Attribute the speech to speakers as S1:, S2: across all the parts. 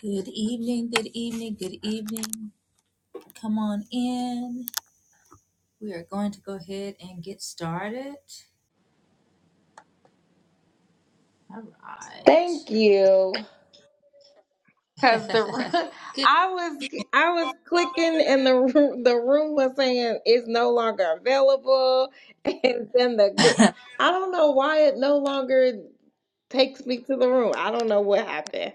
S1: Good evening, good evening, good evening. Come on in. We are going to go ahead and get started. All right.
S2: Thank you. Cause the ru- I was I was clicking and the ru- the room was saying it's no longer available, and then the gl- I don't know why it no longer takes me to the room. I don't know what happened.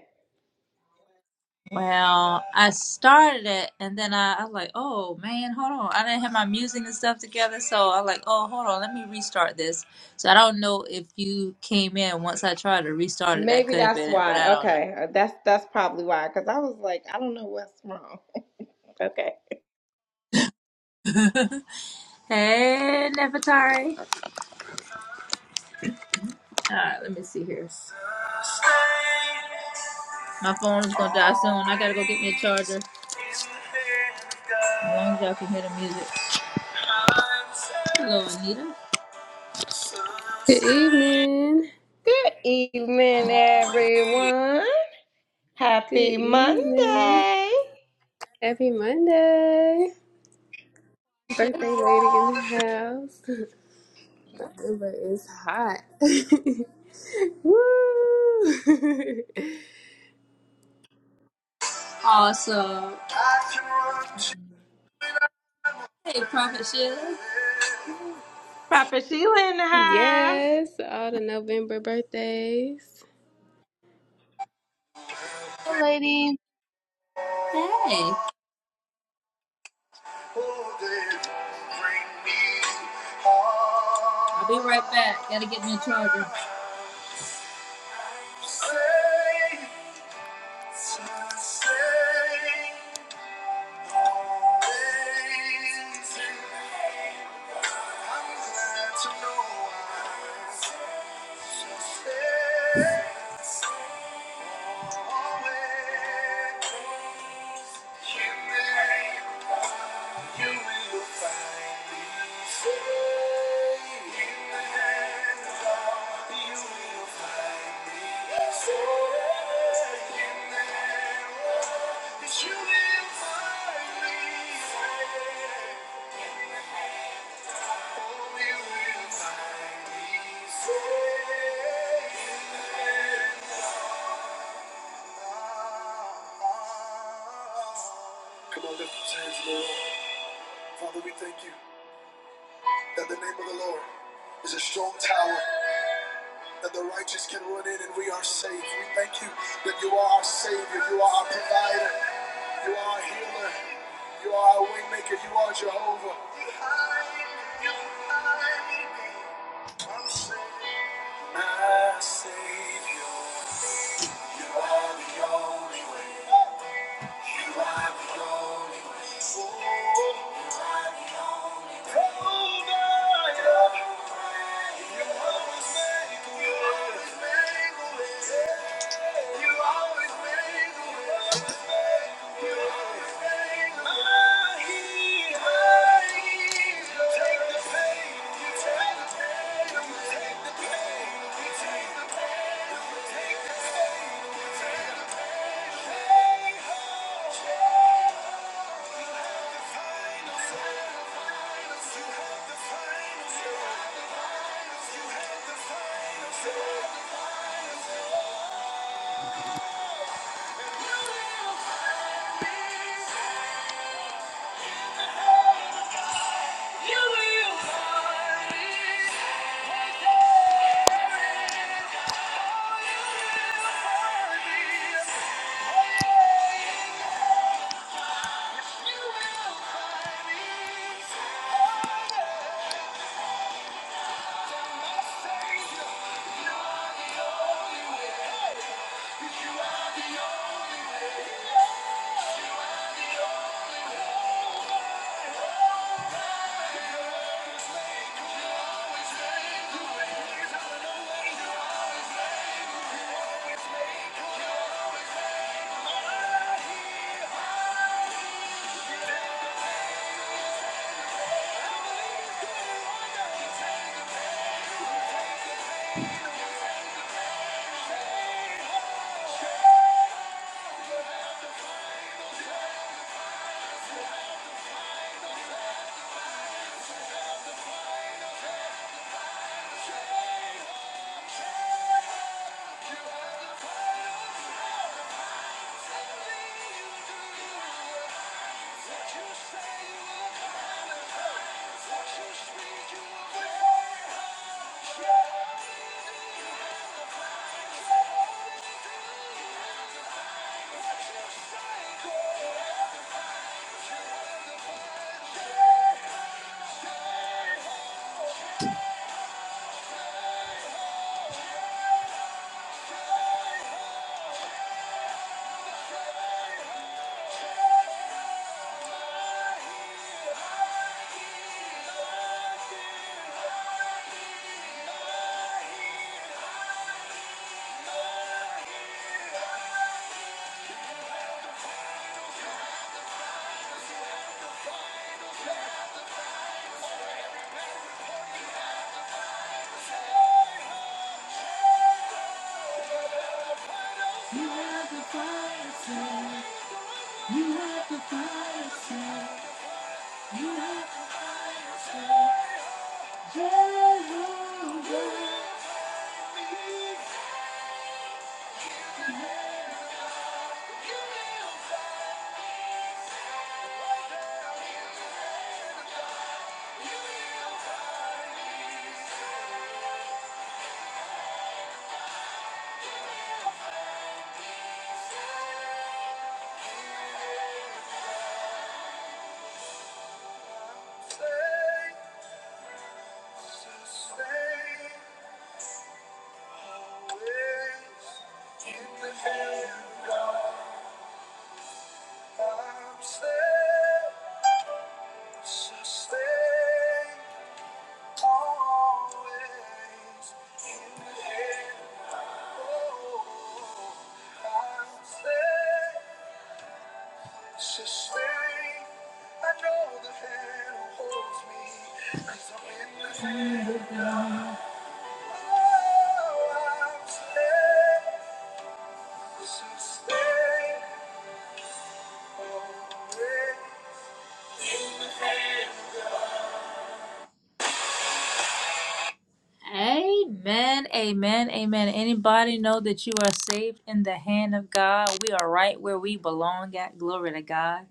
S1: well, I started it and then I, I was like, oh man, hold on. I didn't have my music and stuff together. So I was like, oh, hold on. Let me restart this. So I don't know if you came in once I tried to restart it. That
S2: Maybe
S1: could have
S2: that's
S1: been it, but I
S2: why.
S1: don't know.
S2: Okay, uh, that's that's probably why. Cause I was like, I don't know what's wrong. Okay.
S1: hey, Nefertari. All right, let me see here. My phone is gonna die soon. I gotta go get me a charger. As long as y'all can hear the music. Hello, Anita.
S3: Good evening.
S2: Good evening, everyone.
S3: Good
S2: Happy
S3: evening.
S2: Monday.
S3: Happy Monday. Birthday lady in the house. But it's hot. Woo!
S1: Awesome. Hey, Prophet Sheila.
S2: Papa Sheila in the house.
S3: yes, all the November birthdays.
S4: Hello, lady.
S1: Hey. I'll be right back. Gotta get me a charger. always, Thank you. You will find me safe in the hands of You will find me safe in the hands of Yes, you will find me safe Oh, you will find me safe Come on, lift those hands, Lord. Father, we thank you. that the name of the Lord is a strong tower that the righteous can run in and we are safe. We thank you that you are our Savior, you are our provider, you are our healer, you are our waymaker, you are Jehovah. My Savior, you are the only way. You are the only way. Oh, you are the only way. Take the pain. Yeah. Always in the hand, oh, I'm safe. Sustain, I know the hand who holds me, i I'm in the hand of God. Oh, I'm safe. Sustain, always in the hand of God. Amen, amen, amen. Anybody know that you are saved in the hand of God? We are right where we belong at. Glory to God.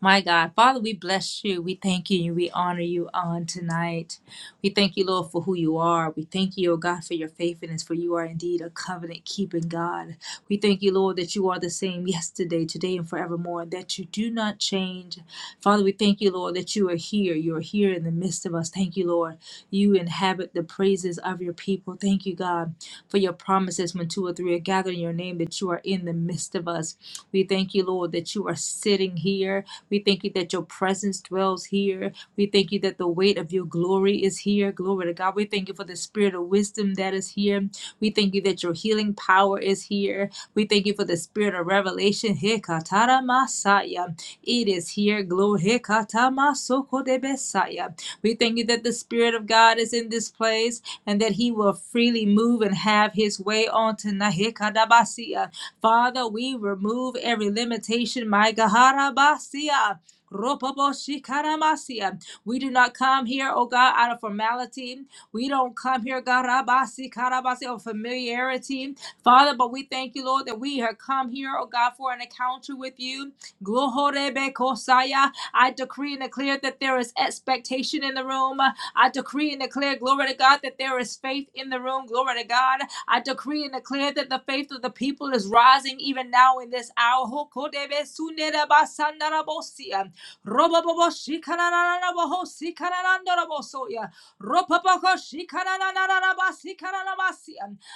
S1: My God, Father, we bless you. We thank you. We honor you on tonight. We thank you, Lord, for who you are. We thank you, oh God, for your faithfulness, for you are indeed a covenant keeping God. We thank you, Lord, that you are the same yesterday, today, and forevermore, that you do not change. Father, we thank you, Lord, that you are here. You are here in the midst of us. Thank you, Lord you inhabit the praises of your people. Thank you, God, for your promises when two or three are gathered in your name that you are in the midst of us. We thank you, Lord, that you are sitting here. We thank you that your presence dwells here. We thank you that the weight of your glory is here. Glory to God. We thank you for the spirit of wisdom that is here. We thank you that your healing power is here. We thank you for the spirit of revelation. Hekatara Masaya. It is here. Glory. Hekatama Sokodebesaya. We thank you that the Spirit of God is in this place and that He will freely move and have His way on tonight. Hikadabasia. Father, we remove every limitation. My Gaharabasia. Ropoboshikadamasia. We do not come here, oh God, out of formality. We don't come here, God, rabasi, karabasi, of familiarity. Father, but we thank you, Lord, that we have come here, oh God, for an encounter with you. Glohorebekosaya. I decree and declare that there is expectation in the room. I decree and declare, glory to God, that there is faith in the room. Glory to God. I decree and declare that the faith of the people is rising even now in this hour. Hokodebesunerabasanarabosia.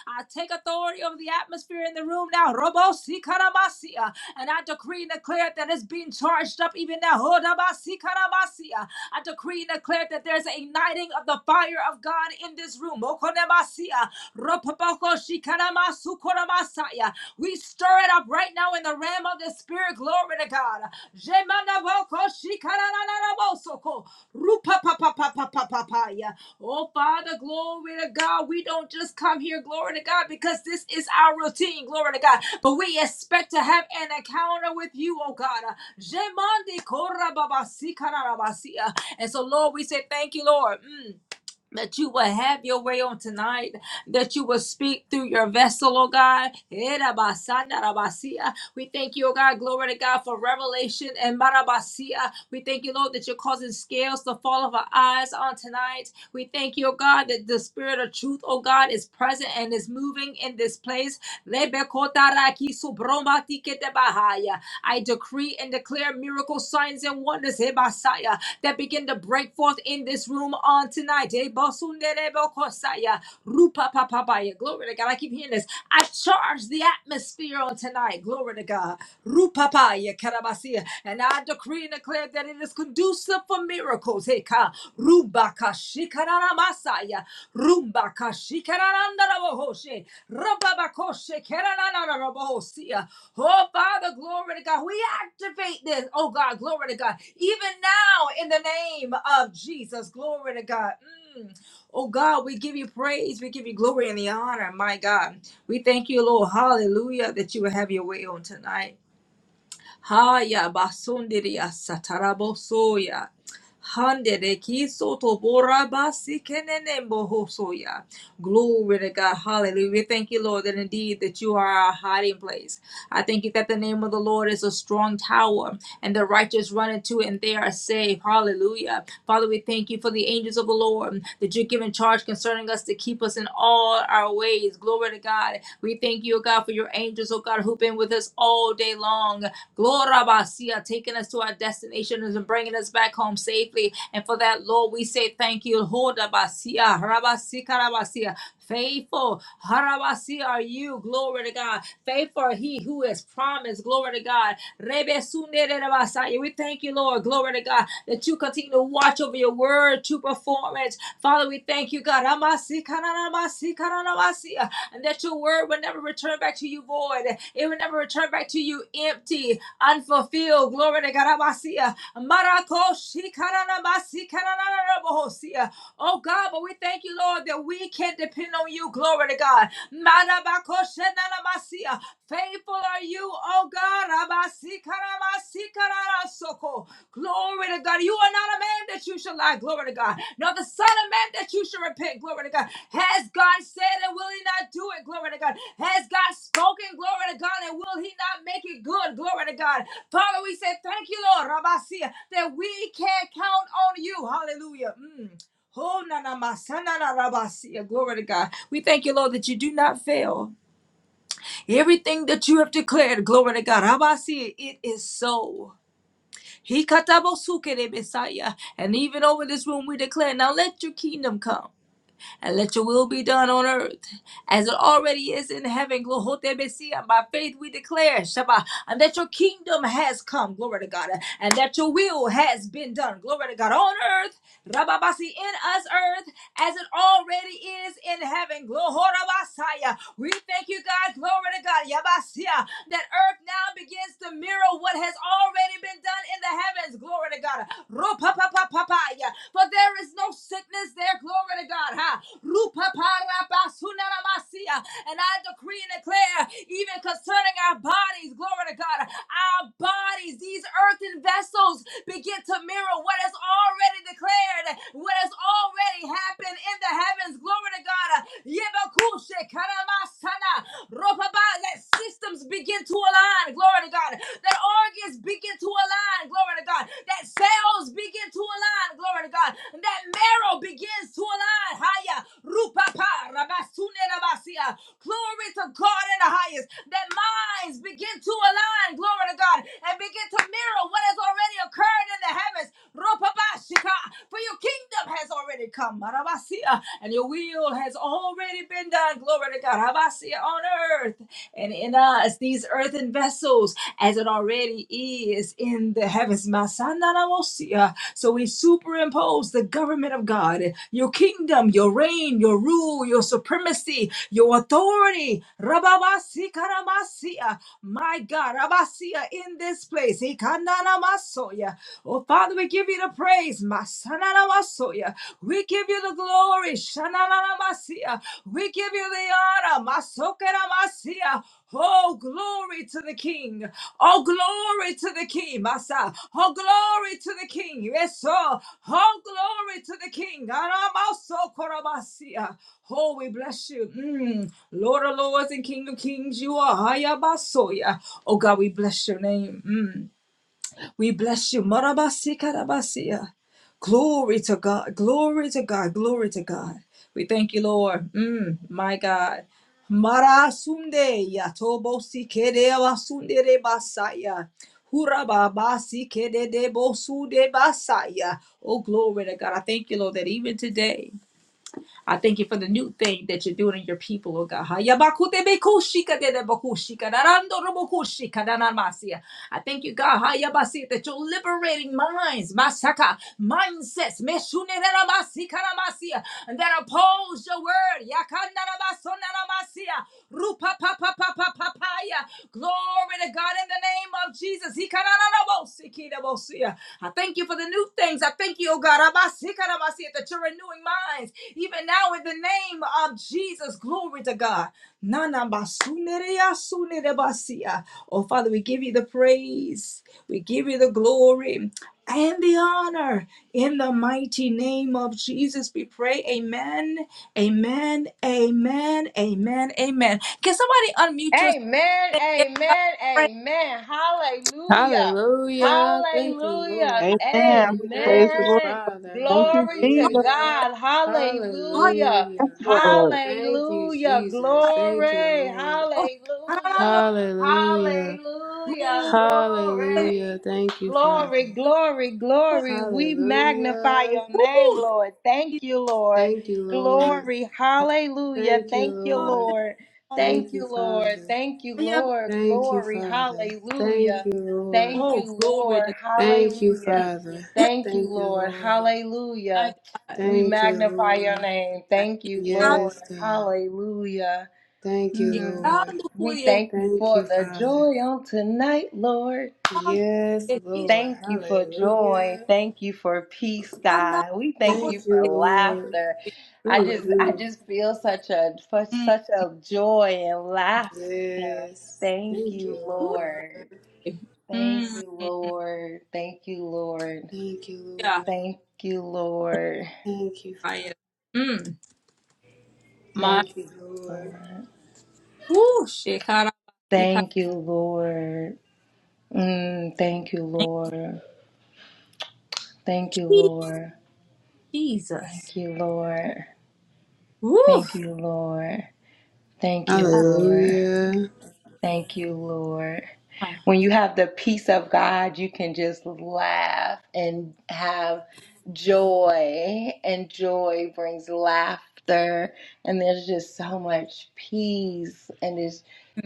S1: I take authority over the atmosphere in the room now. Robo sikaramasia. And I decree and declare that it's being charged up even now. Hodabasikaramasia. I decree and declare that there's a igniting of the fire of God in this room. Okonemasia. Ropopoko shikarama sukoramasaya. We stir it up right now in the realm of the spirit. Glory to God. God. Jemanaboko shikararararabosoko. Rupapapapapapapaya. Oh, Father, glory to God. We don't just come here, glory to God, because this is our routine, glory to God. But we expect to have an encounter with you, oh God. Jemande korababasikararabasiya. And so, Lord, we say thank you, Lord. Mm that you will have your way on tonight, that you will speak through your vessel, oh God. Erabasandarabasia. We thank you, oh God, glory to God, for revelation and marabasia. We thank you, Lord, that you're causing scales to fall off our eyes on tonight. We thank you, oh God, that the spirit of truth, oh God, is present and is moving in this place. Lebekotarakisobromatiketeba. I decree and declare miracle signs and wonders Hebasaya, that begin to break forth in this room on tonight. Hebosunderebokosaya, Rupapapapaya. Glory to God. I keep hearing this. I charge the atmosphere on tonight. Glory to God. Rupapaya karabasia. And I decree and declare that it is conducive for miracles. Heka. Rubaka masaya rumba kashikaranda rabohoshe rababakoshe keranana rabohosia. Oh Father, glory to God. We activate this. Oh God, glory to God. Even now, in the name of Jesus, glory to God. Mm. Oh God, we give you praise. We give you glory and the honor, my God. We thank you, Lord. Hallelujah, that you will have your way on tonight. Haya basundiri basundiria satarabosoya. Handere kiso tobora basi kenene boho soya. Glory to God. Hallelujah. We thank you, Lord, that indeed that you are our hiding place. I thank you that the name of the Lord is a strong tower, and the righteous run into it and they are saved. Hallelujah. Father, we thank you for the angels of the Lord. Lord, that you're giving charge concerning us to keep us in all our ways. Glory to God. We thank you, O God, for your angels, O God, who've been with us all day long. Glory Basia, taking us to our destinations and bringing us back home safely. And for that, Lord, we say thank you. Hoda Basia, Rabasika Rabasia. Faithful, Harabasi are you, glory to God. Faithful are he who is promised, glory to God. Rebesune de We thank you, Lord, glory to God, that you continue to watch over your word to perform it. Father, we thank you, God. Amasi, kananamasi, kananamasi, uh, And that your word will never return back to you void. It will never return back to you empty, unfulfilled. Glory to God. Amasi, uh, marakoshi, kananamasi, kanananabohosi, uh, Oh God, but we thank you, Lord, that we can depend on you. Glory to God. Marabakoshi, nanamasi, uh, Faithful are you, oh God. Amasi, kanamasi, kananasoko. Glory to God. You are not a man that you shall lie. Glory to God. Nor the son of man that you shall repent. Glory to God. Has God said and will he not do it? Glory to God. Has God spoken? Glory to God. And will he not make it good? Glory to God. Father, we say thank you, Lord, Rabasia, that we can count on you. Hallelujah. Mm. Oh, na, na, ma, sa, na, na, Rabasia. Glory to God. We thank you, Lord, that you do not fail. Everything that you have declared, glory to God. Rabasia, it is so. He katabosukere Messiah. And even over this room, we declare, now let your kingdom come and let your will be done on earth as it already is in heaven. Glohotebesia. By faith we declare, Shabbat, and that your kingdom has come, glory to God, and that your will has been done, glory to God, on earth, Rababasi, in us earth, as it already is in heaven. Glohorabasaya. We thank you, God, glory to God, Yabasia, that earth now begins to mirror what has already been done in the heavens, glory to God. Ropapapapapaya. For there is no sickness there, glory to God. Ha. Rupaparabasunaramasiya. And I decree and declare, even concerning our bodies, glory to God, our bodies, these earthen vessels, begin to mirror what has already declared, what has already happened in the heavens, glory to God. Yebakushe karamasana. Ropapa. Let systems begin to align align. Glory to God. That organs begin to align. Glory to God. That cells begin to align. Glory to God. That marrow begins to align. Haya. Rupapa. Rabasune rabasia. Glory to God in the highest. That minds begin to align. Glory to God. And begin to mirror what has already occurred in the heavens. Rupabashika. For your kingdom has already come. Marabasia. And your will has already been done. God. Glory to God. Habasia on earth and in us, these earthen vessels, as it already is in the heavens. Masananamosia. So we superimpose the government of God, your kingdom, your reign, your rule, your supremacy, your authority. Rababasi karamasia. My God, Rabasia in this place. Ikananamasoya. Oh, Father, we give you the praise. Masananamosia. Masoya. We give you the glory. Shanana masia, We give you the honor. Masokera masia, Oh, glory to the King. Oh, glory to the King. Masa. Oh, glory to the King. Yes, sir. Oh, glory to the King. Aramaso korabasia. Oh, we bless you. Mm. Lord of lords and King of kings, you are. Hayabasoya. Oh, God, we bless your name. Mm. We bless you. Marabasi karabasia. Glory to God. Glory to God. Glory to God. We thank you, Lord. Mm, my God. Marasunde yatobo sikere wasundere basaya. Hurababasi kede debo sude basaya. Oh, glory to God. I thank you, Lord, that even today. I thank you for the new thing that you're doing in your people, oh God. I thank you, God, hayabasi, that you're liberating minds, masaka, mindsets, and that oppose your word. Glory to God in the name of Jesus. Hikaranabosikirabosia. I thank you for the new things. I thank you, oh God, Abasikarabasia, that you're renewing minds even now in the name of Jesus. Glory to God. Nanabasunereasunerebasia. Oh, Father, we give you the praise, we give you the glory. And the honor in the mighty name of Jesus, we pray. Amen. Amen. Amen. Amen. Amen. Can somebody unmute yourself?
S2: Amen,
S1: and give God some
S2: amen,
S1: praise,
S2: amen. Hallelujah.
S1: some
S3: Hallelujah. Thank you,
S2: Hallelujah.
S3: Lord.
S4: Amen. Praise
S3: Thank
S4: the
S3: you,
S4: Lord.
S2: Amen.
S3: Father.
S4: Thank you,
S2: Glory to
S1: honor,
S4: Jesus.
S3: Hallelujah.
S2: God.
S1: honor
S2: Hallelujah.
S3: Hallelujah.
S4: Yes,
S1: and I'm
S4: Lord.
S3: Thank you,
S2: Hallelujah.
S3: Jesus.
S1: like,
S3: Thank you,
S2: Glory.
S3: Lord.
S1: oh, I don't
S2: Hallelujah.
S1: know,
S3: Hallelujah.
S2: Hallelujah.
S1: glory,
S3: Hallelujah.
S2: Glory.
S3: Thank you,
S2: Glory,
S3: Father.
S2: glory,
S1: glory,
S2: glory. We magnify
S3: Hallelujah.
S2: your name,
S1: glory,
S2: Lord.
S1: He's
S2: Thank you, Lord.
S3: Thank you,
S1: like,
S3: Lord.
S2: Glory. Hallelujah.
S3: Thank you,
S2: Thank you,
S1: oh,
S3: Lord.
S1: thank you,
S2: Lord.
S1: Father,
S2: Thank
S3: Thank you,
S2: you, Lord.
S3: Father.
S2: Thank you,
S1: I am-
S2: Lord.
S3: Thank you,
S2: Glory.
S3: Father. Thank
S2: Hallelujah.
S3: you, Lord.
S2: Thank
S1: oh,
S2: you,
S1: glory
S2: Lord.
S1: to
S3: Thank you,
S2: Hallelujah.
S1: God,
S3: Father.
S1: Mm.
S2: Thank you,
S3: Thank you,
S2: Lord.
S3: Lord.
S1: my
S2: Hallelujah.
S1: God,
S2: We
S3: Thank you,
S2: magnify your
S3: Lord.
S2: name. Thank
S1: He
S2: you,
S1: can-
S2: Lord.
S3: Yes, God.
S2: Hallelujah.
S3: Thank you,
S1: He
S2: Hmm.
S1: can
S3: Lord.
S1: do
S2: We
S1: it, He
S2: thank you
S3: Thank
S2: for
S3: you,
S2: the
S3: Father.
S2: joy on tonight, Lord.
S1: can do
S3: Yes,
S1: it, He
S3: Lord.
S2: Thank you for joy.
S3: Hallelujah.
S2: Thank you for peace,
S1: can
S2: God. We thank
S1: do
S2: you
S3: Thank you,
S2: for
S1: it.
S3: Lord.
S2: laughter. I
S1: Hallelujah.
S2: just I
S3: Mm-hmm.
S2: just feel such a such
S1: Mm,
S2: such a joy and laughter.
S3: Yes.
S2: Thank
S3: Thank
S2: you,
S3: you,
S1: glory.
S3: Lord.
S2: Lord. Thank
S1: Mm,
S2: you, Lord. Thank you, Lord.
S3: Thank you,
S1: yeah,
S3: Lord.
S2: Thank you, Lord.
S3: Thank you,
S1: I
S3: Father.
S1: am. Mm, my,
S2: Thank
S3: Thank you,
S2: you,
S3: Lord.
S2: Lord.
S1: woo, shekara, shekara.
S2: Thank you, Lord. Mm, thank you,
S1: thank
S2: Lord. Thank you,
S1: you,
S2: Lord.
S1: Jesus,
S2: Thank you, Lord.
S1: woo,
S2: Thank you, Lord. Thank you, Lord.
S3: Hallelujah.
S2: Thank you, Lord. When you have the peace of God, you can just laugh and have joy, and joy brings laughter, and there's just so much peace, and it's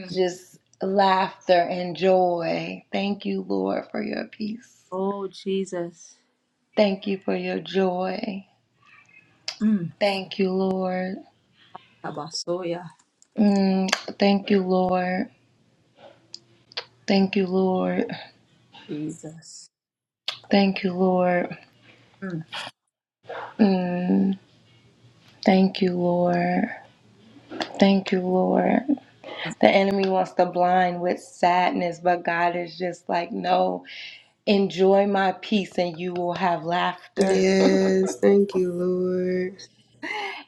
S2: just laughter and joy. Thank you, Lord, for your peace.
S1: Oh, Jesus.
S2: Thank you for your joy.
S1: Mm.
S2: Thank you, Lord.
S1: Tabasoya.
S2: Mm, thank you, Lord. Thank you, Lord.
S1: Jesus.
S2: Thank you, Lord.
S1: Mm.
S2: Mm. Thank you, Lord. Thank you, Lord. The enemy wants to blind with sadness, but God is just like, no, enjoy my peace and you will have laughter.
S3: Yes, thank you, Lord.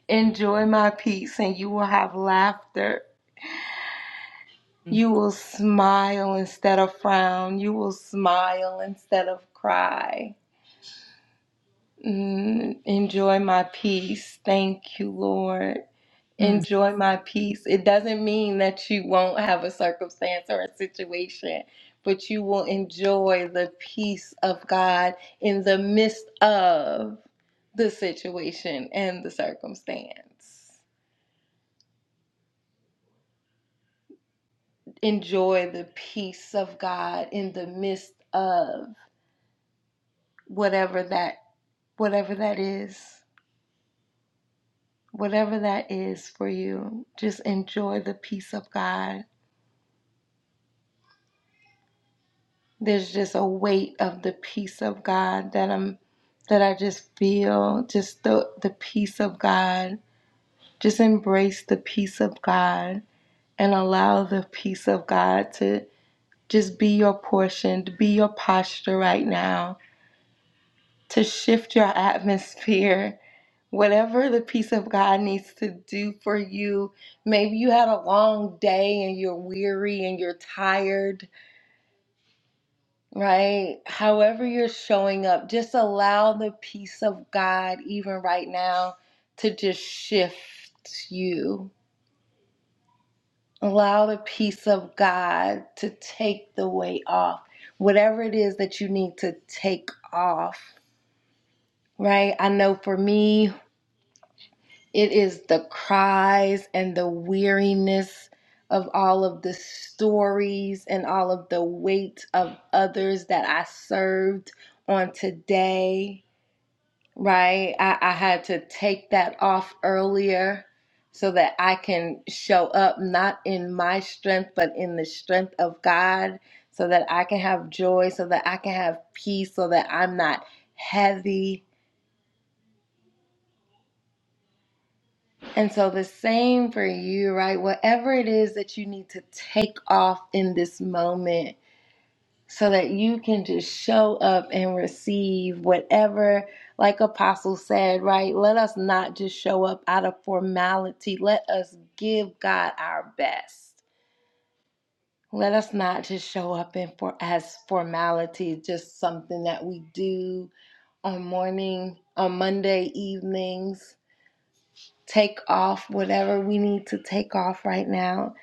S2: enjoy my peace and you will have laughter.
S1: Mm.
S2: You will smile instead of frown. You will smile instead of cry. Mm, enjoy my peace. Thank you, Lord.
S1: Mm.
S2: enjoy my peace. It doesn't mean that you won't have a circumstance or a situation, but you will enjoy the peace of God in the midst of the situation and the circumstance. Enjoy the peace of God in the midst of whatever that whatever that is. Whatever that is for you, just enjoy the peace of God there's just a weight of the peace of God that I'm that I just feel just the the peace of God. Just embrace the peace of God and allow the peace of God to just be your portion, to be your posture right now, to shift your atmosphere. Whatever the peace of God needs to do for you, maybe you had a long day and you're weary and you're tired Right? However, you're showing up, just allow the peace of God, even right now, to just shift you. Allow the peace of God to take the weight off, whatever it is that you need to take off, right? I know for me, it is the cries and the weariness of all of the stories and all of the weight of others that I served on today Right. I, I had to take that off earlier so that I can show up not in my strength, but in the strength of God, so that I can have joy, so that I can have peace, so that I'm not heavy. And so the same for you, right? Whatever it is that you need to take off in this moment, so that you can just show up and receive whatever, like Apostle said, right? Let us not just show up out of formality. Let us give God our best. Let us not just show up in for as formality, just something that we do on morning, on Monday evenings. Take off whatever we need to take off right now,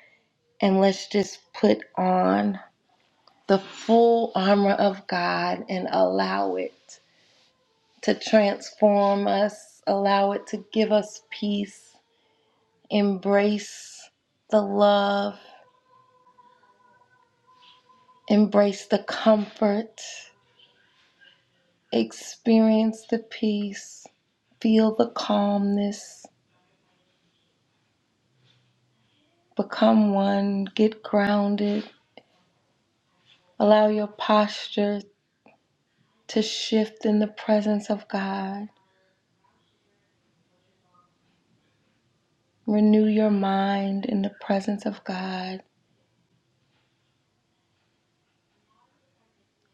S2: and let's just put on the full armor of God and allow it to transform us, allow it to give us peace, embrace the love, embrace the comfort, experience the peace, feel the calmness, become one, get grounded, allow your posture to shift in the presence of God, renew your mind in the presence of God.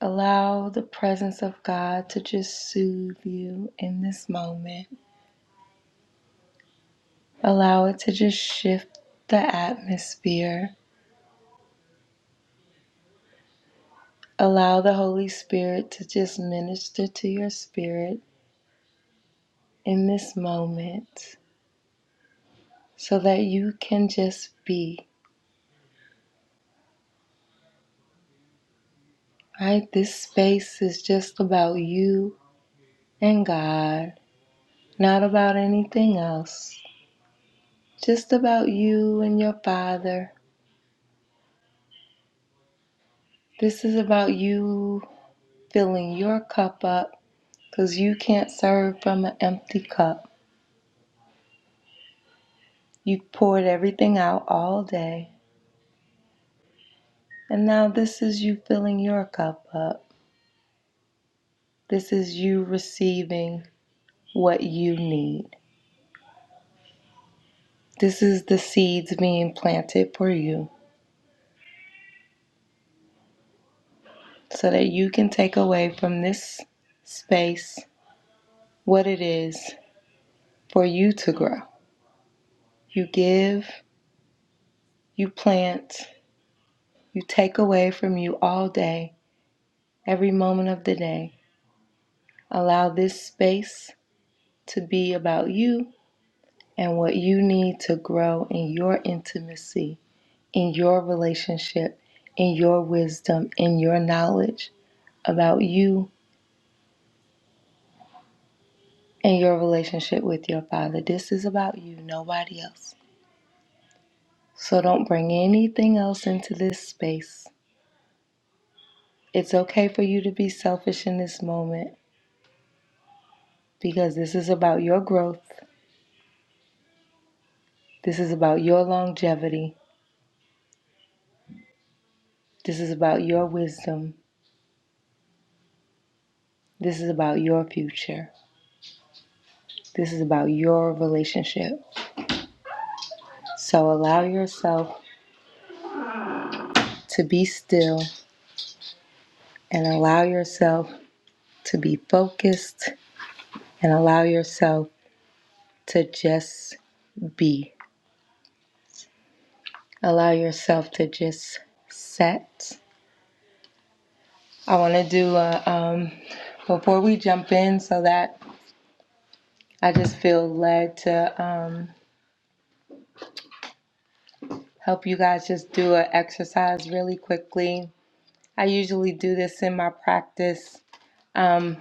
S2: Allow the presence of God to just soothe you in this moment. Allow it to just shift the atmosphere. Allow the Holy Spirit to just minister to your spirit in this moment so that you can just be. Right? This space is just about you and God, not about anything else. Just about you and your Father. This is about you filling your cup up because you can't serve from an empty cup. You poured everything out all day. And now this is you filling your cup up. This is you receiving what you need. This is the seeds being planted for you so that you can take away from this space what it is for you to grow. You give, you plant, you take away from you all day, every moment of the day. Allow this space to be about you and what you need to grow in your intimacy in your relationship, in your wisdom, in your knowledge about you and your relationship with your Father. This is about you, nobody else. So don't bring anything else into this space. It's okay for you to be selfish in this moment because this is about your growth. This is about your longevity. This is about your wisdom. This is about your future. This is about your relationship. So allow yourself to be still and allow yourself to be focused and allow yourself to just be. Allow yourself to just set. I want to do a, um, before we jump in, so that I just feel led to um, help you guys just do an exercise really quickly. I usually do this in my practice. Um,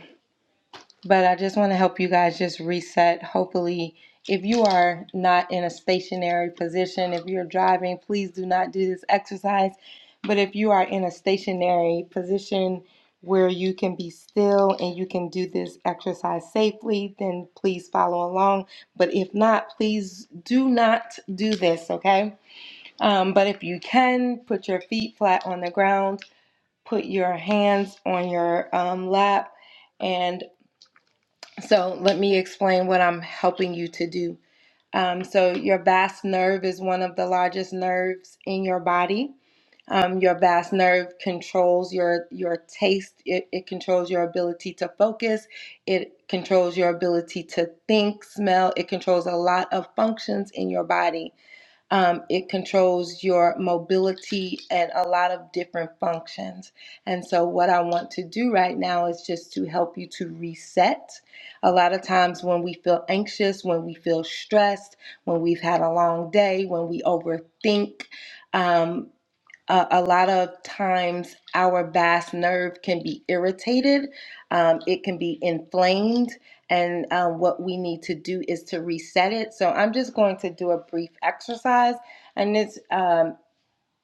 S2: but I just want to help you guys just reset. Hopefully, if you are not in a stationary position, if you're driving, please do not do this exercise. But if you are in a stationary position where you can be still and you can do this exercise safely, then please follow along. But if not, please do not do this, okay? Um, but if you can, put your feet flat on the ground, put your hands on your um, lap and so let me explain what I'm helping you to do. Um, so your vast nerve is one of the largest nerves in your body. Um, your vast nerve controls your your taste. It, it controls your ability to focus. It controls your ability to think, smell. It controls a lot of functions in your body. Um, it controls your mobility and a lot of different functions. And so, what I want to do right now is just to help you to reset. A lot of times, when we feel anxious, when we feel stressed, when we've had a long day, when we overthink, um, uh, a lot of times our vast nerve can be irritated, um, it can be inflamed, and uh, what we need to do is to reset it. So I'm just going to do a brief exercise, and it's um,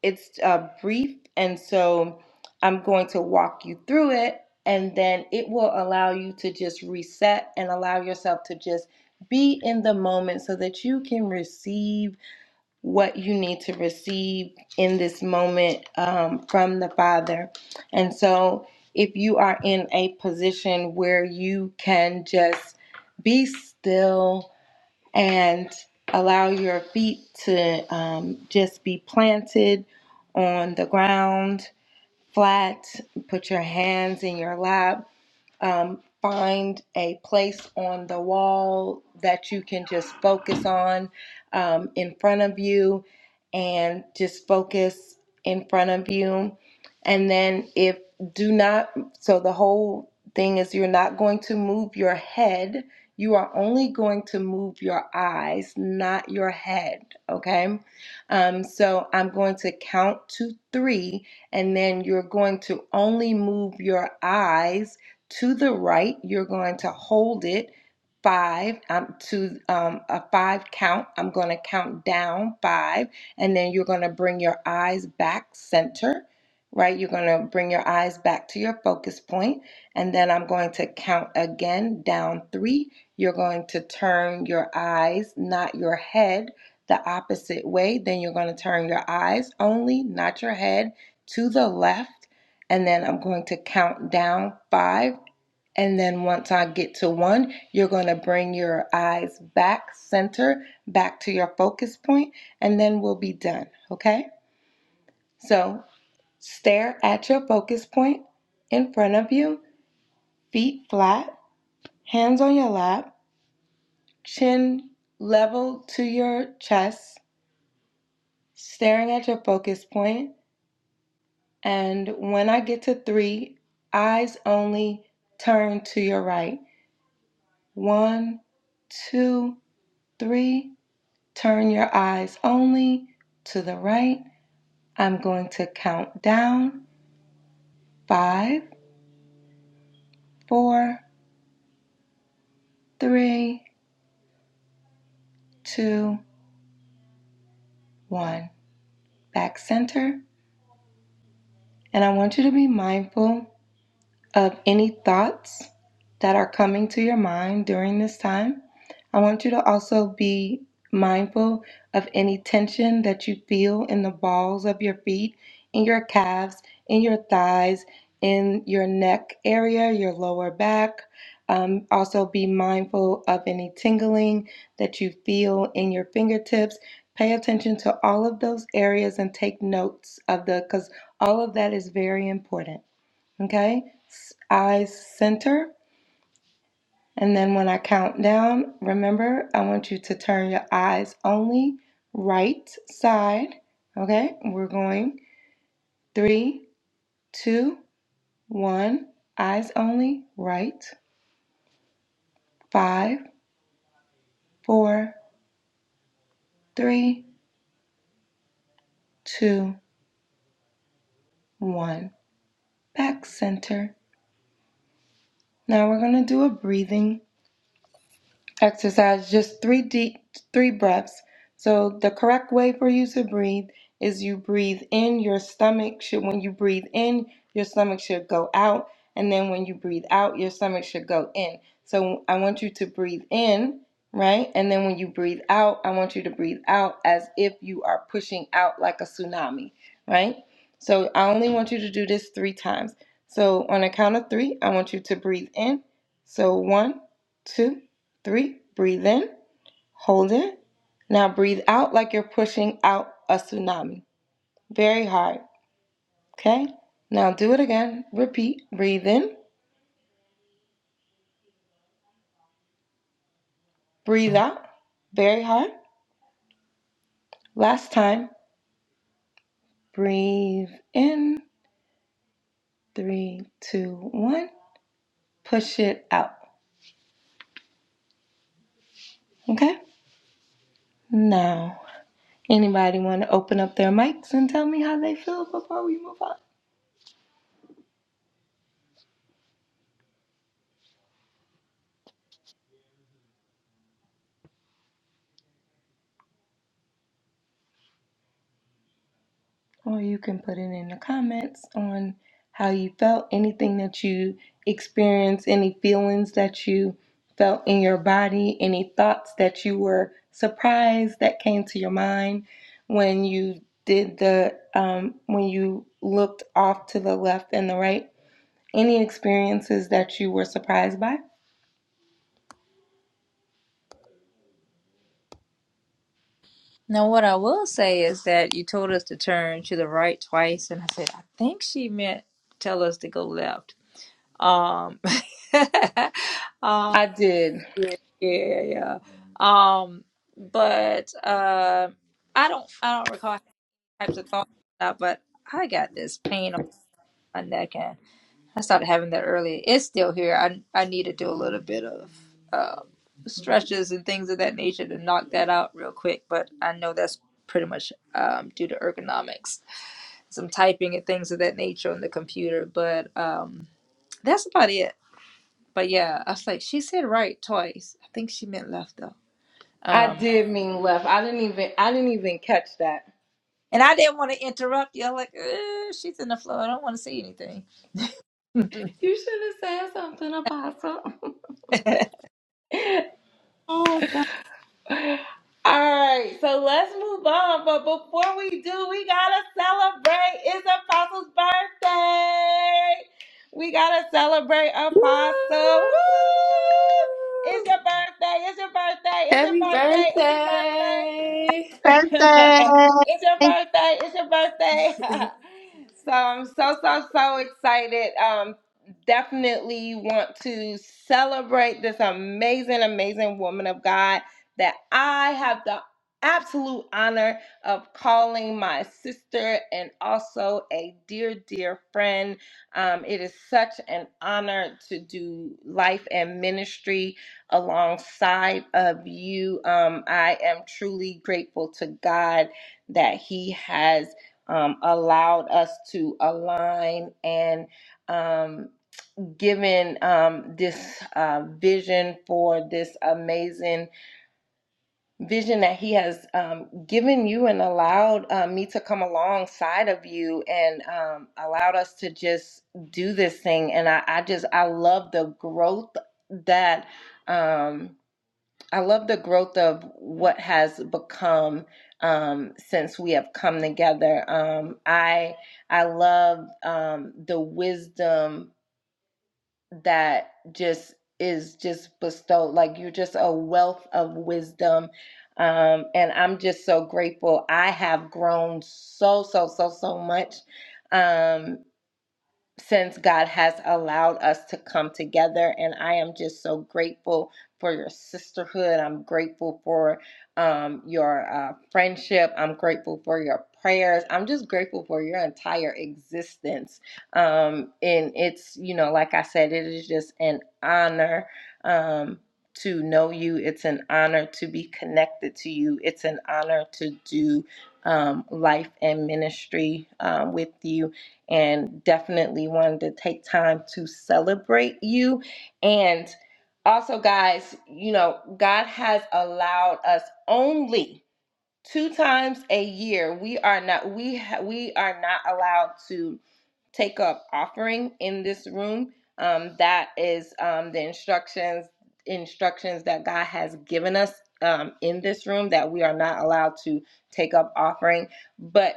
S2: it's uh, brief, and so I'm going to walk you through it, and then it will allow you to just reset and allow yourself to just be in the moment so that you can receive what you need to receive in this moment um, from the Father. And so, if you are in a position where you can just be still and allow your feet to um, just be planted on the ground flat, put your hands in your lap um, find a place on the wall that you can just focus on um, in front of you and just focus in front of you. And then, if do not, so the whole thing is you're not going to move your head. You are only going to move your eyes, not your head. Okay. Um, so I'm going to count to three, and then you're going to only move your eyes to the right, you're going to hold it five um, to um, a five count. I'm going to count down five, and then you're going to bring your eyes back center, right? You're going to bring your eyes back to your focus point, and then I'm going to count again down three. You're going to turn your eyes, not your head, the opposite way. Then you're going to turn your eyes only, not your head, to the left. And then I'm going to count down five and then once I get to one, you're going to bring your eyes back center, back to your focus point, and then we'll be done. Okay? So stare at your focus point in front of you, feet flat, hands on your lap, chin level to your chest, staring at your focus point. And when I get to three, eyes only turn to your right. One, two, three. Turn your eyes only to the right. I'm going to count down five, four, three, two, one. Back center. And I want you to be mindful of any thoughts that are coming to your mind during this time. I want you to also be mindful of any tension that you feel in the balls of your feet, in your calves, in your thighs, in your neck area, your lower back. Um, also, be mindful of any tingling that you feel in your fingertips. Pay attention to all of those areas and take notes of the, because all of that is very important. Okay, eyes center. And then when I count down, remember, I want you to turn your eyes only right side. Okay, we're going three, two, one, eyes only, right. Five, four, three, two, one, back center. Now we're going to do a breathing Exercise just three deep, three breaths. So the correct way for you to breathe is you breathe in your stomach should when you breathe in your stomach should go out and then when you breathe out your stomach should go in. So I want you to breathe in, right? And then when you breathe out, I want you to breathe out as if you are pushing out like a tsunami, right? So I only want you to do this 3 times. So on a count of 3, I want you to breathe in. So one, two Three, breathe in, hold it. Now breathe out like you're pushing out a tsunami. Very hard. Okay? Now do it again. Repeat. Breathe in, breathe out. Very hard. Last time. Breathe in. Three, two, one. Push it out. Okay? Now, anybody want to open up their mics and tell me how they feel before we move on? Or you can put it in the comments on how you felt, anything that you experienced, any feelings that you felt in your body, any thoughts that you were surprised that came to your mind when you did the, um, when you looked off to the left and the right, any experiences that you were surprised by.
S1: Now, what I will say is that you told us to turn to the right twice, and I said, I think she meant tell us to go left. Um, um,
S2: I did.
S1: yeah, yeah, yeah. Um, but uh, I don't, I don't recall types of thoughts, uh, but I got this pain on my neck, I started having that earlier. It's still here. I I need to do a little bit of um, stretches and things of that nature to knock that out real quick. But I know that's pretty much um, due to ergonomics, some typing and things of that nature on the computer. But um, that's about it. But yeah, I was like, she said right twice. I think she meant left though.
S2: I
S1: Um,
S2: did mean left. I didn't even I didn't even catch that.
S1: and I didn't want to interrupt you. I'm like, "Uh, she's in the flow. I don't want to say anything.
S2: You should have said something, Apostle.
S1: Oh God.
S2: All right, so let's move on. But before we do, we gotta celebrate. It's Apostle's birthday. We gotta celebrate
S3: Woo!
S2: Apostle. Woo! It's your birthday. It's your birthday. It's your
S3: Happy
S2: birthday. It's your birthday.
S3: birthday!
S4: Birthday.
S2: it's your birthday. It's your birthday. so I'm so, so, so excited. Um, definitely want to celebrate this amazing, amazing woman of God that I have the absolute honor of calling my sister and also a dear, dear friend. Um, it is such an honor to do life and ministry alongside of you. Um, I am truly grateful to God that He has um, allowed us to align and um, given um, this uh, vision for this amazing vision that He has um, given you and allowed uh, me to come alongside of you and um, allowed us to just do this thing. And I, I just, I love the growth that. Um, I love the growth of what has become um, since we have come together. Um, I I love um, the wisdom that just is just bestowed. Like you're just a wealth of wisdom, um, and I'm just so grateful. I have grown so so so so much. Um, since God has allowed us to come together. And I am just so grateful for your sisterhood. I'm grateful for um, your uh, friendship. I'm grateful for your prayers. I'm just grateful for your entire existence. Um, and it's, you know, like I said, it is just an honor. Um, to know you, it's an honor to be connected to you. It's an honor to do um, life and ministry um, with you and definitely wanted to take time to celebrate you. And also, guys, you know, God has allowed us only two times a year we are not we ha- we are not allowed to take up offering in this room um that is um the instructions instructions that god has given us um in this room that we are not allowed to take up offering but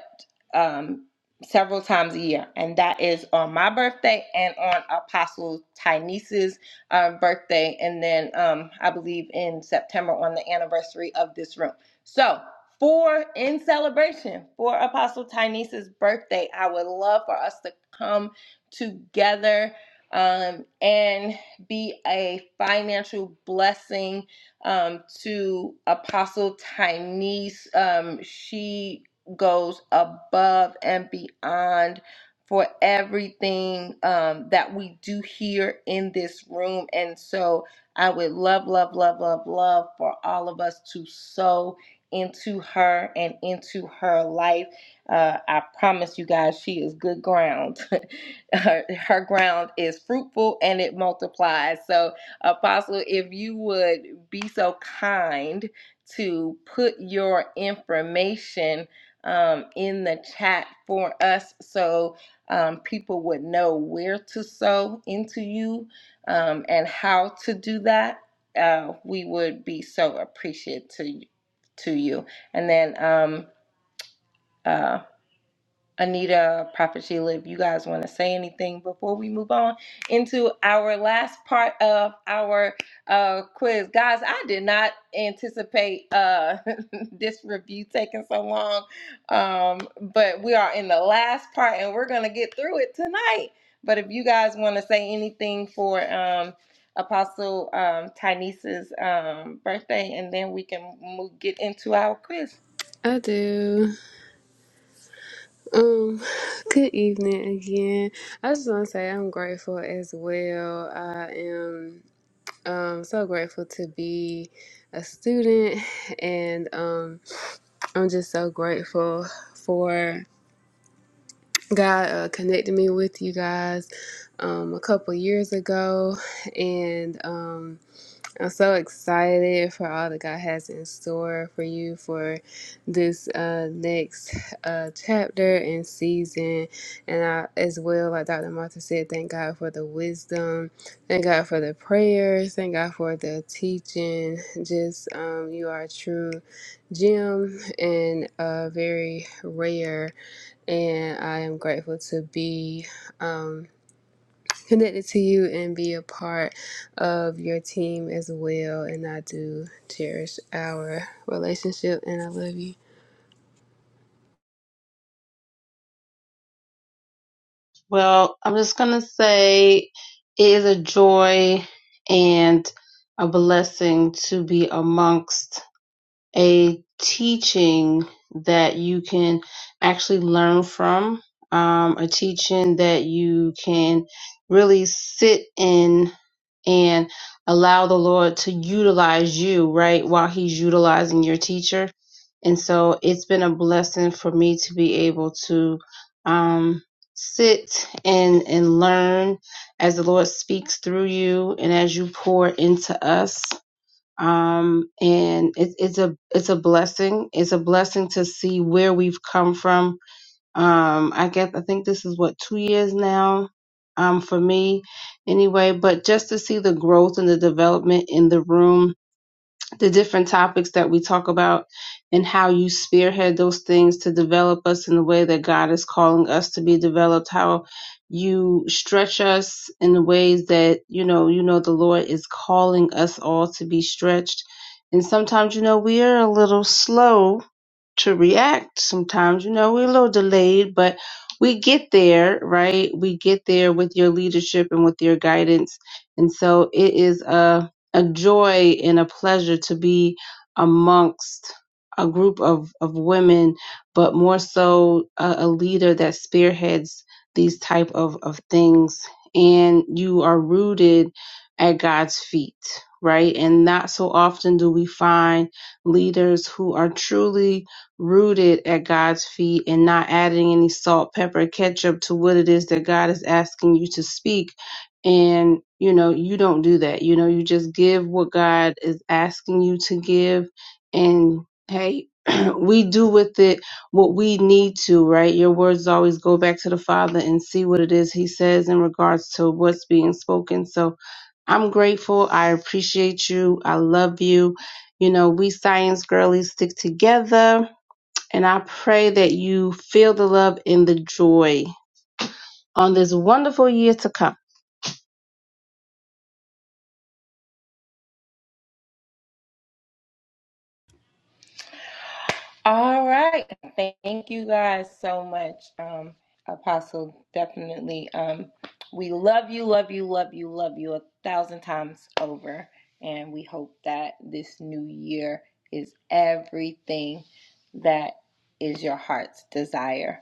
S2: um several times a year and that is on my birthday and on apostle tynese's um, birthday and then um i believe in september on the anniversary of this room so for in celebration for Apostle Tynese's birthday. I would love for us to come together um, and be a financial blessing um, to Apostle Tynese. Um, she goes above and beyond for everything um, that we do here in this room. And so I would love, love, love, love, love for all of us to sow into her and into her life. Uh, I promise you guys, she is good ground. her, her ground is fruitful and it multiplies. So, Apostle, if you would be so kind to put your information um, in the chat for us so um, people would know where to sow into you um, and how to do that, uh, we would be so appreciative to to you. And then um uh Anita, Prophet Sheila, you guys want to say anything before we move on into our last part of our uh quiz. Guys, I did not anticipate uh this review taking so long. Um, but we are in the last part and we're gonna get through it tonight. But if you guys want to say anything for um Apostle um Tynese's um birthday and then we can move, get into our quiz.
S3: I do. Um, good evening again. I just want to say I'm grateful as well. I am um so grateful to be a student, and um I'm just so grateful for. God uh, connected me with you guys um, a couple years ago, and um, I'm so excited for all that God has in store for you for this uh, next uh, chapter and season. And I, as well, like Dr. Martha said, thank God for the wisdom, thank God for the prayers, thank God for the teaching. Just um, you are a true gem and uh, very rare and I am grateful to be um, connected to you and be a part of your team as well. And I do cherish our relationship, and I love you.
S4: Well, I'm just going to say it is a joy and a blessing to be amongst a teaching that you can actually learn from, um, a teaching that you can really sit in and allow the Lord to utilize you, right, while He's utilizing your teacher. And so it's been a blessing for me to be able to um, sit and, and learn as the Lord speaks through you and as you pour into us. Um, and it, it's a it's a blessing. It's a blessing to see where we've come from, um i guess i think this is what two years now um for me anyway but just to see the growth and the development in the room the different topics that we talk about and how you spearhead those things to develop us in the way that god is calling us to be developed how you stretch us in the ways that you know you know the lord is calling us all to be stretched and sometimes you know we are a little slow to react sometimes. You know, we're a little delayed, but we get there, right? We get there with your leadership and with your guidance. And so it is a, a joy and a pleasure to be amongst a group of, of women, but more so a, a leader that spearheads these type of, of things. And you are rooted at God's feet, right? And not so often do we find leaders who are truly rooted at God's feet and not adding any salt, pepper, ketchup to what it is that God is asking you to speak. And, you know, you don't do that. You know, you just give what God is asking you to give. And hey, we do with it what we need to, right? Your words always go back to the Father and see what it is He says in regards to what's being spoken. So I'm grateful. I appreciate you. I love you. You know, we science girlies stick together and I pray that you feel the love and the joy on this wonderful year to come.
S2: All right. Thank you guys so much, um, Apostle. Definitely. Um, we love you, love you, love you, love you a thousand times over. And we hope that this new year is everything that is your heart's desire.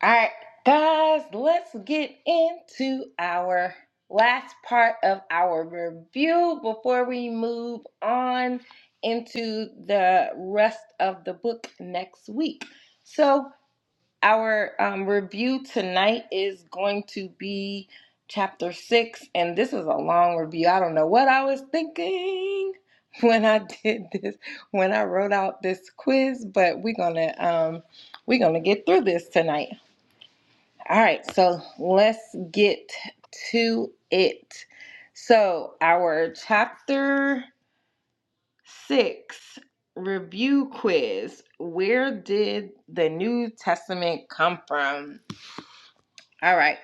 S2: All right, guys, let's get into our last part of our review before we move on into the rest of the book next week. So, our um, review tonight is going to be chapter six, and this is a long review. I don't know what I was thinking when I did this, when I wrote out this quiz, but we're gonna um, we're gonna get through this tonight. All right, so let's get to it. So, our chapter six review quiz Where did the New Testament come from? All right,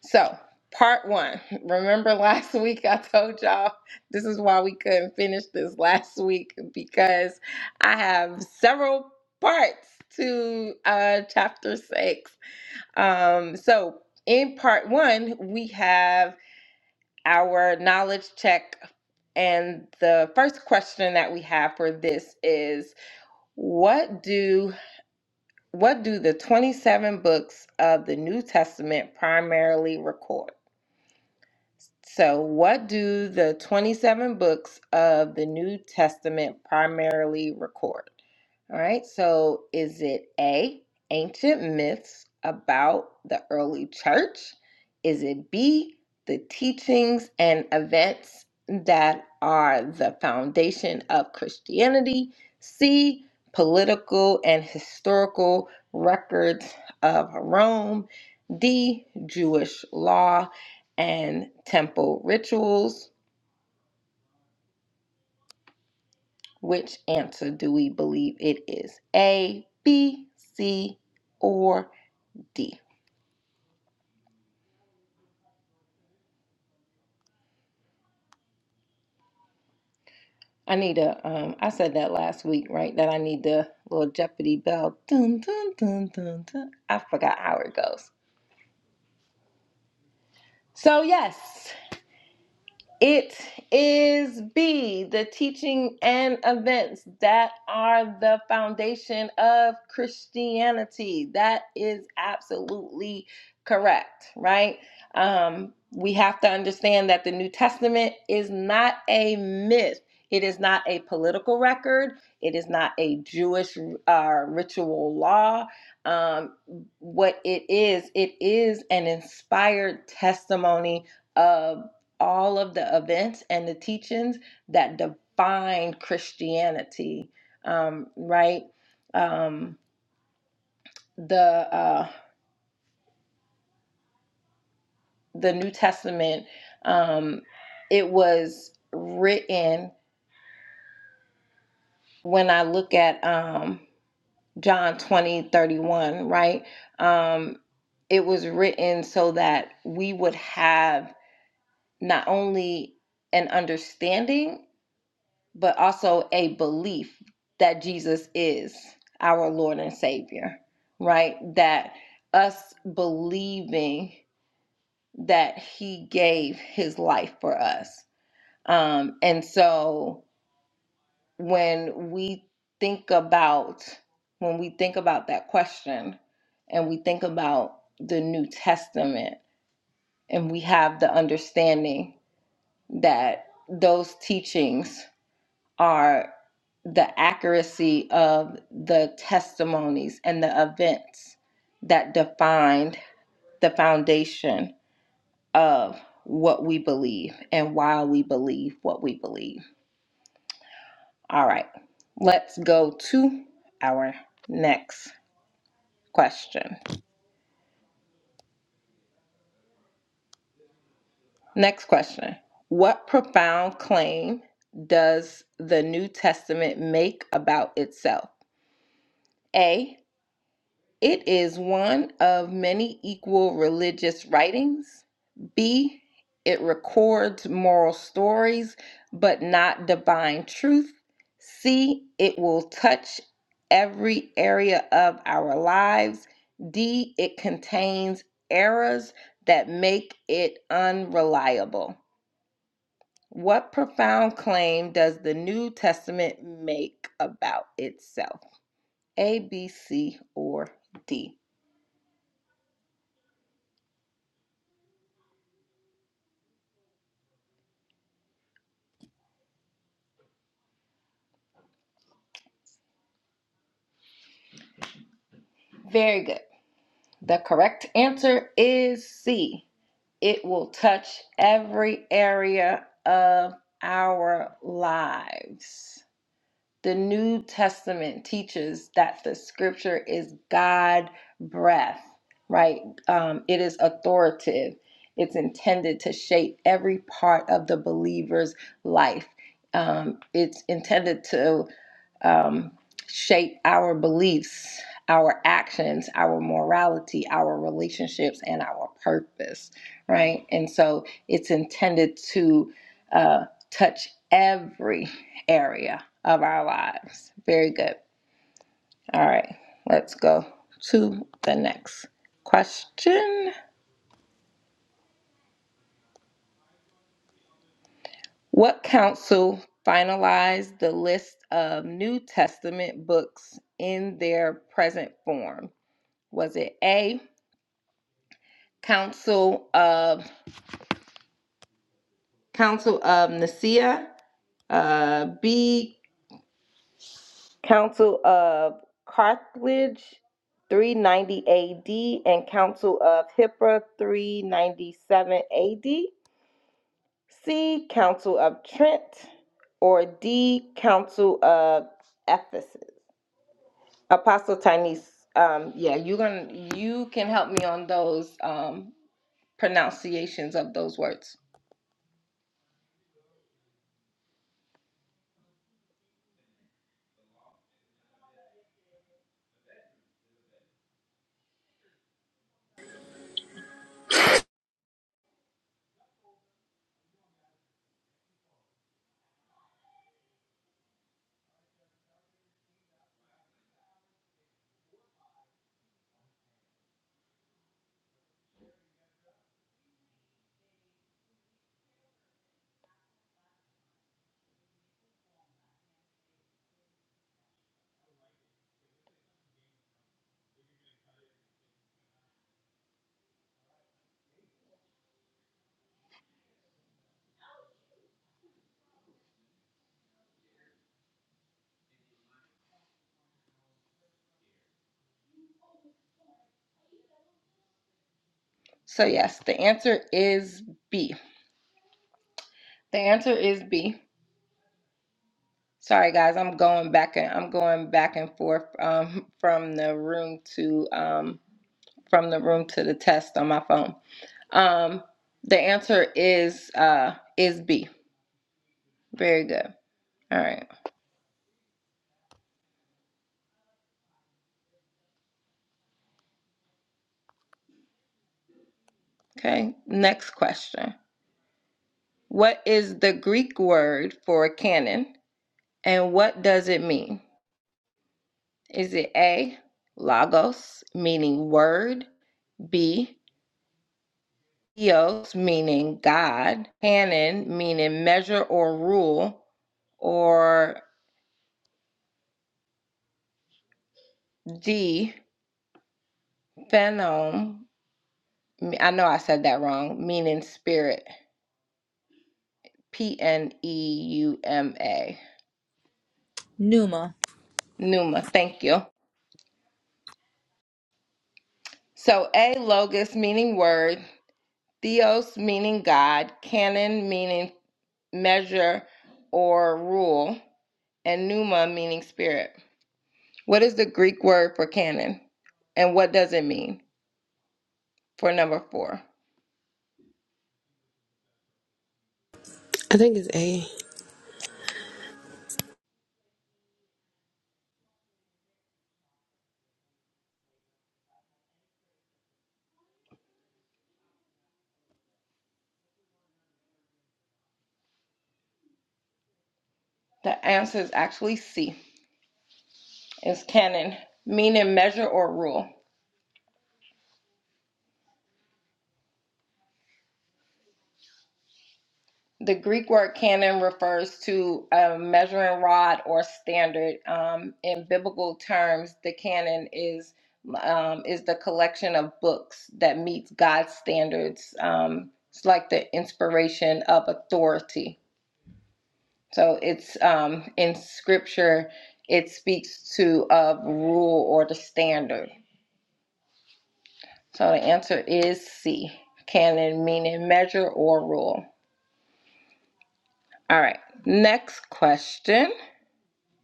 S2: so part one. Remember last week I told y'all this is why we couldn't finish this last week because I have several parts to uh, chapter six. Um, so in part one, we have our knowledge check. And the first question that we have for this is what do what do the 27 books of the New Testament primarily record? So what do the 27 books of the New Testament primarily record? All right, so is it A, ancient myths about the early church? Is it B, the teachings and events that are the foundation of Christianity? C, political and historical records of Rome? D, Jewish law and temple rituals? Which answer do we believe it is? A, B, C, or D? I need a, um, I said that last week, right? That I need the little Jeopardy bell. Dun, dun, dun, dun, dun. I forgot how it goes. So, yes. It is B, the teaching and events that are the foundation of Christianity. That is absolutely correct, right? Um, we have to understand that the New Testament is not a myth. It is not a political record. It is not a Jewish uh, ritual law. Um, what it is, it is an inspired testimony of all of the events and the teachings that defined Christianity, um, right? Um, the uh, the New Testament, um, it was written when I look at um, John 20 31, right? Um, it was written so that we would have not only an understanding but also a belief that Jesus is our Lord and Savior, right? That us believing that He gave His life for us. Um, and so when we think about when we think about that question and we think about the New Testament and we have the understanding that those teachings are the accuracy of the testimonies and the events that defined the foundation of what we believe and why we believe what we believe. All right, let's go to our next question. Next question What profound claim does the New Testament make about itself? A. It is one of many equal religious writings. B, it records moral stories, but not divine truth. C, it will touch every area of our lives. D, it contains errors that make it unreliable. What profound claim does the New Testament make about itself? A, B, C, or D? Very good. The correct answer is C. It will touch every area of our lives. The New Testament teaches that the scripture is God breath, right? Um, it is authoritative. It's intended to shape every part of the believer's life. Um, it's intended to um, shape our beliefs, our actions, our morality, our relationships, and our purpose, right? And so it's intended to uh, touch every area of our lives. Very good. All right, let's go to the next question. What council finalized the list of New Testament books in their present form? Was it A, Council of Council of Nicaea, uh, B, Council of Carthage, 390 AD, and Council of Hipra, 397 AD. C. Council of Trent, or D. Council of Ephesus. Apostle Tynese, um, yeah, you're gonna you can help me on those um, pronunciations of those words. So yes, the answer is B. The answer is B. Sorry, guys, I'm going back and I'm going back and forth um, from the room to um, from the room to the test on my phone. Um, the answer is uh, is B. Very good. All right. Okay. Next question. What is the Greek word for canon, and what does it mean? Is it A, logos, meaning word? B, Theos meaning God, canon meaning measure or rule, or D phenom. I know I said that wrong, meaning spirit. P N E U M A.
S1: Numa.
S2: Numa, thank you. So A logos meaning word, theos meaning God, canon meaning measure or rule, and pneuma meaning spirit. What is the Greek word for canon? And what does it mean? For number four.
S3: I think it's A.
S2: The answer is actually C, is canon, meaning measure or rule. The Greek word canon refers to a measuring rod or standard. Um, in biblical terms, the canon is um, is the collection of books that meets God's standards. Um, it's like the inspiration of authority. So it's um, in Scripture, it speaks to of rule or the standard. So the answer is C, canon meaning measure or rule. All right, next question.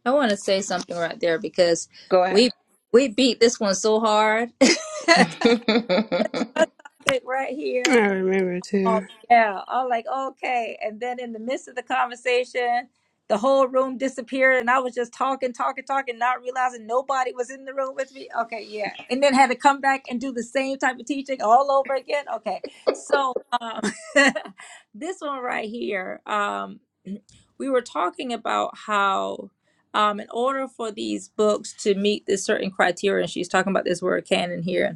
S1: I want to say something right there because
S2: Go ahead.
S1: we we beat this one so hard. Pick Right here.
S3: I remember
S1: Oh,
S3: too.
S1: yeah. I'm like, okay. And then in the midst of the conversation, the whole room disappeared, and I was just talking, talking, talking, not realizing nobody was in the room with me. Okay, yeah. And then had to come back and do the same type of teaching all over again. Okay. So, um, this one right here, um, we were talking about how. Um, in order for these books to meet this certain criteria, and she's talking about this word canon here,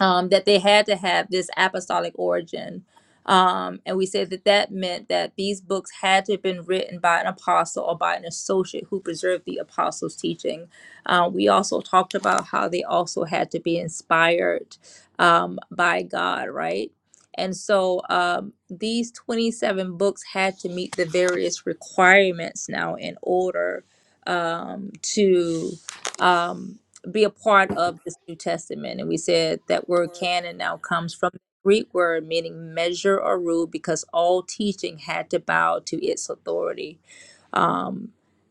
S1: um, that they had to have this apostolic origin. Um, and we said that that meant that these books had to have been written by an apostle or by an associate who preserved the apostles' teaching. Uh, we also talked about how they also had to be inspired um, by God, right? And so um, these 27 books had to meet the various requirements now in order um, to. Um, be a part of this New Testament. And we said that word canon now comes from the Greek word meaning measure or rule because all teaching had to bow to its authority.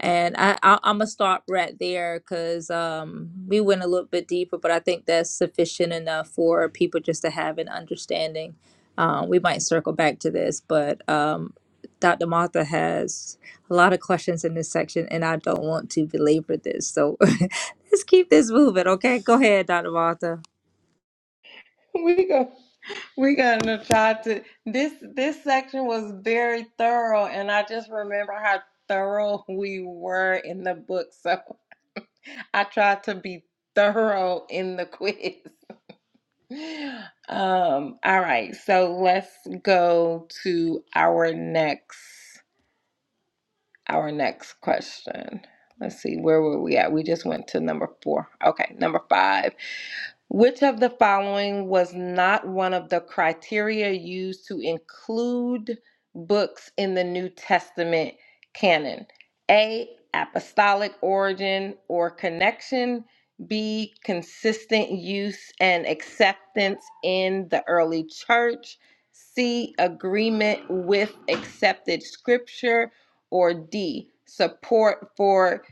S1: And I, I I'm gonna stop right there because um, we went a little bit deeper, but I think that's sufficient enough for people just to have an understanding. Um, we might circle back to this, but um, Dr. Martha has a lot of questions in this section, and I don't want to belabor this. So let's keep this moving, okay? Go ahead, Dr. Martha.
S2: we go. We gonna try to. This this section was very thorough, and I just remember how thorough we were in the book. So I tried to be thorough in the quiz. Um. All right. So let's go to our next. our next question. Let's see, where were we at? We just went to number four. Okay, number five. Which of the following was not one of the criteria used to include books in the New Testament canon? A. Apostolic origin or connection. B. Consistent use and acceptance in the early church. C. Agreement with accepted scripture. Or D. Support for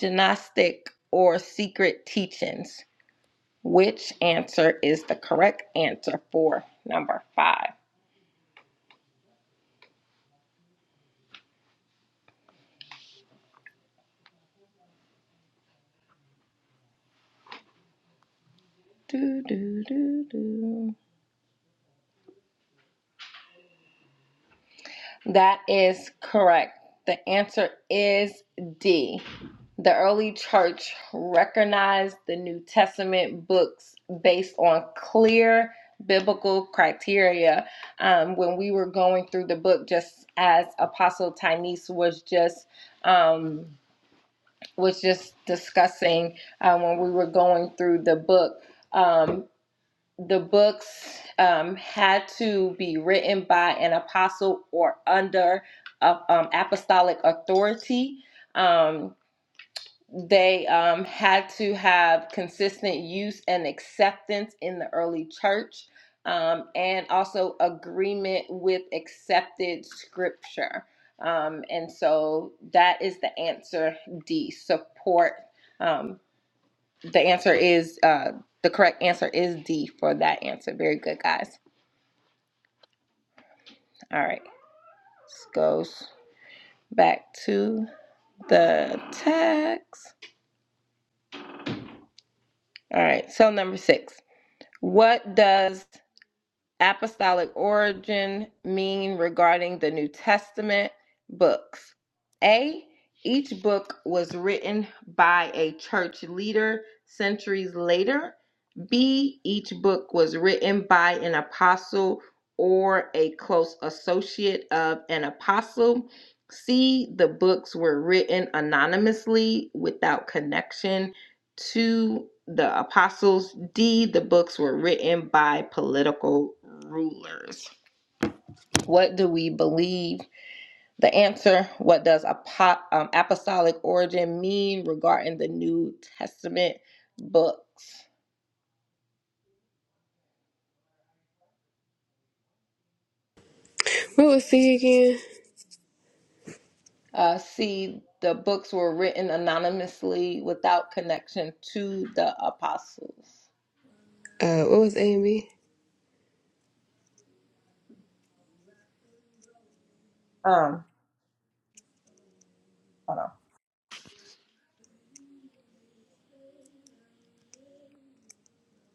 S2: gnostic or secret teachings. Which answer is the correct answer for number five? Do, do, do, do. That is correct. The answer is D. The early church recognized the New Testament books based on clear biblical criteria. Um, when we were going through the book, just as Apostle Tynes was just. Um, was just discussing uh, when we were going through the book. Um, the books um, had to be written by an apostle or under uh, um, apostolic authority. Um, they um, had to have consistent use and acceptance in the early church um, and also agreement with accepted scripture. Um, and so that is the answer D support. Um, the answer is uh, the correct answer is D for that answer. Very good, guys. All right, this goes back to the text. All right, so number six. What does apostolic origin mean regarding the New Testament books? A. Each book was written by a church leader centuries later. B. Each book was written by an apostle or a close associate of an apostle. C. The books were written anonymously without connection to the apostles' D. the books were written by political rulers. What do we believe? The answer What does apo- um, apostolic origin mean regarding the New Testament books?
S3: What was C again?
S2: Uh, C, the books were written anonymously without connection to the apostles.
S3: Uh, what was A and B?
S2: Um, hold on.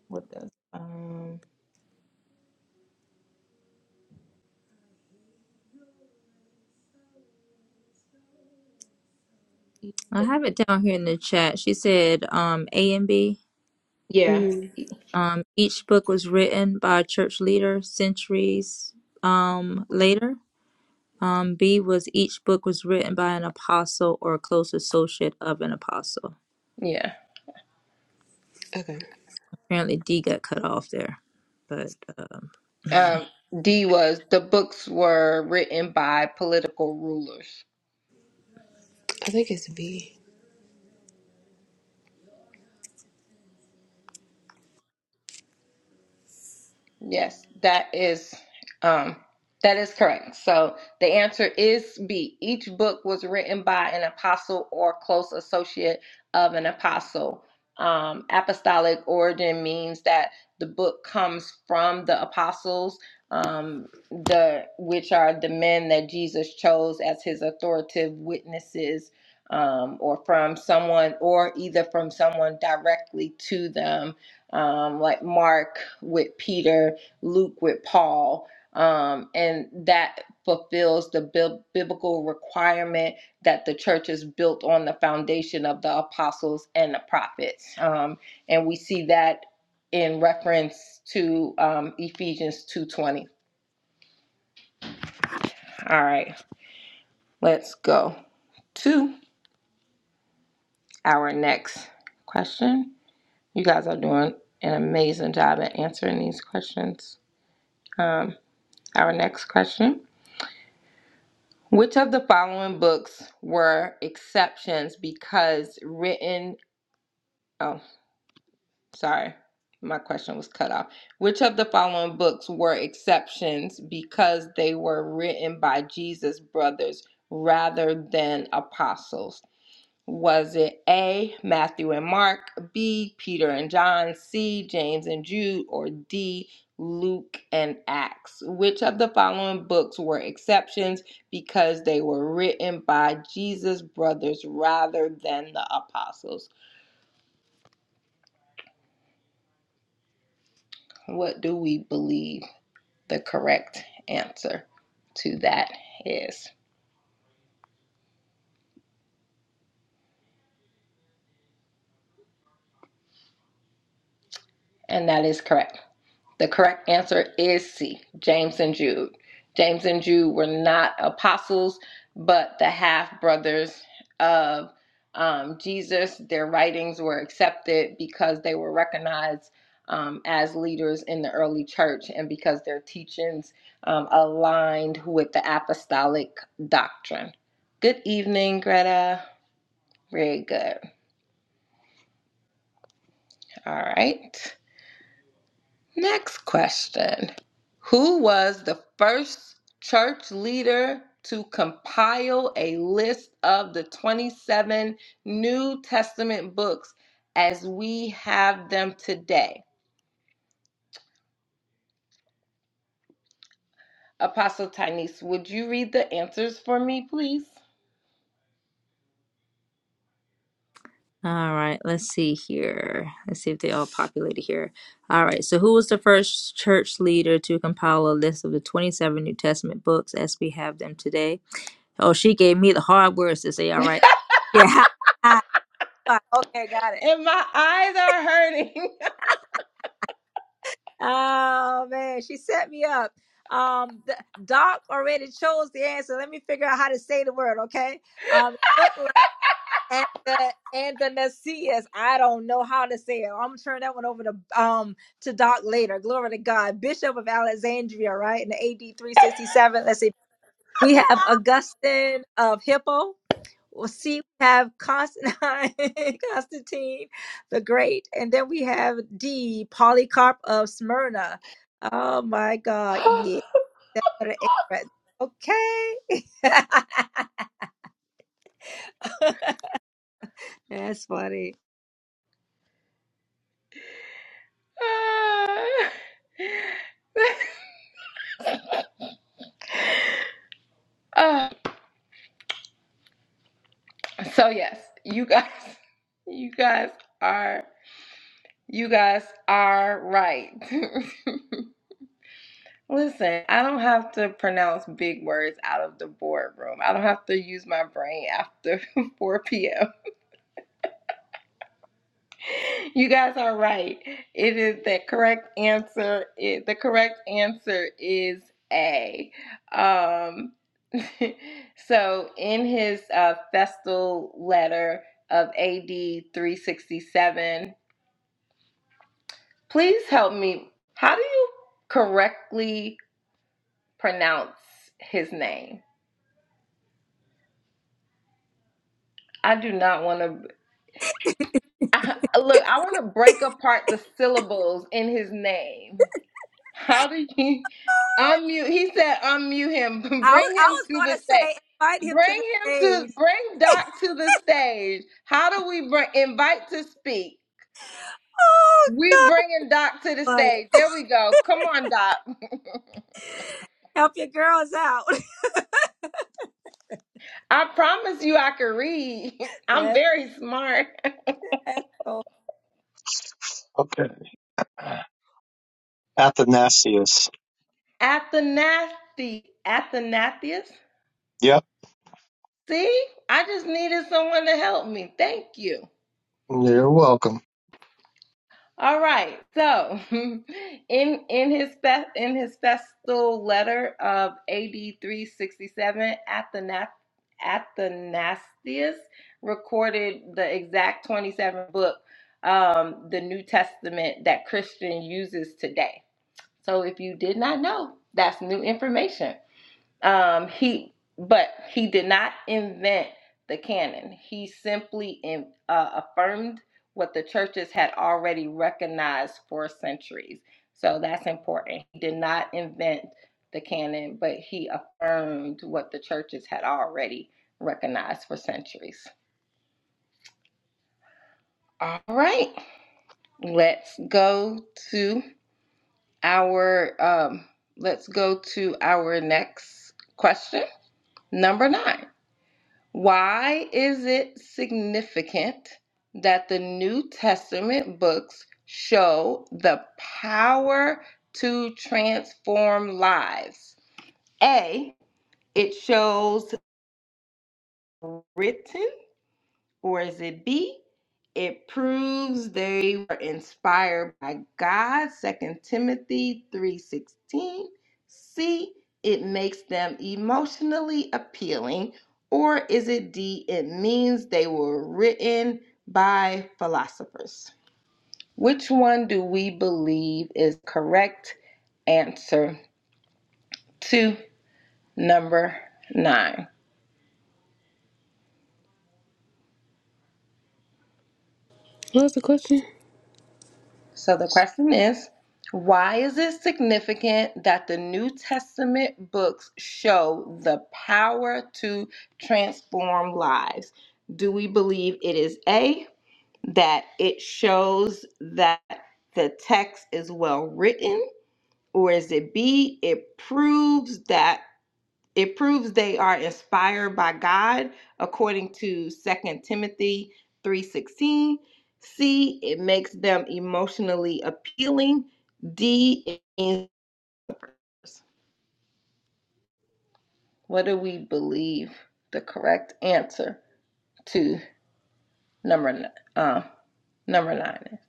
S2: What does? Um,
S1: I have it down here in the chat. She said um, A and B.
S2: yeah.
S3: Mm,
S1: Um, each book was written by a church leader centuries um, later Um, B was each book was written by an apostle or a close associate of an apostle.
S2: Yeah.
S3: okay,
S1: Apparently, D got cut off there. But um,
S2: Um, D was the books were written by political rulers.
S3: I think it's B.
S2: Yes, that is um that is correct. So the answer is B. Each book was written by an apostle or close associate of an apostle. Um, apostolic origin means that the book comes from the apostles, um, the which are the men that Jesus chose as his authoritative witnesses, um, or from someone, or either from someone directly to them um, like Mark with Peter, Luke with Paul. Um, and that fulfills the bib- biblical requirement that the church is built on the foundation of the apostles and the prophets. Um, and we see that in reference to um, Ephesians 2.20. All right, let's go to our next question. You guys are doing an amazing job at answering these questions. Um, our next question Which of the following books were exceptions because written? Oh, sorry, my question was cut off. Which of the following books were exceptions because they were written by Jesus' brothers rather than apostles? Was it A, Matthew and Mark, B, Peter and John, C, James and Jude, or D, Luke and Acts? Which of the following books were exceptions because they were written by Jesus' brothers rather than the apostles? What do we believe the correct answer to that is? And that is correct. The correct answer is C, James and Jude. James and Jude were not apostles, but the half brothers of um, Jesus. Their writings were accepted because they were recognized um, as leaders in the early church and because their teachings um, aligned with the apostolic doctrine. Good evening, Greta. Very good. All right. Next question Who was the first church leader to compile a list of the 27 New Testament books as we have them today? Apostle Tynes, would you read the answers for me, please?
S1: all right, let's see here. Let's see if they all populated here. All right, so who was the first church leader to compile a list of the 27 New Testament books as we have them today? Oh, she gave me the hard words to say. All right, yeah. okay, got it.
S2: And my eyes are hurting.
S1: Oh man, she set me up. Um, the, Doc already chose the answer. Let me figure out how to say the word. Okay. Um, it looked like and the and the Nasias. I don't know how to say it. I'm gonna turn that one over to um to Doc later. Glory to God, Bishop of Alexandria, right in the AD 367. Let's see. We have Augustine of Hippo. We'll see, we have Constantine, Constantine the Great, and then we have D, Polycarp of Smyrna. Oh my God, yeah. That's what it is right there. Okay. That's funny.
S2: Uh, so, yes, you guys, you guys are. You guys are right. Listen, I don't have to pronounce big words out of the boardroom. I don't have to use my brain after 4 p.m. You guys are right. It is the correct answer. It, the correct answer is A. Um, so, in his uh, festal letter of AD 367, please help me. How do you correctly? pronounce his name. I do not want to I, look. I want to break apart the syllables in his name. How do you unmute? He said unmute him.
S1: I was,
S2: Bring
S1: I
S2: him
S1: was
S2: to
S1: going
S2: the
S1: to say,
S2: stage.
S1: invite him
S2: Bring
S1: to the
S2: him to
S1: stage.
S2: bring Doc to the stage. How do we bring invite to speak?
S1: Oh,
S2: We
S1: God.
S2: bringing Doc to the
S1: Funny.
S2: stage. There we go. Come on, Doc.
S1: Help your girls out.
S2: I promise you, I can read. I'm
S1: That-
S2: very smart.
S1: that's cool.
S5: Okay. Athanasius.
S2: Athanasi, Athanasius.
S5: Yep.
S2: See, I just needed someone to help me. Thank you.
S5: You're welcome.
S2: All right. So, in in his fe- in his festal letter of AD 367, Athana- Athanasius recorded the exact 27 book, um, the New Testament that Christian uses today. So, if you did not know, that's new information. Um, he, but he did not invent the canon. He simply in, uh, affirmed what the churches had already recognized for centuries. So that's important. He did not invent the canon, but he affirmed what the churches had already recognized for centuries. All right, let's go to our um, let's go to our next question, number nine. Why is it significant that the New Testament books show the power to transform lives? A, it shows written. Or is it B? It proves they were inspired by God, Second Timothy 3:16. C, it makes them emotionally appealing, or is it D, it means they were written by philosophers. Which one do we believe is correct answer to number 9?
S3: What was the question?
S2: So the question is why is it significant that the New Testament books show the power to transform lives? Do we believe it is A, that it shows that the text is well written? Or is it B, it proves that? it proves they are inspired by God according to Second Timothy 3:16. C, it makes them emotionally appealing. D, it means what do we believe the correct answer to number uh, number nine? is?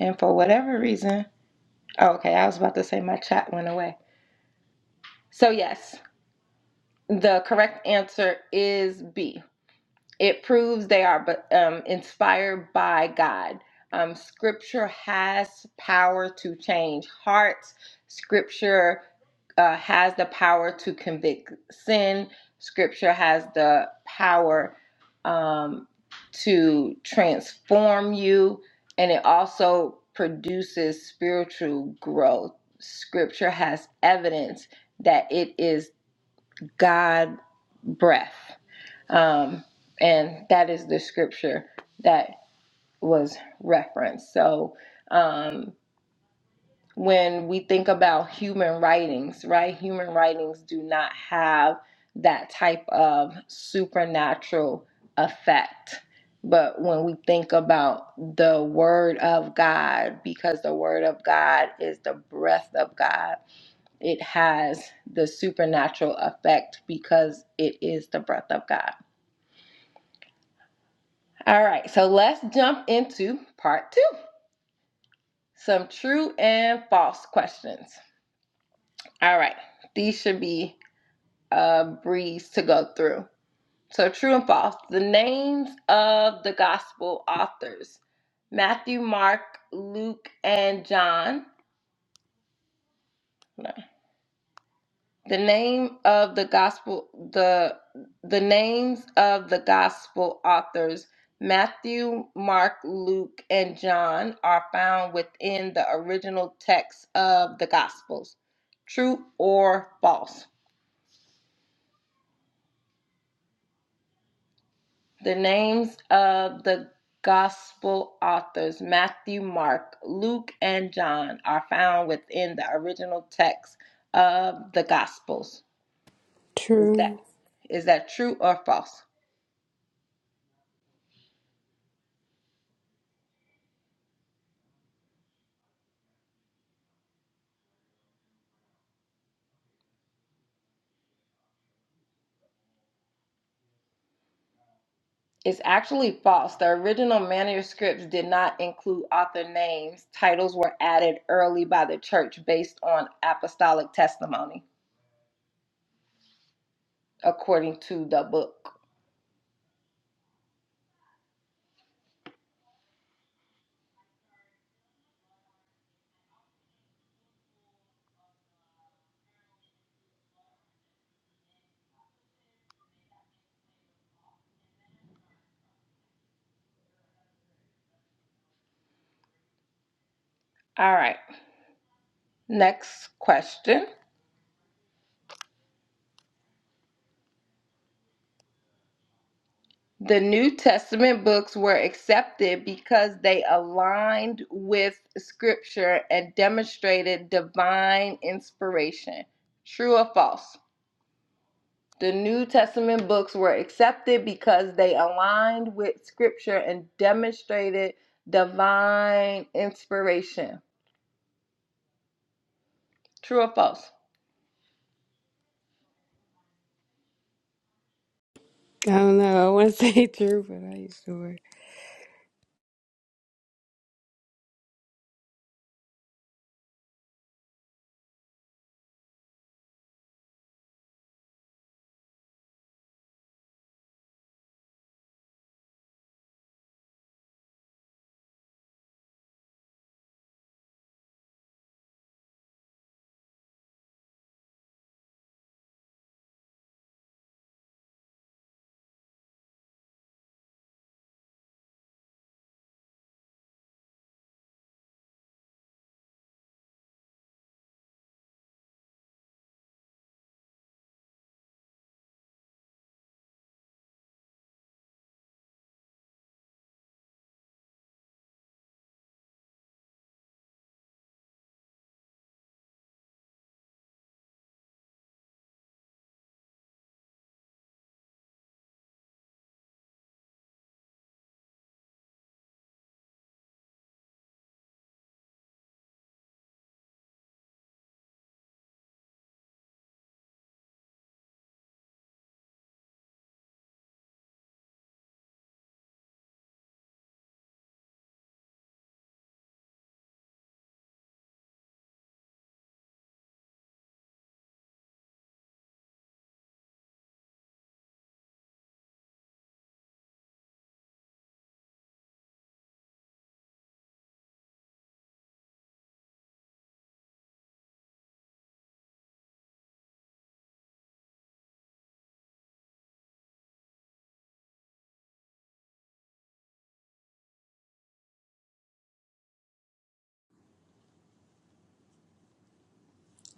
S2: And for whatever reason, oh, okay, I was about to say my chat went away. So yes, the correct answer is B. it proves they are um, inspired by God. Um, scripture has power to change hearts. Scripture uh, has the power to convict sin. Scripture has the power um, to transform you, and it also produces spiritual growth. Scripture has evidence that it is God breath. Um, and that is the scripture that was referenced. So um, when we think about human writings, right, human writings do not have that type of supernatural effect. But when we think about the Word of God, because the Word of God is the breath of God, it has the supernatural effect because it is the breath of God. All right, so let's jump into part two some true and false questions. All right, these should be a breeze to go through. So, true and false the names of the gospel authors Matthew, Mark, Luke, and John. The name of the gospel the the names of the gospel authors Matthew, Mark, Luke, and John are found within the original text of the gospels. True or false? The names of the gospel authors Matthew, Mark, Luke, and John are found within the original text of the gospels. Is
S3: True.
S2: that is that true or false? It's actually false. The original manuscripts did not include author names. Titles were added early by the church based on apostolic testimony, according to the book. All right, next question. The New Testament books were accepted because they aligned with Scripture and demonstrated divine inspiration. True or false? The New Testament books were accepted because they aligned with Scripture and demonstrated divine inspiration. True or false?
S3: I don't know. I want to say true, but I ain't sure.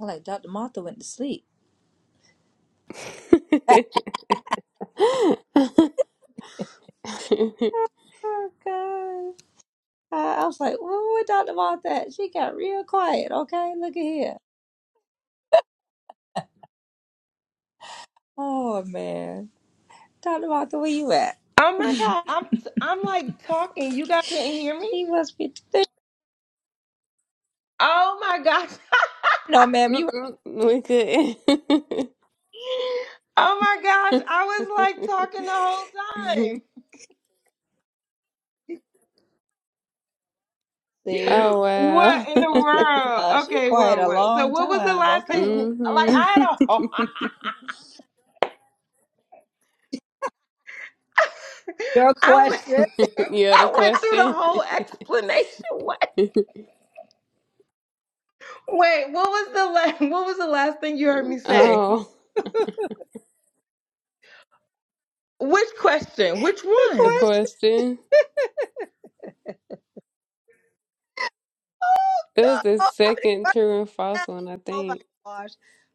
S1: I'm like, Dr. Martha went to sleep. Oh, God. I, I was like, "Ooh, what Dr. Martha? at?" She got real quiet. Okay, look at here. Oh man, Dr. Martha, where you at?
S2: Oh my God, I'm I'm like talking. You guys can't hear me.
S1: She must be.
S2: Oh my gosh.
S1: No, ma'am, you
S3: Mm-mm, we could.
S2: oh my gosh, I was like talking the whole time.
S1: see.
S3: Oh
S2: What
S3: wow.
S2: in the
S1: I was like,
S2: world?
S1: uh, she
S2: Okay,
S1: quiet
S2: whoa,
S1: a
S2: wait. So
S1: long
S2: what was the
S1: time.
S2: last
S1: Okay,
S2: thing?
S1: look-
S3: hmm
S2: Like I had a whole.
S1: your
S2: I went
S1: question.
S3: Yeah, the
S2: I went through the
S3: question.
S2: whole explanation. What? Wait, what was the la- what was the last thing you heard me
S1: Oops,
S2: say?
S3: Oh,
S1: the
S2: Which question? Which
S3: the
S2: one?
S1: question.
S3: question.
S1: Oh
S3: It was
S1: God,
S3: the
S1: oh, how many
S3: second
S1: questions?
S3: true and false one, I
S1: Oh my
S3: think,
S1: gosh.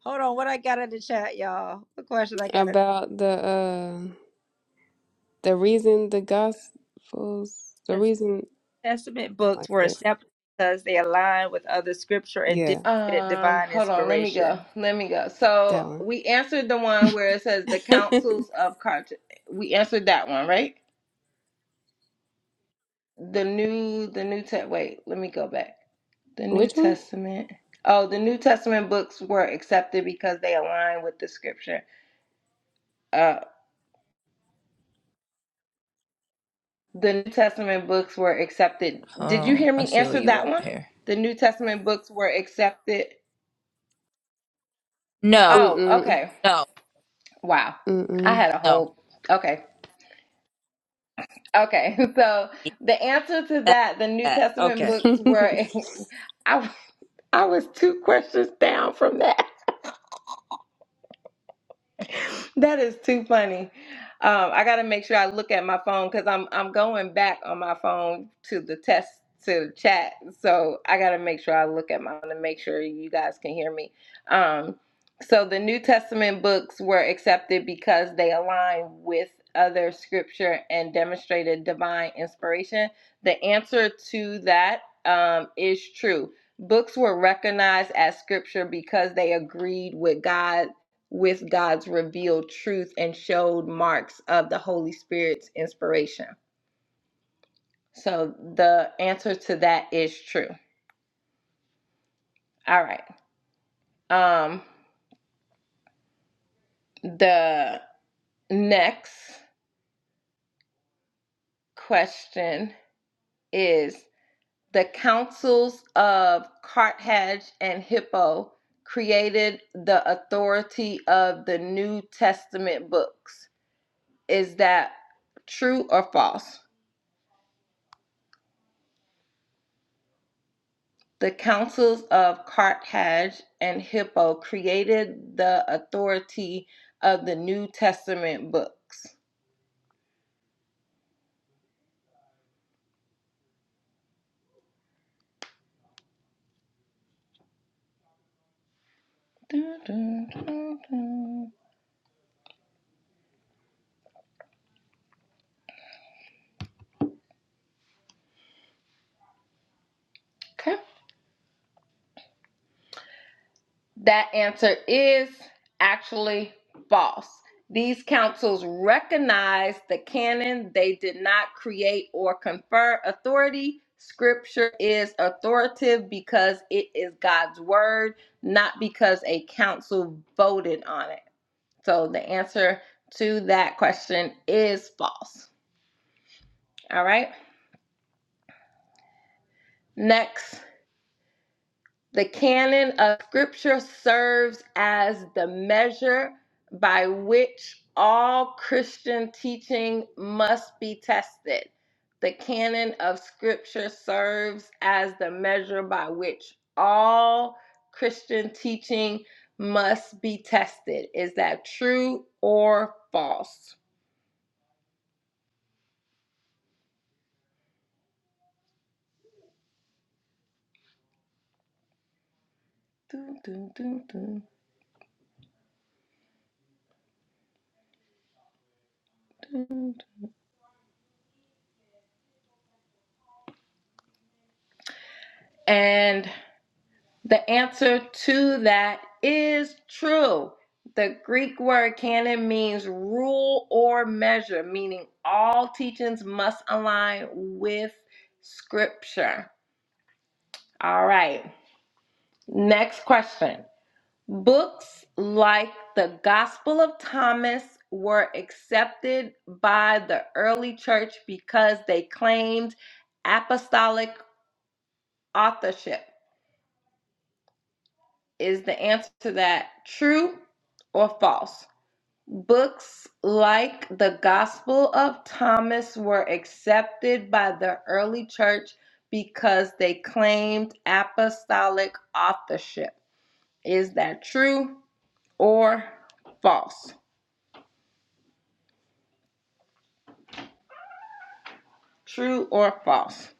S1: Hold on, what I got in the chat, y'all? What question I got? in-
S3: about the uh the reason the gospels, the
S1: Is
S3: reason
S1: Testament
S3: something
S1: books
S3: like
S1: were
S3: that.
S1: accepted because they align with other scripture and
S3: Yeah,
S1: demonstrated
S2: Um,
S1: divine
S2: hold on, let me go.
S1: inspiration.
S2: Let me go.
S3: that
S2: So
S3: one.
S2: we answered the one where it says the councils of Cart. We answered that one, right? The new, the new test. Wait, let me go back. The New
S3: Which one?
S2: Testament. Oh, the New Testament books were accepted because they align with the Scripture. uh, The New Testament books were accepted.
S1: Hold
S2: Did you
S1: on.
S2: hear
S1: Let's
S2: me
S1: see where
S2: answer
S1: you
S2: that
S1: at
S2: one?
S1: here.
S2: The New Testament books were accepted.
S1: No,
S2: Oh,
S3: Mm-mm.
S2: okay.
S1: no,
S2: Wow. I had a
S1: no.
S2: whole. Okay. Okay. So
S1: Yeah,
S2: the answer to
S1: That's
S2: that, the New
S1: that.
S2: Testament
S1: Okay.
S2: books were.
S3: Mm-mm.
S2: I, I was two questions down from that. that is too funny. Um, I got to make sure I look at my phone because I'm I'm going back on my phone to the test to the chat. So I got to make sure I look at my to make sure you guys can hear me. Um, so the New Testament books were accepted because they align with other scripture and demonstrated divine inspiration. The answer to that um, is true. Books were recognized as scripture because they agreed with God with God's revealed truth and showed marks of the Holy Spirit's inspiration. So the answer to that is true. All right. Um the next question is the councils of Carthage and Hippo created the authority of the New Testament books. Is that true or false? The councils of Carthage and Hippo created the authority of the New Testament books. Dun, dun, dun, dun. Okay. That answer is actually false. These councils recognized the canon. They did not create or confer authority. Scripture is authoritative because it is God's word, not because a council voted on it. So the answer to that question is false. All right. Next, the canon of scripture serves as the measure by which all Christian teaching must be tested. The canon of scripture serves as the measure by which all Christian teaching must be tested. Is that true or false? Dun, dun, dun, dun, dun. And the answer to that is true. The Greek word canon means rule or measure, meaning all teachings must align with scripture. All right. Next question. Books like the Gospel of Thomas were accepted by the early church because they claimed apostolic authorship. Is the answer to that true or false? Books like the Gospel of Thomas were accepted by the early church because they claimed apostolic authorship. Is that true or false? True or false?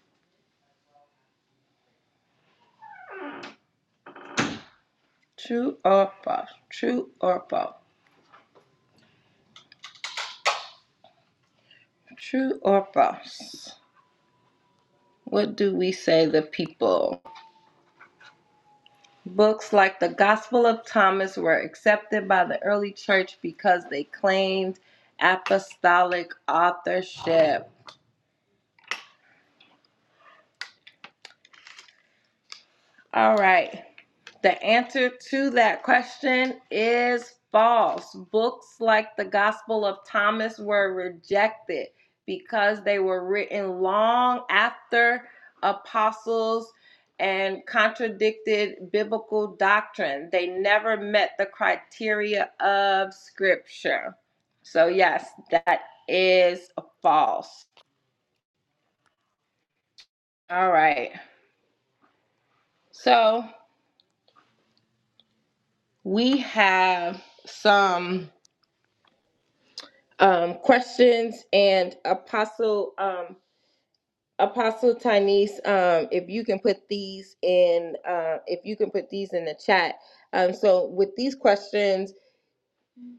S2: True or false? True or false? True or false? What do we say the people? Books like the Gospel of Thomas were accepted by the early church because they claimed apostolic authorship. All right. The answer to that question is false. Books like the Gospel of Thomas were rejected because they were written long after apostles and contradicted biblical doctrine. They never met the criteria of Scripture. So, yes, that is false. All right. So, we have some um, questions and Apostle um, Apostle Tanis, um, if you can put these in, uh, if you can put these in the chat. Um, so with these questions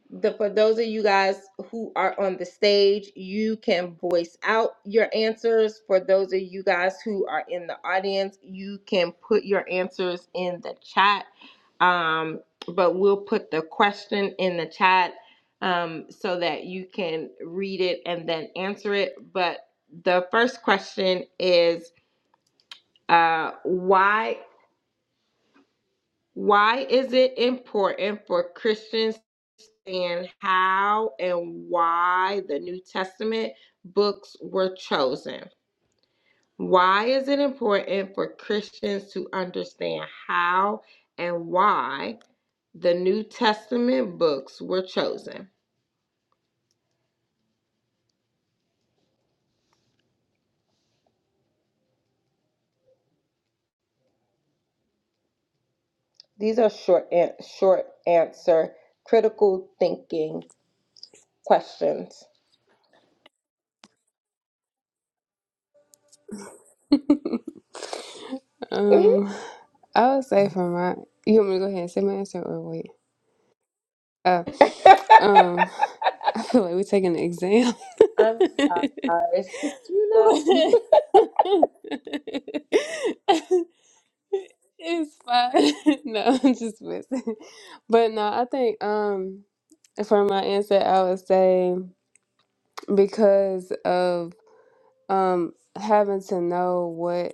S2: the for those of you guys who are on the stage, you can voice out your answers. For those of you guys who are in the audience, you can put your answers in the chat. Um, but we'll put the question in the chat um, so that you can read it and then answer it. But the first question is uh, why why is it important for Christians understand how and why the New Testament books were chosen. Why is it important for Christians to understand how and why the New Testament books were chosen? These are short an- short answer critical thinking questions. Mhm.
S3: Um, I would say for my, you want me to go ahead and say my answer or wait? Uh, um, I feel like we're taking an exam.
S2: I'm sorry, Sister Una.
S3: It's fine. No, I'm just messing. But no, I think um for my answer, I would say because of um having to know what.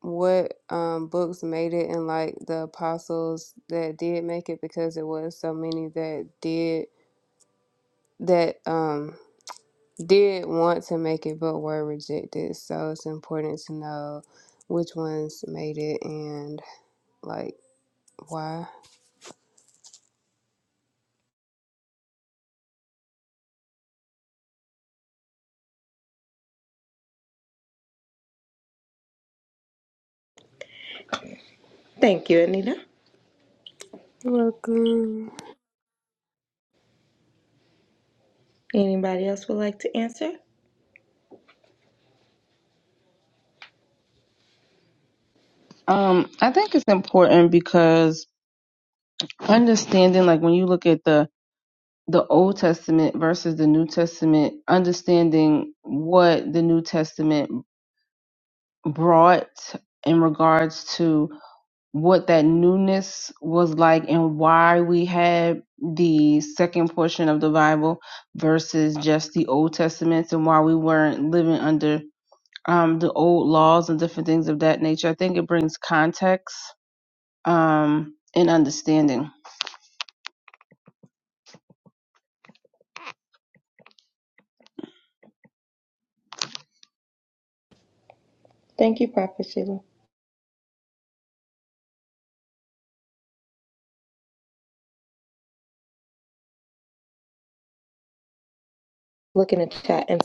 S3: what um, books made it and like the apostles that did make it because it was so many that did that um did want to make it but were rejected so it's important to know which ones made it and like why
S2: Thank you, Anita.
S3: You're welcome
S2: Anybody else would like to answer?
S4: Um, I think it's important because understanding, like when you look at the the Old Testament versus the New Testament, understanding what the New Testament brought in regards to what that newness was like and why we had the second portion of the Bible versus just the Old Testament and why we weren't living under um, the old laws and different things of that nature. I think it brings context um, and understanding.
S2: Thank you, Prophet Sheila. look in the chat and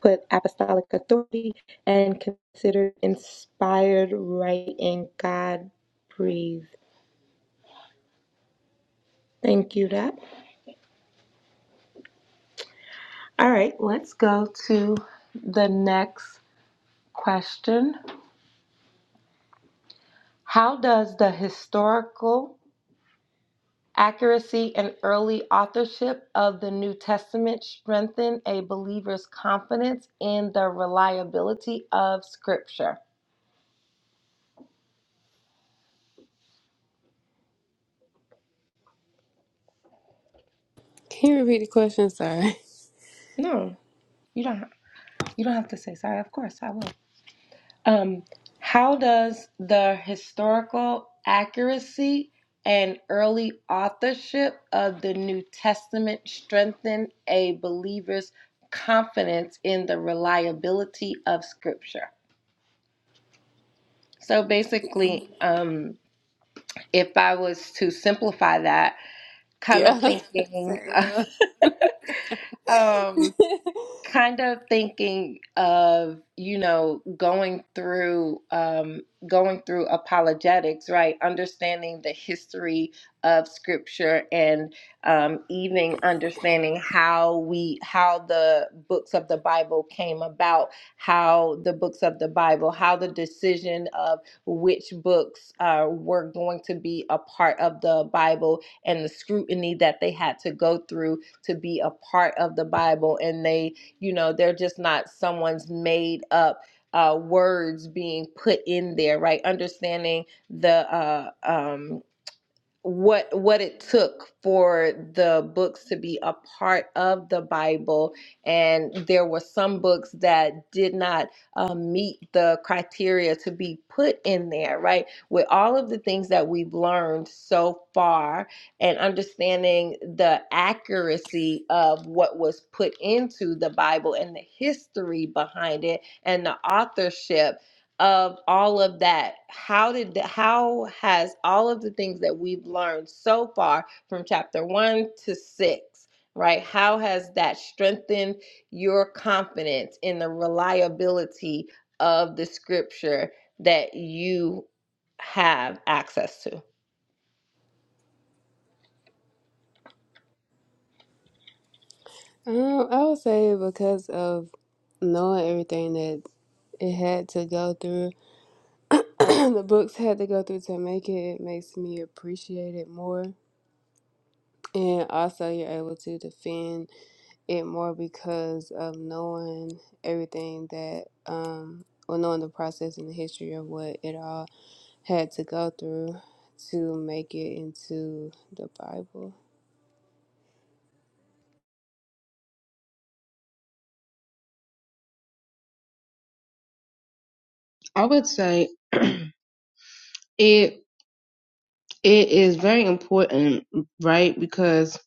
S2: put apostolic authority and consider inspired writing. God breathed. Thank you, Deb. All right, let's go to the next question. How does the historical accuracy and early authorship of the New Testament strengthen a believer's confidence in the reliability of Scripture?
S3: can you repeat the question sorry
S2: No, you don't. You don't have to say sorry. Of course, I will. Um, how does the historical accuracy and early authorship of the New Testament strengthen a believer's confidence in the reliability of Scripture? So basically, um, if I was to simplify that, kind of
S3: yeah
S2: thinking.
S3: Sorry.
S2: um, kind of thinking of you know going through um, going through apologetics right understanding the history of scripture and um, even understanding how we how the books of the bible came about how the books of the bible how the decision of which books uh, were going to be a part of the bible and the scrutiny that they had to go through to be a part of the bible and they you know, they're just not someone's made up uh, words being put in there, right? Understanding the uh, um, what what it took for the books to be a part of the Bible, and there were some books that did not um, meet the criteria to be put in there. Right, with all of the things that we've learned so far, and understanding the accuracy of what was put into the Bible and the history behind it, and the authorship of all of that how did the, how has all of the things that we've learned so far from chapter 1 to 6 right how has that strengthened your confidence in the reliability of the scripture that you have access to
S3: um i would say because of knowing everything that it had to go through the books had to go through to make it, it makes me appreciate it more. And also, you're able to defend it more because of knowing everything that, um, or knowing the process and the history of what it all had to go through to make it into the Bible.
S4: I would say it it is very important, right? Because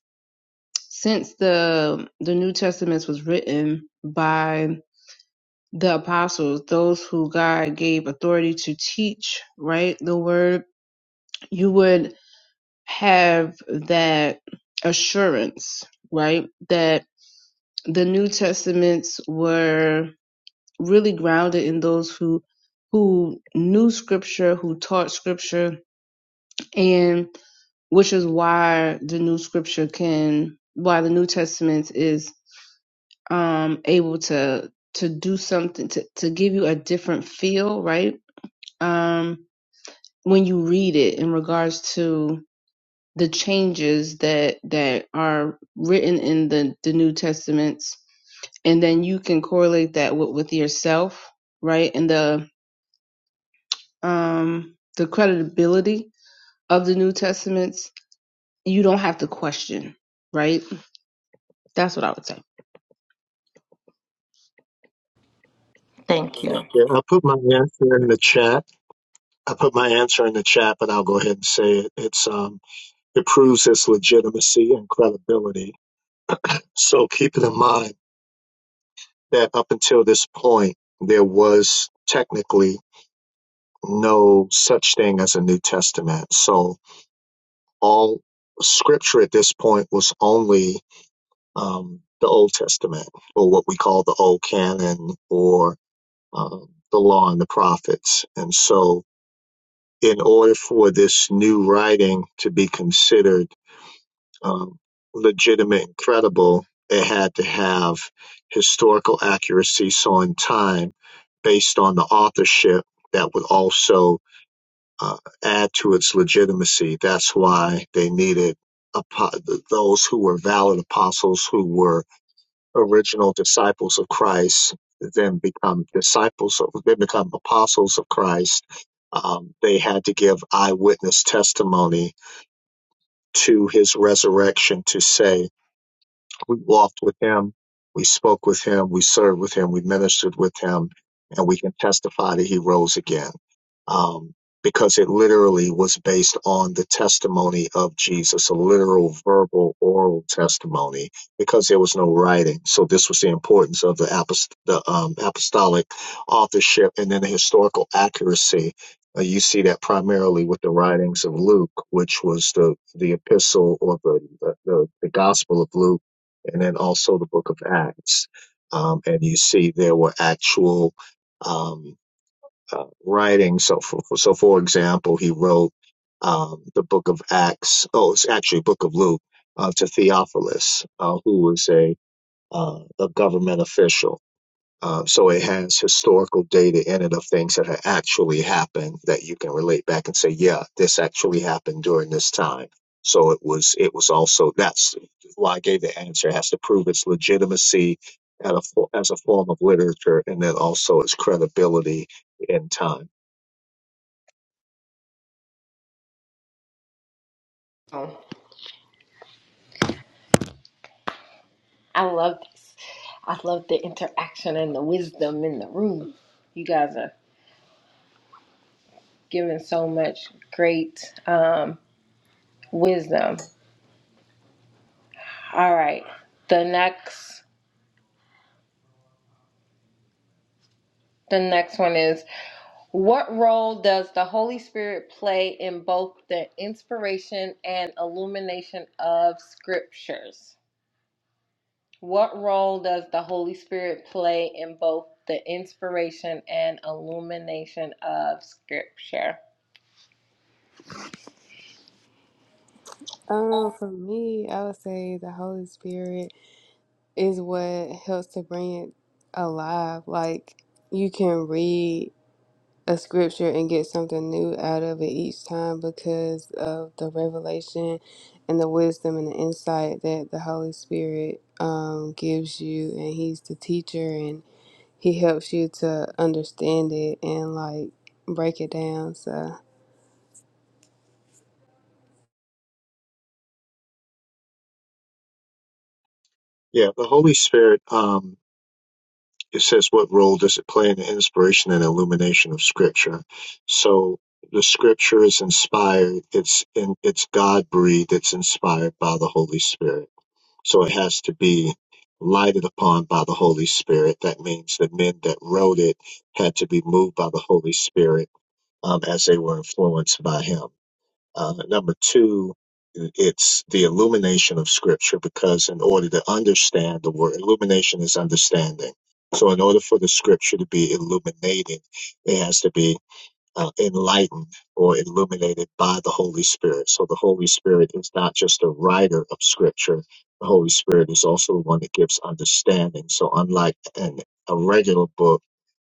S4: since the the New Testament was written by the apostles, those who God gave authority to teach, right, the word, you would have that assurance, right, that the New Testaments were really grounded in those who who knew scripture, who taught scripture, and which is why the new scripture can why the New Testament is um able to to do something to, to give you a different feel, right? Um when you read it in regards to the changes that that are written in the, the New Testaments and then you can correlate that with, with yourself, right? And the um, the credibility of the New Testaments, you don't have to question, right? That's what I would say.
S2: thank you
S5: Yeah, I put my answer in the chat. I put my answer in the chat, but I'll go ahead and say it. It's um, it proves its legitimacy and credibility. So keep in mind that up until this point, there was technically no such thing as a New Testament. So all scripture at this point was only um, the Old Testament, or what we call the Old Canon, or um, the law and the prophets. And so, in order for this new writing to be considered um, legitimate and credible, it had to have historical accuracy, so in time, based on the authorship, that would also uh, add to its legitimacy. That's why they needed apo- those who were valid apostles who were original disciples of Christ then become disciples of then become apostles of Christ. Um, they had to give eyewitness testimony to his resurrection to say we walked with him, we spoke with him, we served with him, we ministered with him, and we can testify that he rose again. Um, because it literally was based on the testimony of Jesus, a literal verbal oral testimony, because there was no writing. So this was the importance of the, apost- the um, apostolic authorship and then the historical accuracy. Uh, you see that primarily with the writings of Luke, which was the, the epistle or the, the, the the gospel of Luke and then also the book of Acts. Um, and you see there were actual um, uh, writings. So, for, for- so for example, he wrote um, the book of Acts. Oh, it's actually book of Luke uh, to Theophilus, uh, who was a uh, a government official um, so it has historical data in it of things that have actually happened that you can relate back and say, yeah, this actually happened during this time. So it was it was also that's why I gave the answer. It has to prove its legitimacy at a, fo- as a form of literature and then also its credibility in time.
S2: Oh, i love this i love the interaction and the wisdom in the room you guys are giving so much great um wisdom All right. The next the next one is what role does the Holy Spirit play in both the inspiration and illumination of scriptures? What role does the Holy Spirit play in both the inspiration and illumination of scripture?
S3: Um, for me, I would say the Holy Spirit is what helps to bring it alive. Like, you can read a scripture and get something new out of it each time because of the revelation and the wisdom and the insight that the Holy Spirit um, gives you. And He's the teacher and He helps you to understand it and like break it down. So
S5: Yeah, the Holy Spirit. Um, it says what role does it play in the inspiration and illumination of scripture so the scripture is inspired it's in it's god breathed it's inspired by the holy spirit so it has to be lighted upon by the holy spirit that means the men that wrote it had to be moved by the holy spirit um, as they were influenced by him uh, number two, it's the illumination of scripture because in order to understand the word, illumination is understanding. So in order for the scripture to be illuminated, it has to be uh, enlightened or illuminated by the Holy Spirit. So the Holy Spirit is not just a writer of scripture. The Holy Spirit is also the one that gives understanding. So unlike an, a regular book,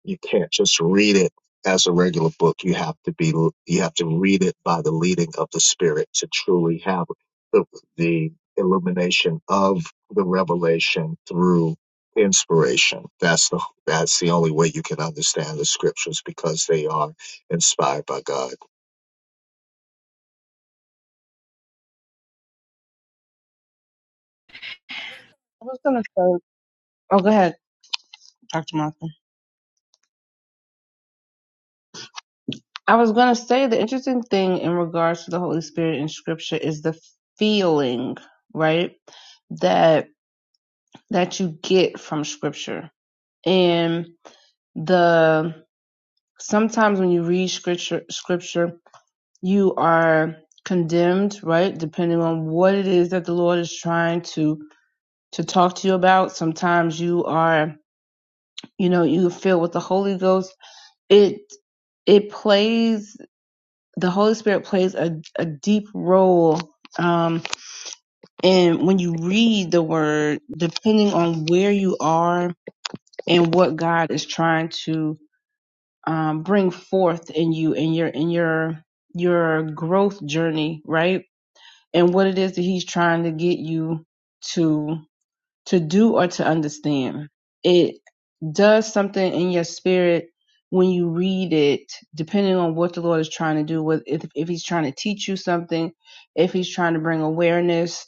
S5: you can't just read it as a regular book. You have to be you have to read it by the leading of the Spirit to truly have the the illumination of the revelation through inspiration. That's the that's the only way you can understand the scriptures because they are inspired by God.
S4: I was gonna say. Oh, go ahead, Dr. Martha. I was gonna say the interesting thing in regards to the Holy Spirit in Scripture is the feeling, right? That that you get from Scripture, and the sometimes when you read Scripture, Scripture you are condemned, right? Depending on what it is that the Lord is trying to to talk to you about. Sometimes you are, you know, you feel with the Holy Ghost. It it plays the Holy Spirit plays a, a deep role um and when you read the word, depending on where you are and what God is trying to um bring forth in you in your in your your growth journey, right? and what it is that he's trying to get you to to do or to understand. It does something in your spirit when you read it, depending on what the Lord is trying to do. With if, if He's trying to teach you something, if He's trying to bring awareness,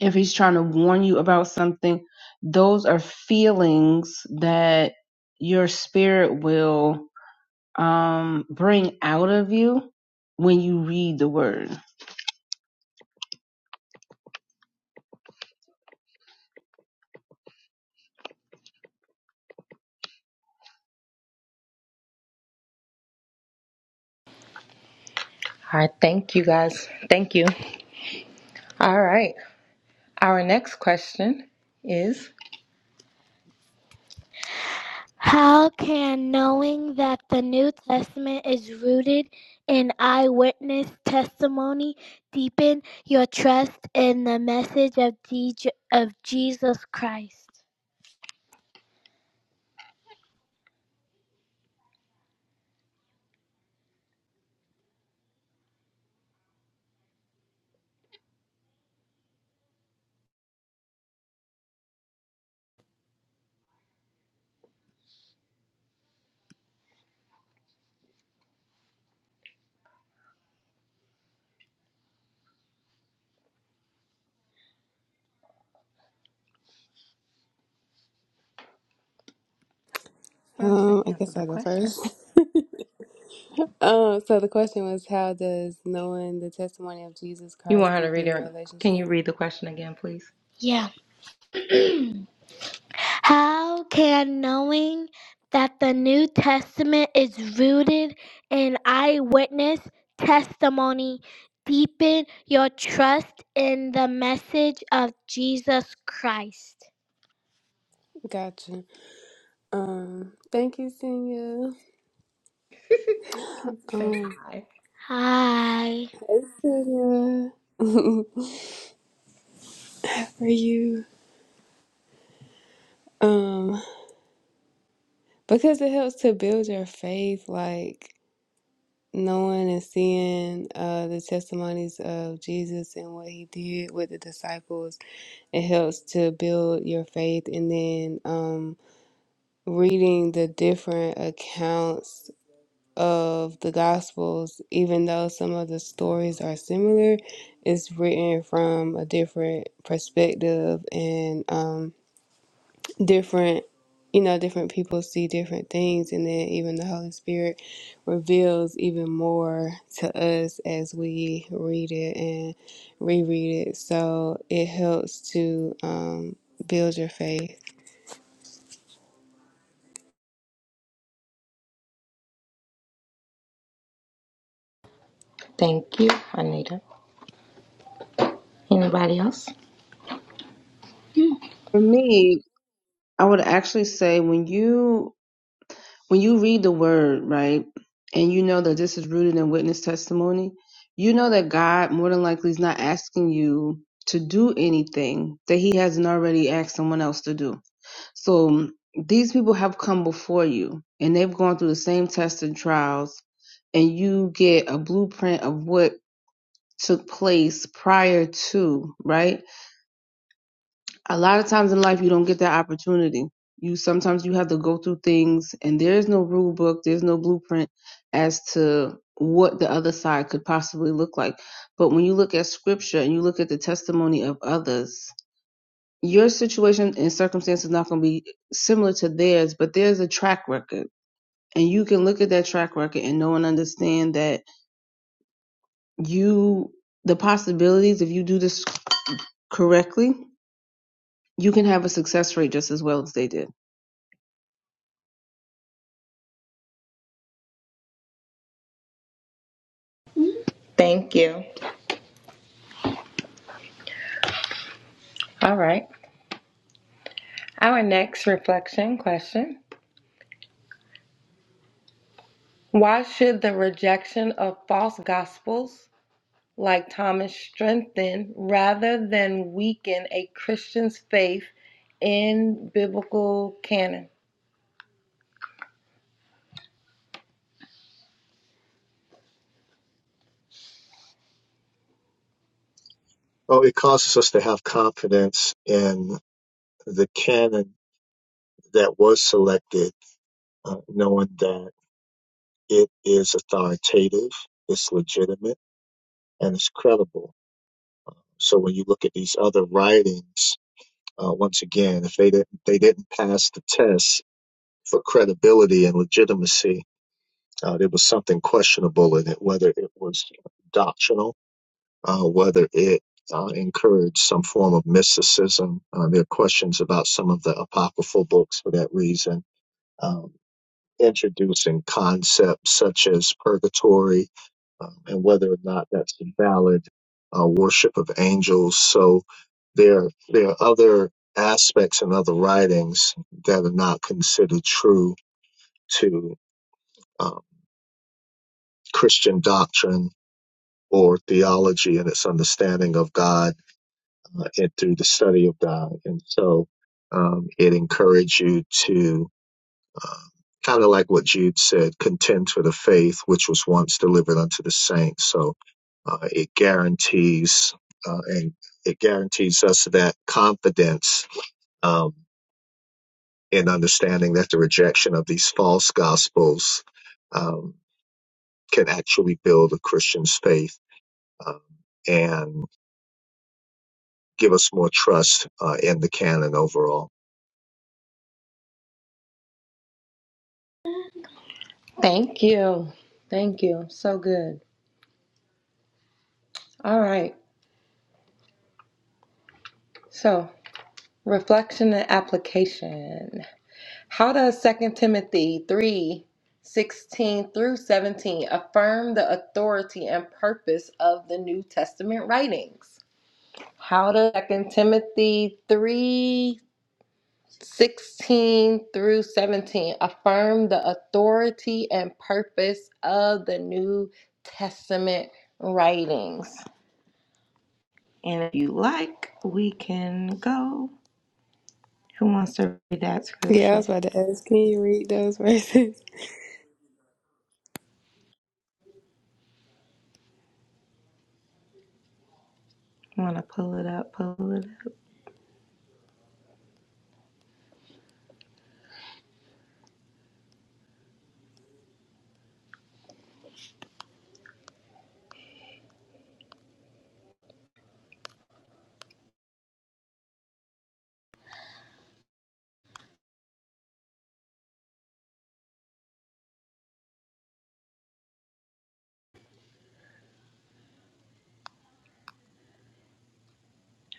S4: if He's trying to warn you about something, those are feelings that your spirit will um, bring out of you when you read the Word.
S2: All right, thank you guys. Thank you. All right. Our next question is How can knowing that the New Testament is rooted in eyewitness testimony deepen your trust in the message of, Dej- of Jesus Christ? First, I
S3: um, I
S2: answer
S3: guess
S2: the
S3: I'll go
S2: question.
S3: first. um, so the question was how does knowing the testimony of Jesus
S2: You
S3: Christ
S2: want her to
S3: deepen
S2: read
S3: your
S2: it? Can
S3: relationship?
S2: you read the question again, please? Yeah. How can knowing that the New Testament is rooted in eyewitness testimony deepen your trust in the message of Jesus Christ?
S3: Gotcha. Um, thank you, Senior.
S2: Say
S3: Um,
S2: hi. Hi.
S3: It's too good. for you. Um, because it helps to build your faith, like knowing and seeing uh, the testimonies of Jesus and what he did with the disciples. It helps to build your faith, and then um, reading the different accounts of the gospels even though some of the stories are similar it's written from a different perspective and um different you know different people see different things and then even the holy spirit reveals even more to us as we read it and reread it so it helps to um, build your faith
S2: Thank you, Anita. Anybody else?
S4: For me, I would actually say when you when you read the word, right, and you know that this is rooted in witness testimony, you know that God more than likely is not asking you to do anything that he hasn't already asked someone else to do. So um, these people have come before you and they've gone through the same tests and trials and you get a blueprint of what took place prior to, right? a lot of times in life you don't get that opportunity you sometimes you have to go through things and there is no rule book there's no blueprint as to what the other side could possibly look like but when you look at scripture and you look at the testimony of others your situation and circumstance is not going to be similar to theirs but there's a track record and you can look at that track record and know and understand that you the possibilities if you do this correctly you can have a success rate just as well as they did
S2: Thank you. All right. Our next reflection question Why should the rejection of false gospels? like Thomas, strengthen rather than weaken a Christian's faith in biblical canon.
S5: Oh, it causes us to have confidence in the canon that was selected, uh, knowing that it is authoritative, it's legitimate, and it's credible So when you look at these other writings, uh, once again, if they didn't they didn't pass the test for credibility and legitimacy, uh, there was something questionable in it, whether it was doctrinal, uh, whether it uh, encouraged some form of mysticism. Uh, there are questions about some of the apocryphal books for that reason, um, introducing concepts such as purgatory um, and whether or not that's a valid uh, worship of angels. So there, there are other aspects and other writings that are not considered true to um, Christian doctrine or theology and its understanding of God uh, and through the study of God. And so um, it encouraged you to uh, Kind of like what Jude said, contend for the faith which was once delivered unto the saints. So uh, it guarantees uh, and it guarantees us that confidence um, in understanding that the rejection of these false gospels um, can actually build a Christian's faith um, and give us more trust uh, in the canon overall.
S2: Thank you. Thank you. So good. All right. So, reflection and application. How does Second Timothy 3 16 through 17 affirm the authority and purpose of the New Testament writings? How does Second Timothy 3 16 through 17 affirm the authority and purpose of the New Testament writings. And if you like, we can go. Who wants to read that
S3: yeah i
S2: scripture?
S3: was about to ask can you read those verses
S2: Want to pull it up? Pull it up.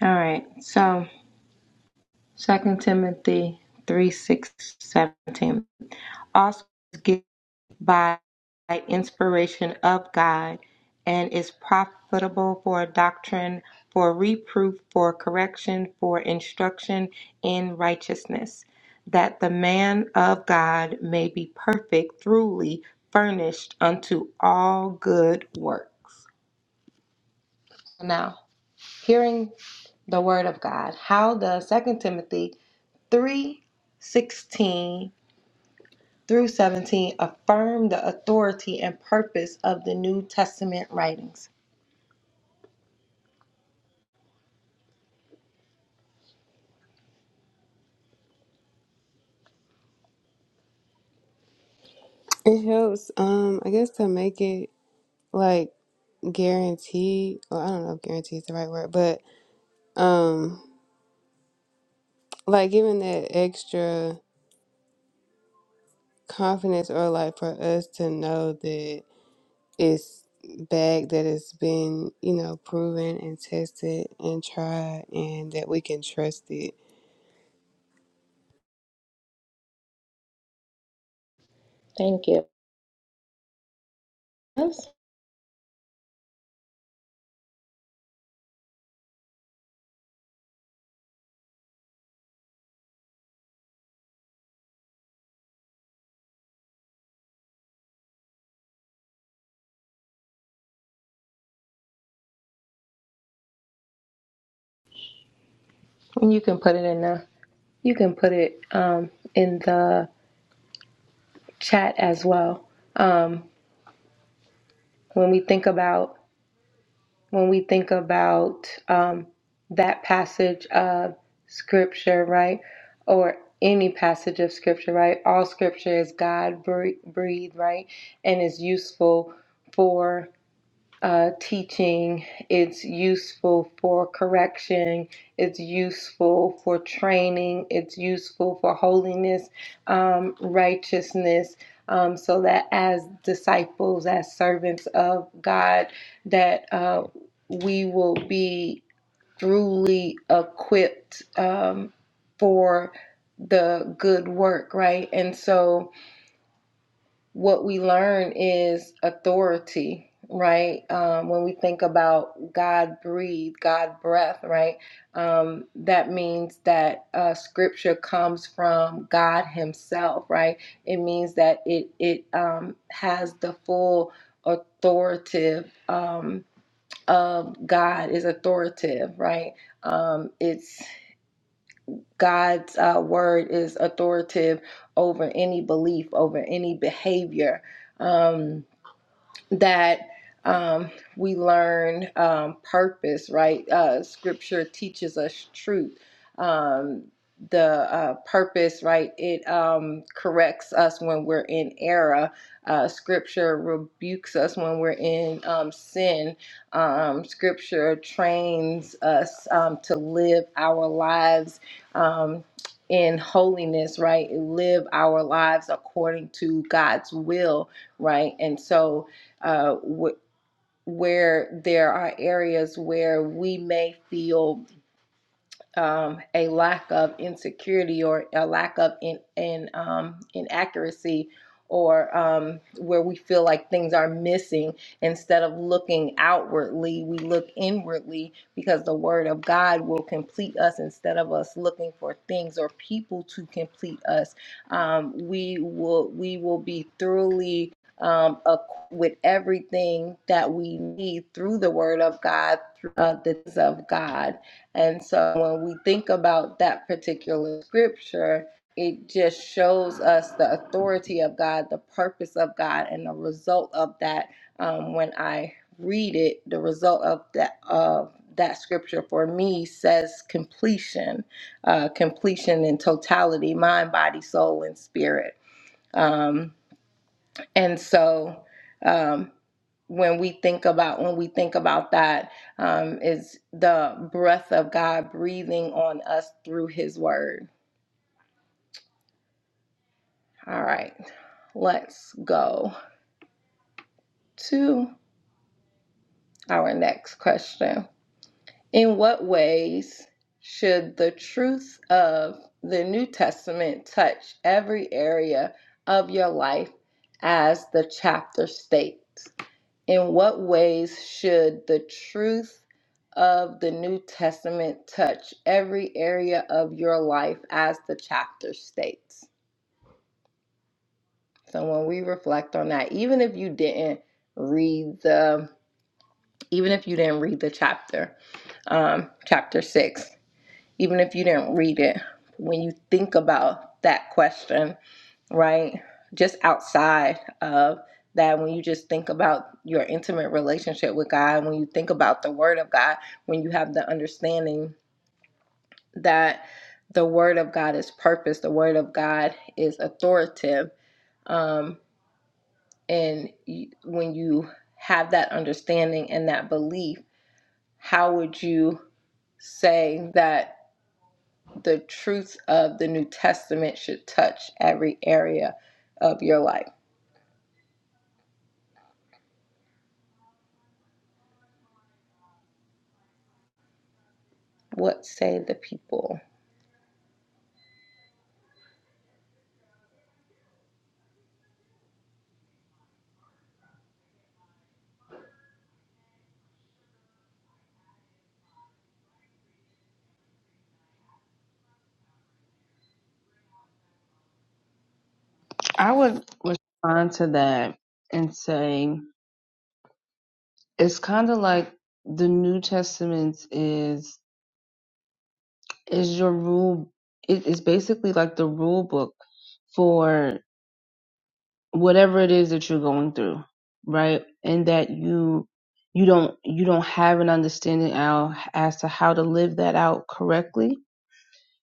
S2: All right. So, Second Timothy 3 6 17. Also, give by inspiration of God and is profitable for doctrine, for reproof, for correction, for instruction in righteousness, that the man of God may be perfect, truly furnished unto all good works. Now, hearing the word of God, how does Second Timothy three sixteen through 17 affirm the authority and purpose of the New Testament writings.
S3: it helps um i guess to make it like guaranteed well i don't know if guarantee is the right word but um like giving that extra confidence or like for us to know that it's bag that has been, you know, proven and tested and tried and that we can trust it.
S2: Thank you. Yes. And you can put it in the you can put it um, in the chat as well. Um, when we think about when we think about um, that passage of scripture, right, or any passage of scripture, right? All scripture is God breathed, right, and is useful for. uh, teaching. It's useful for correction. It's useful for training. It's useful for holiness, um, righteousness, um, so that as disciples, as servants of God, that uh, we will be truly equipped um, for the good work, right? And so what we learn is authority, right? Um, when we think about God breathe, God breath, right? Um, that means that uh, Scripture comes from God Himself, right? It means that it it um, has the full authoritative um, of God is authoritative, right? Um, it's God's uh, word is authoritative over any belief, over any behavior. Um, that um, we learn um, purpose, right? Uh, scripture teaches us truth. Um, the uh, purpose, right? It um, corrects us when we're in error. Uh, scripture rebukes us when we're in um, sin. Um, scripture trains us um, to live our lives um, in holiness, right? Live our lives according to God's will, right? And so, uh, wh- where there are areas where we may feel um, a lack of insecurity or a lack of in, in um, inaccuracy or um, where we feel like things are missing instead of looking outwardly we look inwardly because the word of god will complete us instead of us looking for things or people to complete us um, we will we will be thoroughly um, equipped with everything that we need through the word of god through uh, the things of god and so when we think about that particular scripture, it just shows us the authority of God, the purpose of God, and the result of that. Um, when I read it, the result of that of that scripture for me says completion, uh, completion in totality, mind, body, soul, and spirit. Um, and so um, when we think about when we think about that um, is the breath of God breathing on us through His Word. All right, let's go to our next question. In what ways should the truth of the New Testament touch every area of your life as the chapter states? In what ways should the truth of the New Testament touch every area of your life as the chapter states? So when we reflect on that, even if you didn't read the even if you didn't read the chapter, um, chapter six, even if you didn't read it, when you think about that question, right? Just outside of that, when you just think about your intimate relationship with God, when you think about the Word of God, when you have the understanding that the Word of God is purpose, the Word of God is authoritative. Um, and you, when you have that understanding and that belief, how would you say that the truths of the New Testament should touch every area of your life? What say the people?
S4: I would respond to that and say it's kind of like the New Testament is is your rule. It is basically like the rule book for whatever it is that you're going through, right? And that you you don't you don't have an understanding out as to how to live that out correctly,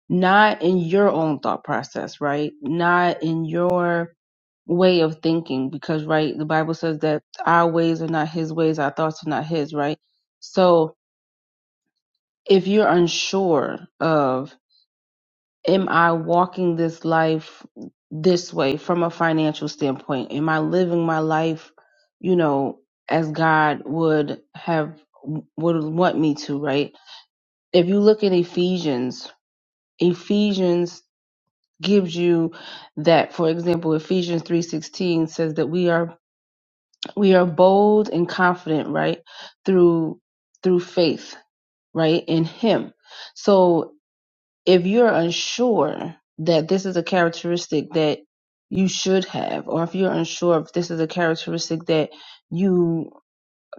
S4: not in your own thought process, right? Not in your way of thinking because right the bible says that our ways are not his ways our thoughts are not his right so if you're unsure of am I walking this life this way from a financial standpoint? Am I living my life, you know, as God would have would want me to, right? If you look at Ephesians, Ephesians gives you that for example Ephesians 3:16 says that we are we are bold and confident, right? Through through faith, right? In him. So if you're unsure that this is a characteristic that you should have, or if you're unsure if this is a characteristic that you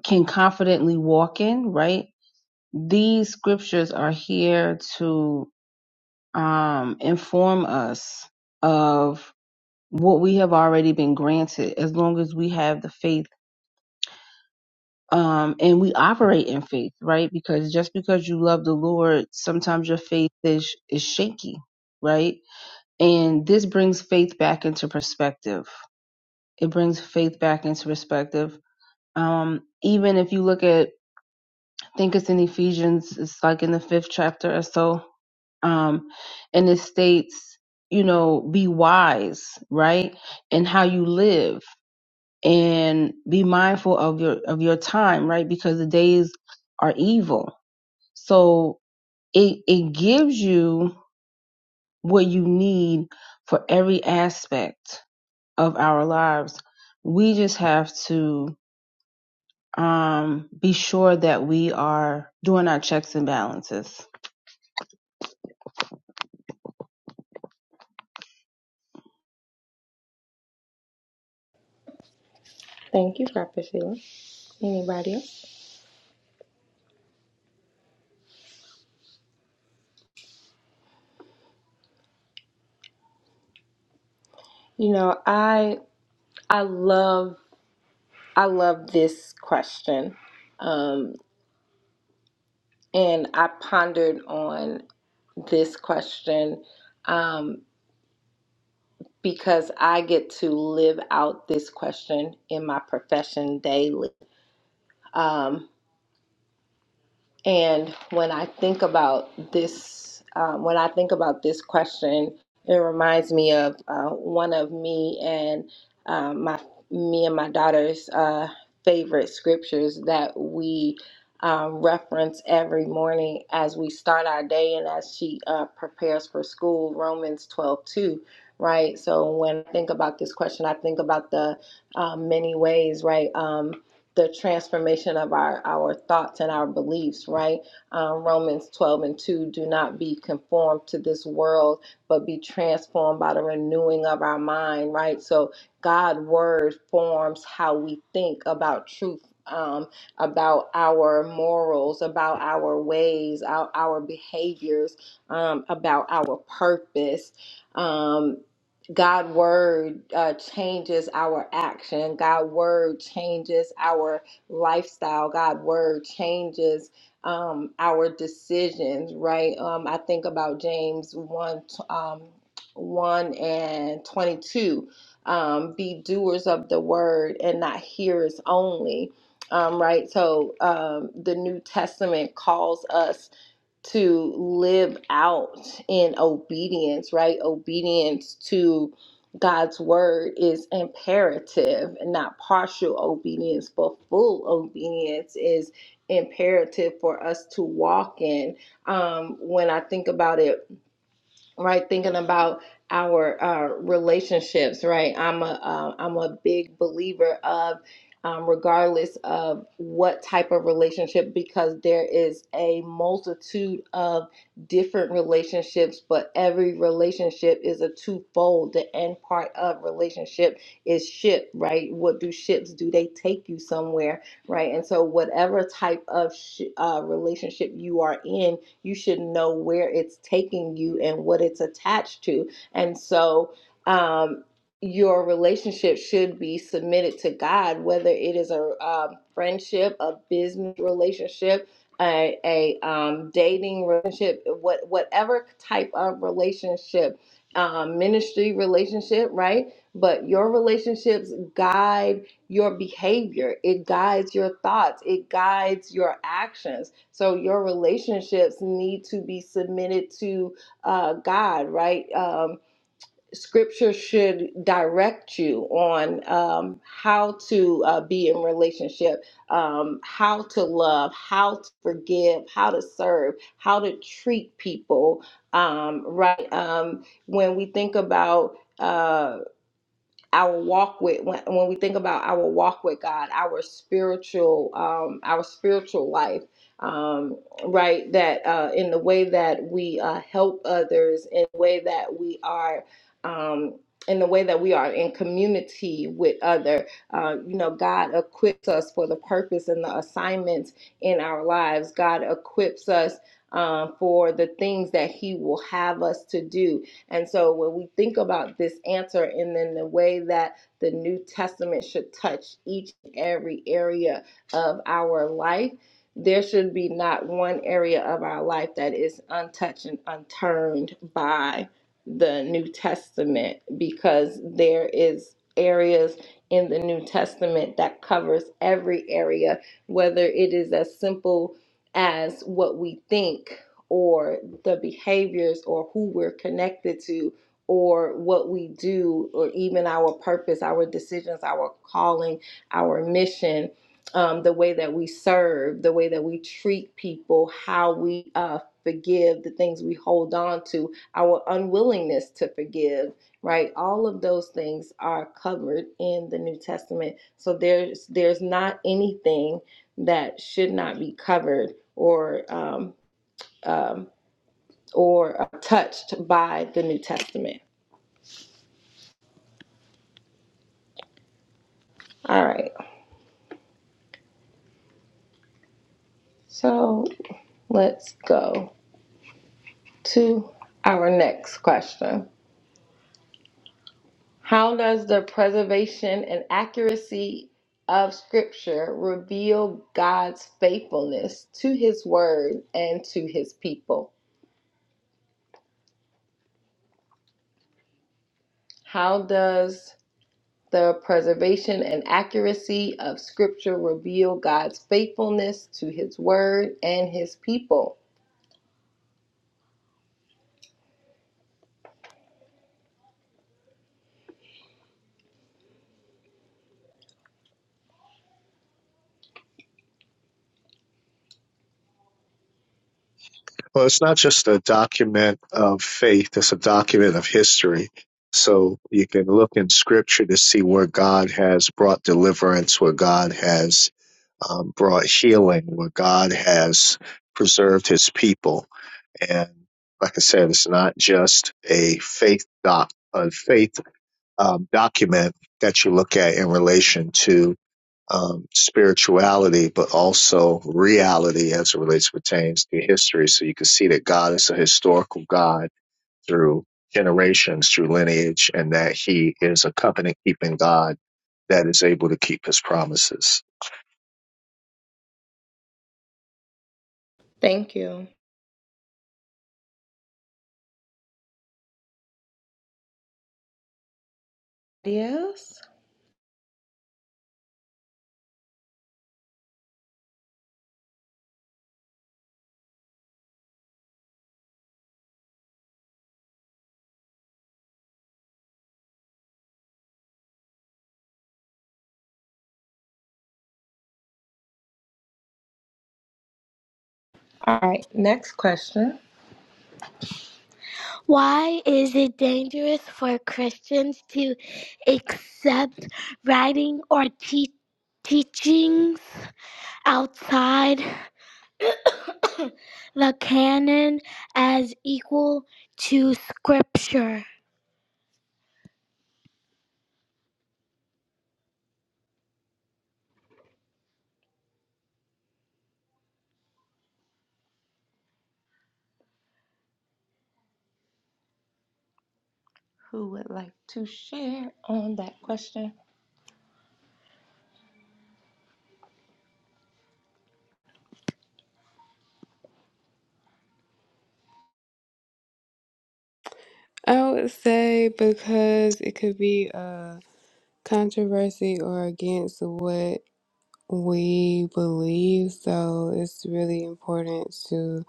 S4: can confidently walk in, right? These scriptures are here to um, inform us of what we have already been granted as long as we have the faith um, and we operate in faith, right? Because just because you love the Lord, sometimes your faith is, is shaky, right? And this brings faith back into perspective. It brings faith back into perspective. Um, even if you look at, I think it's in Ephesians, it's like in the fifth chapter or so, um, and it states, you know, be wise, right, in how you live, and be mindful of your of your time, right, because the days are evil. So it it gives you what you need for every aspect of our lives. We just have to um, be sure that we are doing our checks and balances.
S2: Thank you, Prophetilla. Anybody else? You know, I I love I love this question. Um, and I pondered on this question um, because I get to live out this question in my profession daily. Um, And when I think about this, um, when I think about this question, it reminds me of uh, one of me and um, my me and my daughter's uh, favorite scriptures that we um, reference every morning as we start our day and as she uh, prepares for school. Romans twelve two, right? So when I think about this question, I think about the um, many ways, right? Um, the transformation of our, our thoughts and our beliefs, right? Um, Romans 12 and 2 do not be conformed to this world, but be transformed by the renewing of our mind, right? So, God' word forms how we think about truth. Um, about our morals, about our ways, our, our behaviors, um, about our purpose. Um, God word uh, changes our action. God word changes our lifestyle. God word changes um, our decisions. Right? Um, I think about James one t- um, one and twenty two. Um, be doers of the word and not hearers only. Um, right. So um, the New Testament calls us to live out in obedience, right? Obedience to God's word is imperative, and not partial obedience, but full obedience is imperative for us to walk in. Um, when I think about it, right thinking about our uh, relationships right i'm a uh, i'm a big believer of um, regardless of what type of relationship because there is a multitude of different relationships but every relationship is a twofold the end part of relationship is ship right what do ships do they take you somewhere right and so whatever type of sh- uh, relationship you are in you should know where it's taking you and what it's attached to. And so, um, your relationship should be submitted to God, whether it is a um, friendship, a business relationship, a, a um, dating relationship, what whatever type of relationship, um, ministry relationship, right? But your relationships guide your behavior, it guides your thoughts, it guides your actions. So your relationships need to be submitted to uh, God, right? Um, scripture should direct you on um, how to uh, be in relationship, um, how to love, how to forgive, how to serve, how to treat people, um, right? Um, when we think about uh, our walk with when, when we think about our walk with God, our spiritual um, our spiritual life, um, right? That uh, in the way that we uh, help others, in the way that we are. Um, in the way that we are in community with other, uh, you know, God equips us for the purpose and the assignments in our lives. God equips us um, for the things that He will have us to do and so when we think about this answer and then the way that the New Testament should touch each and every area of our life, there should be not one area of our life that is untouched and unturned by the New Testament because there is areas in the New Testament that covers every area, whether it is as simple as what we think or the behaviors or who we're connected to or what we do or even our purpose, our decisions, our calling, our mission, um, the way that we serve, the way that we treat people, how we uh, forgive, the things we hold on to, our unwillingness to forgive, right? All of those things are covered in the New Testament. So there's there's not anything that should not be covered or um, um, or touched by the New Testament. All right, so let's go to our next question. How does the preservation and accuracy of Scripture reveal God's faithfulness to His Word and to His people? How does the preservation and accuracy of Scripture reveal God's faithfulness to His Word and His people?
S5: Well, it's not just a document of faith, it's a document of history. So you can look in scripture to see where God has brought deliverance, where God has um, brought healing, where God has preserved his people. And like I said, it's not just a faith doc, a faith um, document that you look at in relation to um, spirituality, but also reality as it relates pertains to history. So you can see that God is a historical God through generations, through lineage, and that He is a covenant keeping God that is able to keep His promises.
S2: Thank you. Yes. All right, next question. Why is it dangerous for Christians to accept writing or te- teachings outside the canon as equal to scripture? Who would like to share on that question?
S3: I would say because it could be a controversy or against what we believe, so it's really important to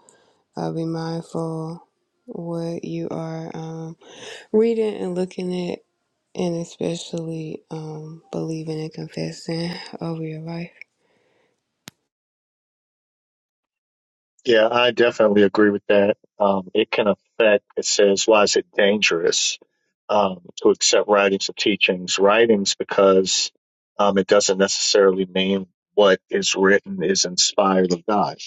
S3: uh, be mindful what you are um, reading and looking at, and especially um, believing and confessing over your life.
S5: Yeah, I definitely agree with that. Um, it can affect, it says, why is it dangerous um, to accept writings or teachings? Writings, because um, it doesn't necessarily mean what is written is inspired of God.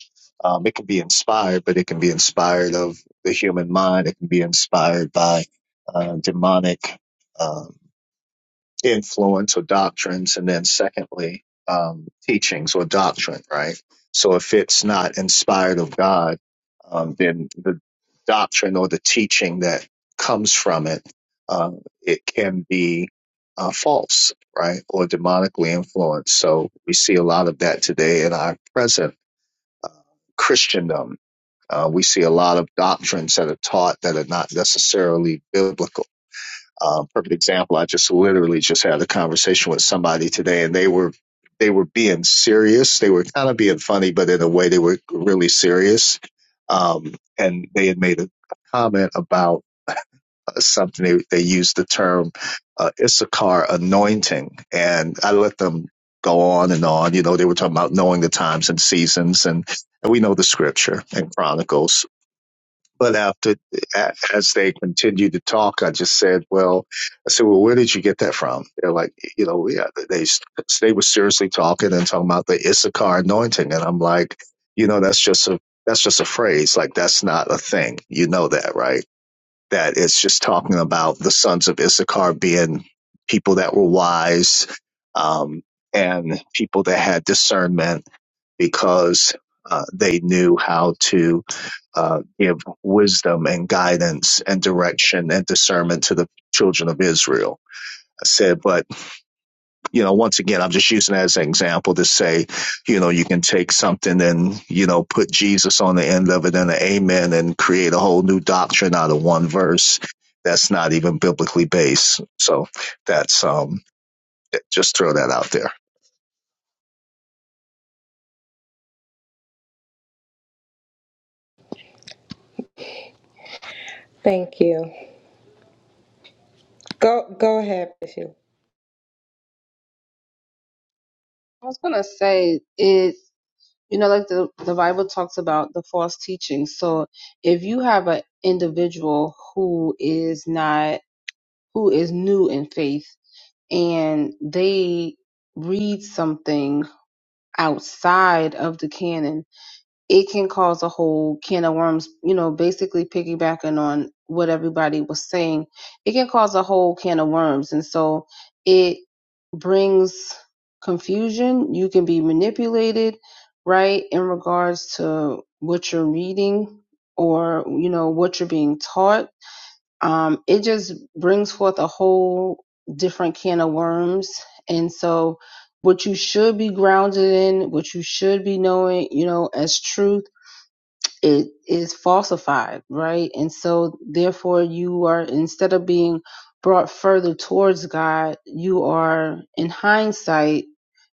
S5: Um, it can be inspired, but it can be inspired of the human mind. It can be inspired by uh, demonic. Um, influence or doctrines, and then secondly, um, teachings or doctrine, right? So if it's not inspired of God, um, then the doctrine or the teaching that comes from it, uh, it can be uh, false, right, or demonically influenced. So we see a lot of that today in our present Christendom. Uh, we see a lot of doctrines that are taught that are not necessarily biblical uh, perfect example. I just literally just had a conversation with somebody today, and they were they were being serious. They were kind of being funny, but in a way, they were really serious. Um, and they had made a comment about uh, something. They, they used the term uh, Issachar anointing, and I let them go on and on. You know, they were talking about knowing the times and seasons, and, and we know the scripture and Chronicles but after as they continued to talk, I just said, "Well, I said, well, where did you get that from?" They're like, you know, yeah, they they were seriously talking and talking about the Issachar anointing, and I'm like, you know, that's just a that's just a phrase, like that's not a thing. You know that, right? that it's just talking about the sons of Issachar being people that were wise um, and people that had discernment because uh, they knew how to uh, give wisdom and guidance and direction and discernment to the children of Israel. I said, but you know, once again, I'm just using it as an example to say, you know, you can take something and, you know, put Jesus on the end of it and an amen and create a whole new doctrine out of one verse that's not even biblically based. So that's, um, just throw that out there.
S2: Thank you. Go go ahead, Bishop.
S4: I was gonna say it, you know, like the the Bible talks about the false teaching. So if you have an individual who is not who is new in faith and they read something outside of the canon it can cause a whole can of worms, you know, basically piggybacking on what everybody was saying, it can cause a whole can of worms. And so it brings confusion. You can be manipulated, right, in regards to what you're reading or, you know, what you're being taught. Um, it just brings forth a whole different can of worms. And so what you should be grounded in, what you should be knowing, you know, as truth it is falsified, right? And so, therefore, you are, instead of being brought further towards God, you are, in hindsight,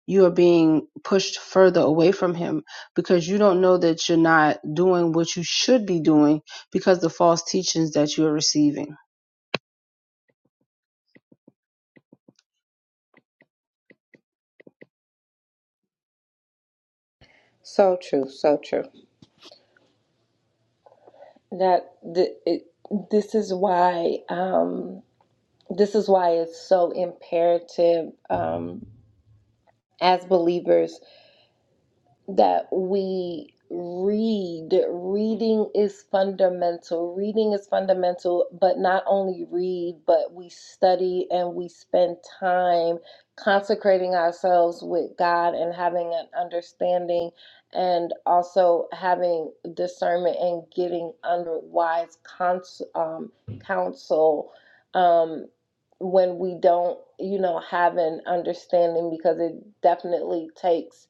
S4: you are being pushed further away from Him because you don't know that you're not doing what you should be doing because the false teachings that you are receiving.
S2: So true, so true. That th- it, this is why. Um, This is why it's so imperative um, as believers that we read. Reading is fundamental. Reading is fundamental, but not only read, but we study and we spend time consecrating ourselves with God and having an understanding and also having discernment and getting under wise cons- um, counsel. Um, when we don't, you know, have an understanding because it definitely takes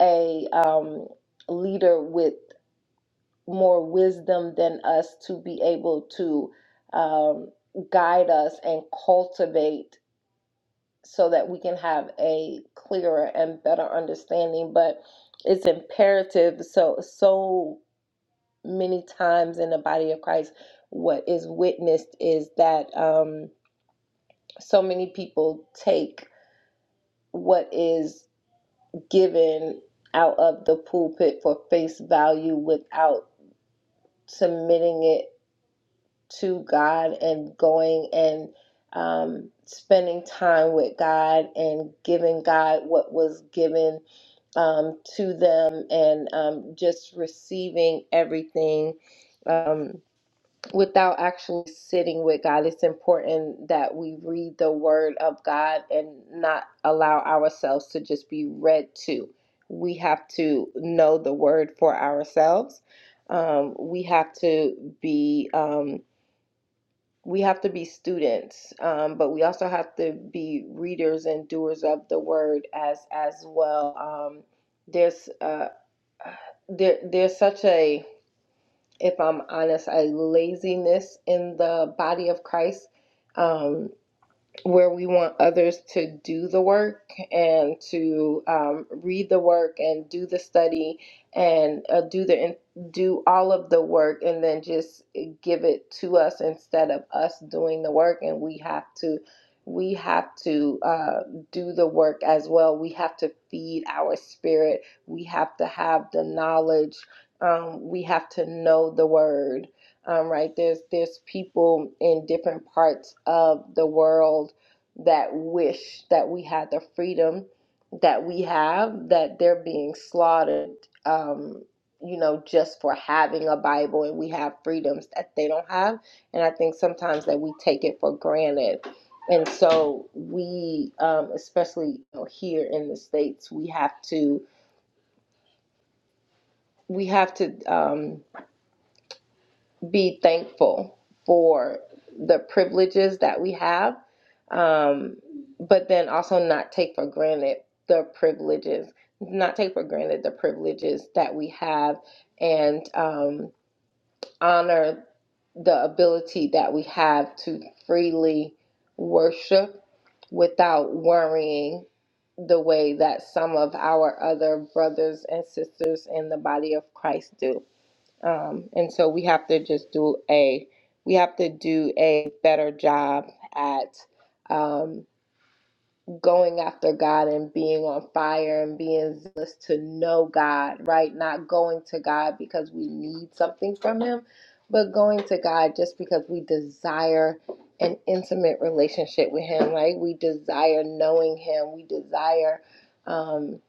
S2: a um, leader with more wisdom than us to be able to um, guide us and cultivate so that we can have a clearer and better understanding but it's imperative so so many times in the body of christ what is witnessed is that um, so many people take what is given out of the pulpit for face value without submitting it to God and going and um, spending time with God and giving God what was given um, to them and um, just receiving everything. Um, without actually sitting with God. It's important that we read the word of God and not allow ourselves to just be read to. We have to know the word for ourselves. Um, we have to be um, we have to be students, um, but we also have to be readers and doers of the word as as well. Um, there's uh, there there's such a if I'm honest, a laziness in the body of Christ. Um, where we want others to do the work and to um, read the work and do the study and uh, do the do all of the work and then just give it to us instead of us doing the work and we have to we have to uh, do the work as well we have to feed our spirit we have to have the knowledge um, we have to know the word um, right there's there's people in different parts of the world that wish that we had the freedom that we have, that they're being slaughtered, um, you know, just for having a Bible and we have freedoms that they don't have. And I think sometimes that we take it for granted. And so we, um, especially you know, here in the States, we have to, we have to, um, be thankful for the privileges that we have, um, but then also not take for granted the privileges, not take for granted the privileges that we have, and um, honor the ability that we have to freely worship without worrying the way that some of our other brothers and sisters in the body of Christ do um, and so we have to just do a we have to do a better job at um, going after God and being on fire and being zealous to know God, right? Not going to God because we need something from Him, but going to God just because we desire an intimate relationship with Him, right? We desire knowing Him. We desire um,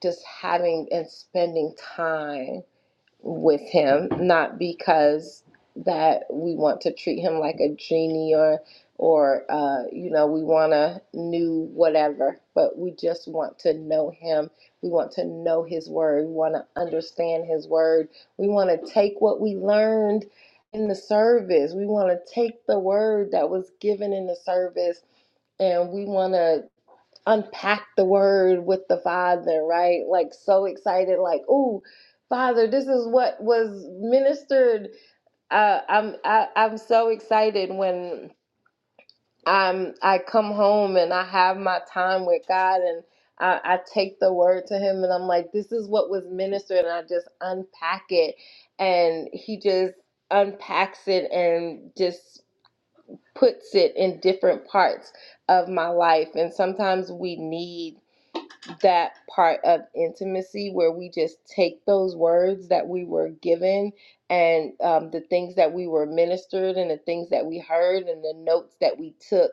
S2: just having and spending time with him, not because that we want to treat him like a genie or or uh, you know we want a new whatever, but we just want to know him. We want to know his word. We want to understand his word. We want to take what we learned in the service. We want to take the word that was given in the service, and we want to unpack the word with the father, right? Like so excited, like, oh, father, this is what was ministered. Uh, I'm I, I'm so excited when I'm I come home and I have my time with God and I, I take the word to Him and I'm like, this is what was ministered, and I just unpack it, and He just unpacks it and just puts it in different parts of my life and sometimes we need that part of intimacy where we just take those words that we were given and um, the things that we were ministered and the things that we heard and the notes that we took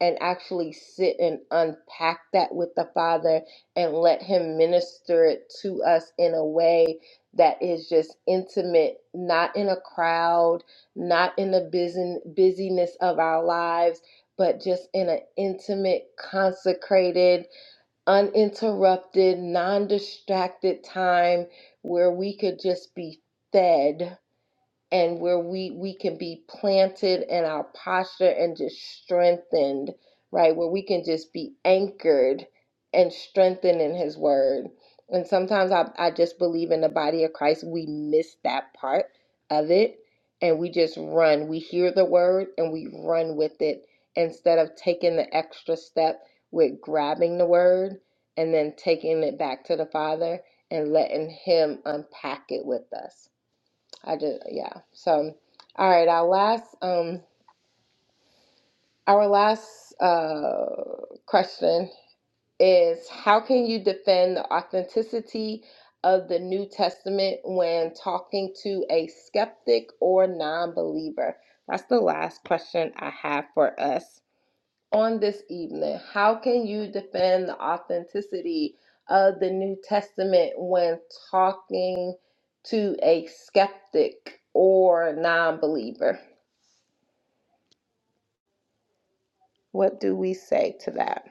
S2: and actually sit and unpack that with the Father and let Him minister it to us in a way that is just intimate, not in a crowd, not in the busy, busyness of our lives, but just in an intimate, consecrated, uninterrupted, non distracted time where we could just be fed and where we we can be planted in our posture and just strengthened right where we can just be anchored and strengthened in his word and sometimes i, I just believe in the body of christ we miss that part of it and we just run we hear the word and we run with it instead of taking the extra step with grabbing the word and then taking it back to the father and letting him unpack it with us I did, yeah. So, all right, our last um our last uh question is how can you defend the authenticity of the New Testament when talking to a skeptic or non-believer? That's the last question I have for us on this evening. How can you defend the authenticity of the New Testament when talking to a skeptic or non-believer? What do we say to that?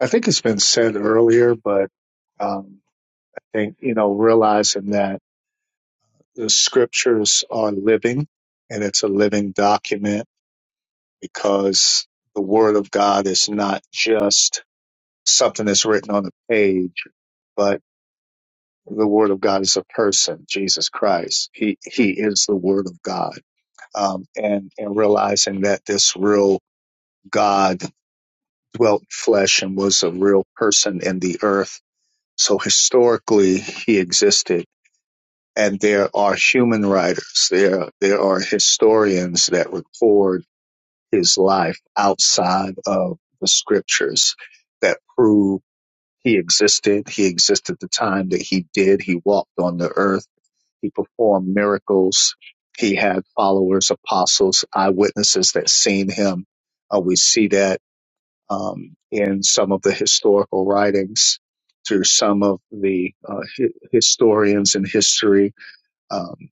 S5: I think it's been said earlier, but, um, think, you know, realizing that the scriptures are living and it's a living document because the word of God is not just something that's written on a page, but the word of God is a person, Jesus Christ. He, he is the word of God. Um, and, and realizing that this real God dwelt in flesh and was a real person in the earth. So historically, he existed and there are human writers there there are historians that record his life outside of the scriptures that prove he existed he existed the time that he did he walked on the earth he performed miracles he had followers apostles eyewitnesses that seen him uh, we see that um, in some of the historical writings through some of the uh, hi- historians in history Um,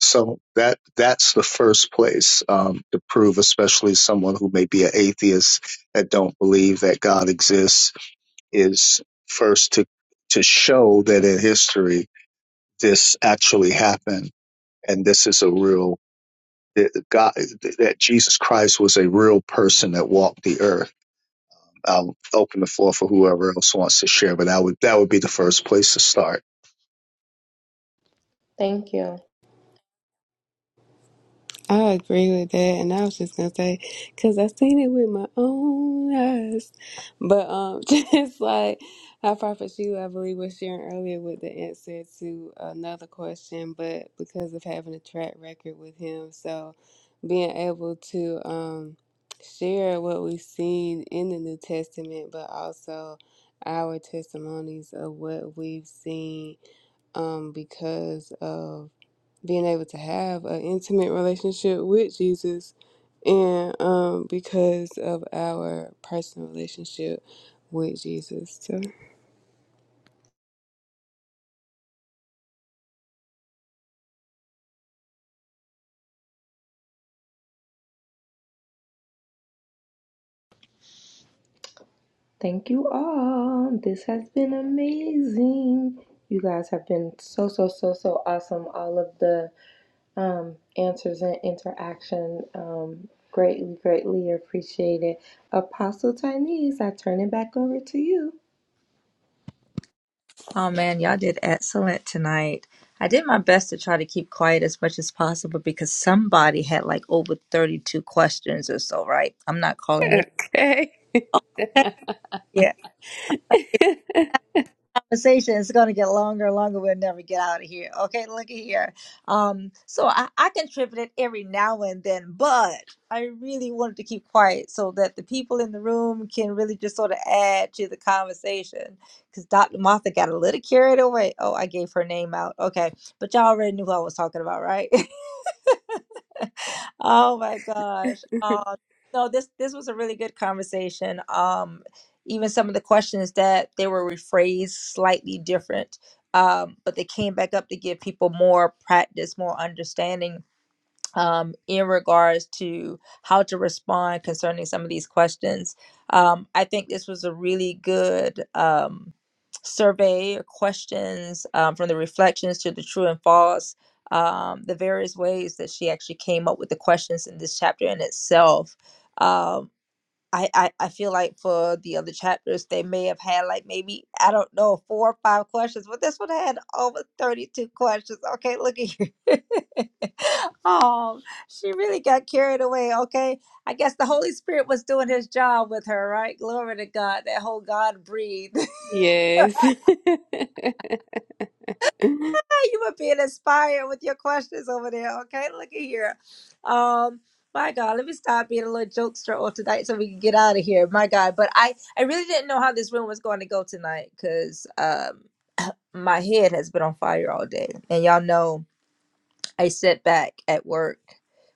S5: so that that's the first place um, to prove, especially someone who may be an atheist that don't believe that God exists, is first to to show that in history this actually happened, and this is a real that God that Jesus Christ was a real person that walked the earth. I'll open the floor for whoever else wants to share, but that would that would be the first place to start.
S2: Thank you.
S3: I agree with that, and I was just gonna say, cause I seen it with my own eyes. But um, just like how Prophet Sheila, I believe, was sharing earlier with the answer to another question, but because of having a track record with him, so being able to um share what we've seen in the New Testament, but also our testimonies of what we've seen um because of being able to have an intimate relationship with Jesus and um, because of our personal relationship with Jesus. So,
S2: Thank you all. This has been amazing. You guys have been so, so, so, so awesome. All of the um, answers and interaction um, greatly, greatly appreciated. Apostle Chinese, I turn it back over to you.
S1: Oh man, y'all did excellent tonight. I did my best to try to keep quiet as much as possible because somebody had like over 32 questions or so, right? I'm not calling
S3: Hey.
S1: it. conversation is going to get longer and longer. We'll never get out of here. Okay, look at here. Um, so I, I contributed every now and then, but I really wanted to keep quiet so that the people in the room can really just sort of add to the conversation. Because Dr. Martha got a little carried away. Oh, I gave her name out. Okay, but y'all already knew who I was talking about, right? Oh my gosh. Uh, no, this this was a really good conversation. Um, even some of the questions that they were rephrased slightly different, um, but they came back up to give people more practice, more understanding um, in regards to how to respond concerning some of these questions. Um, I think this was a really good um, survey or questions um, from the reflections to the true and false, um, the various ways that she actually came up with the questions in this chapter in itself. Um, I, I I feel like for the other chapters they may have had like maybe I don't know four or five questions, but this one had over thirty two questions. Okay, look at you. oh, she really got carried away. Okay, I guess the Holy Spirit was doing His job with her, right? Glory to God. That whole God breathe.
S3: yes.
S1: you were being inspired with your questions over there. Okay, look at here. Um, my God, let me stop being a little jokester all tonight so we can get out of here. My God, but I I really didn't know how this room was going to go tonight because um my head has been on fire all day, and y'all know I sit back at work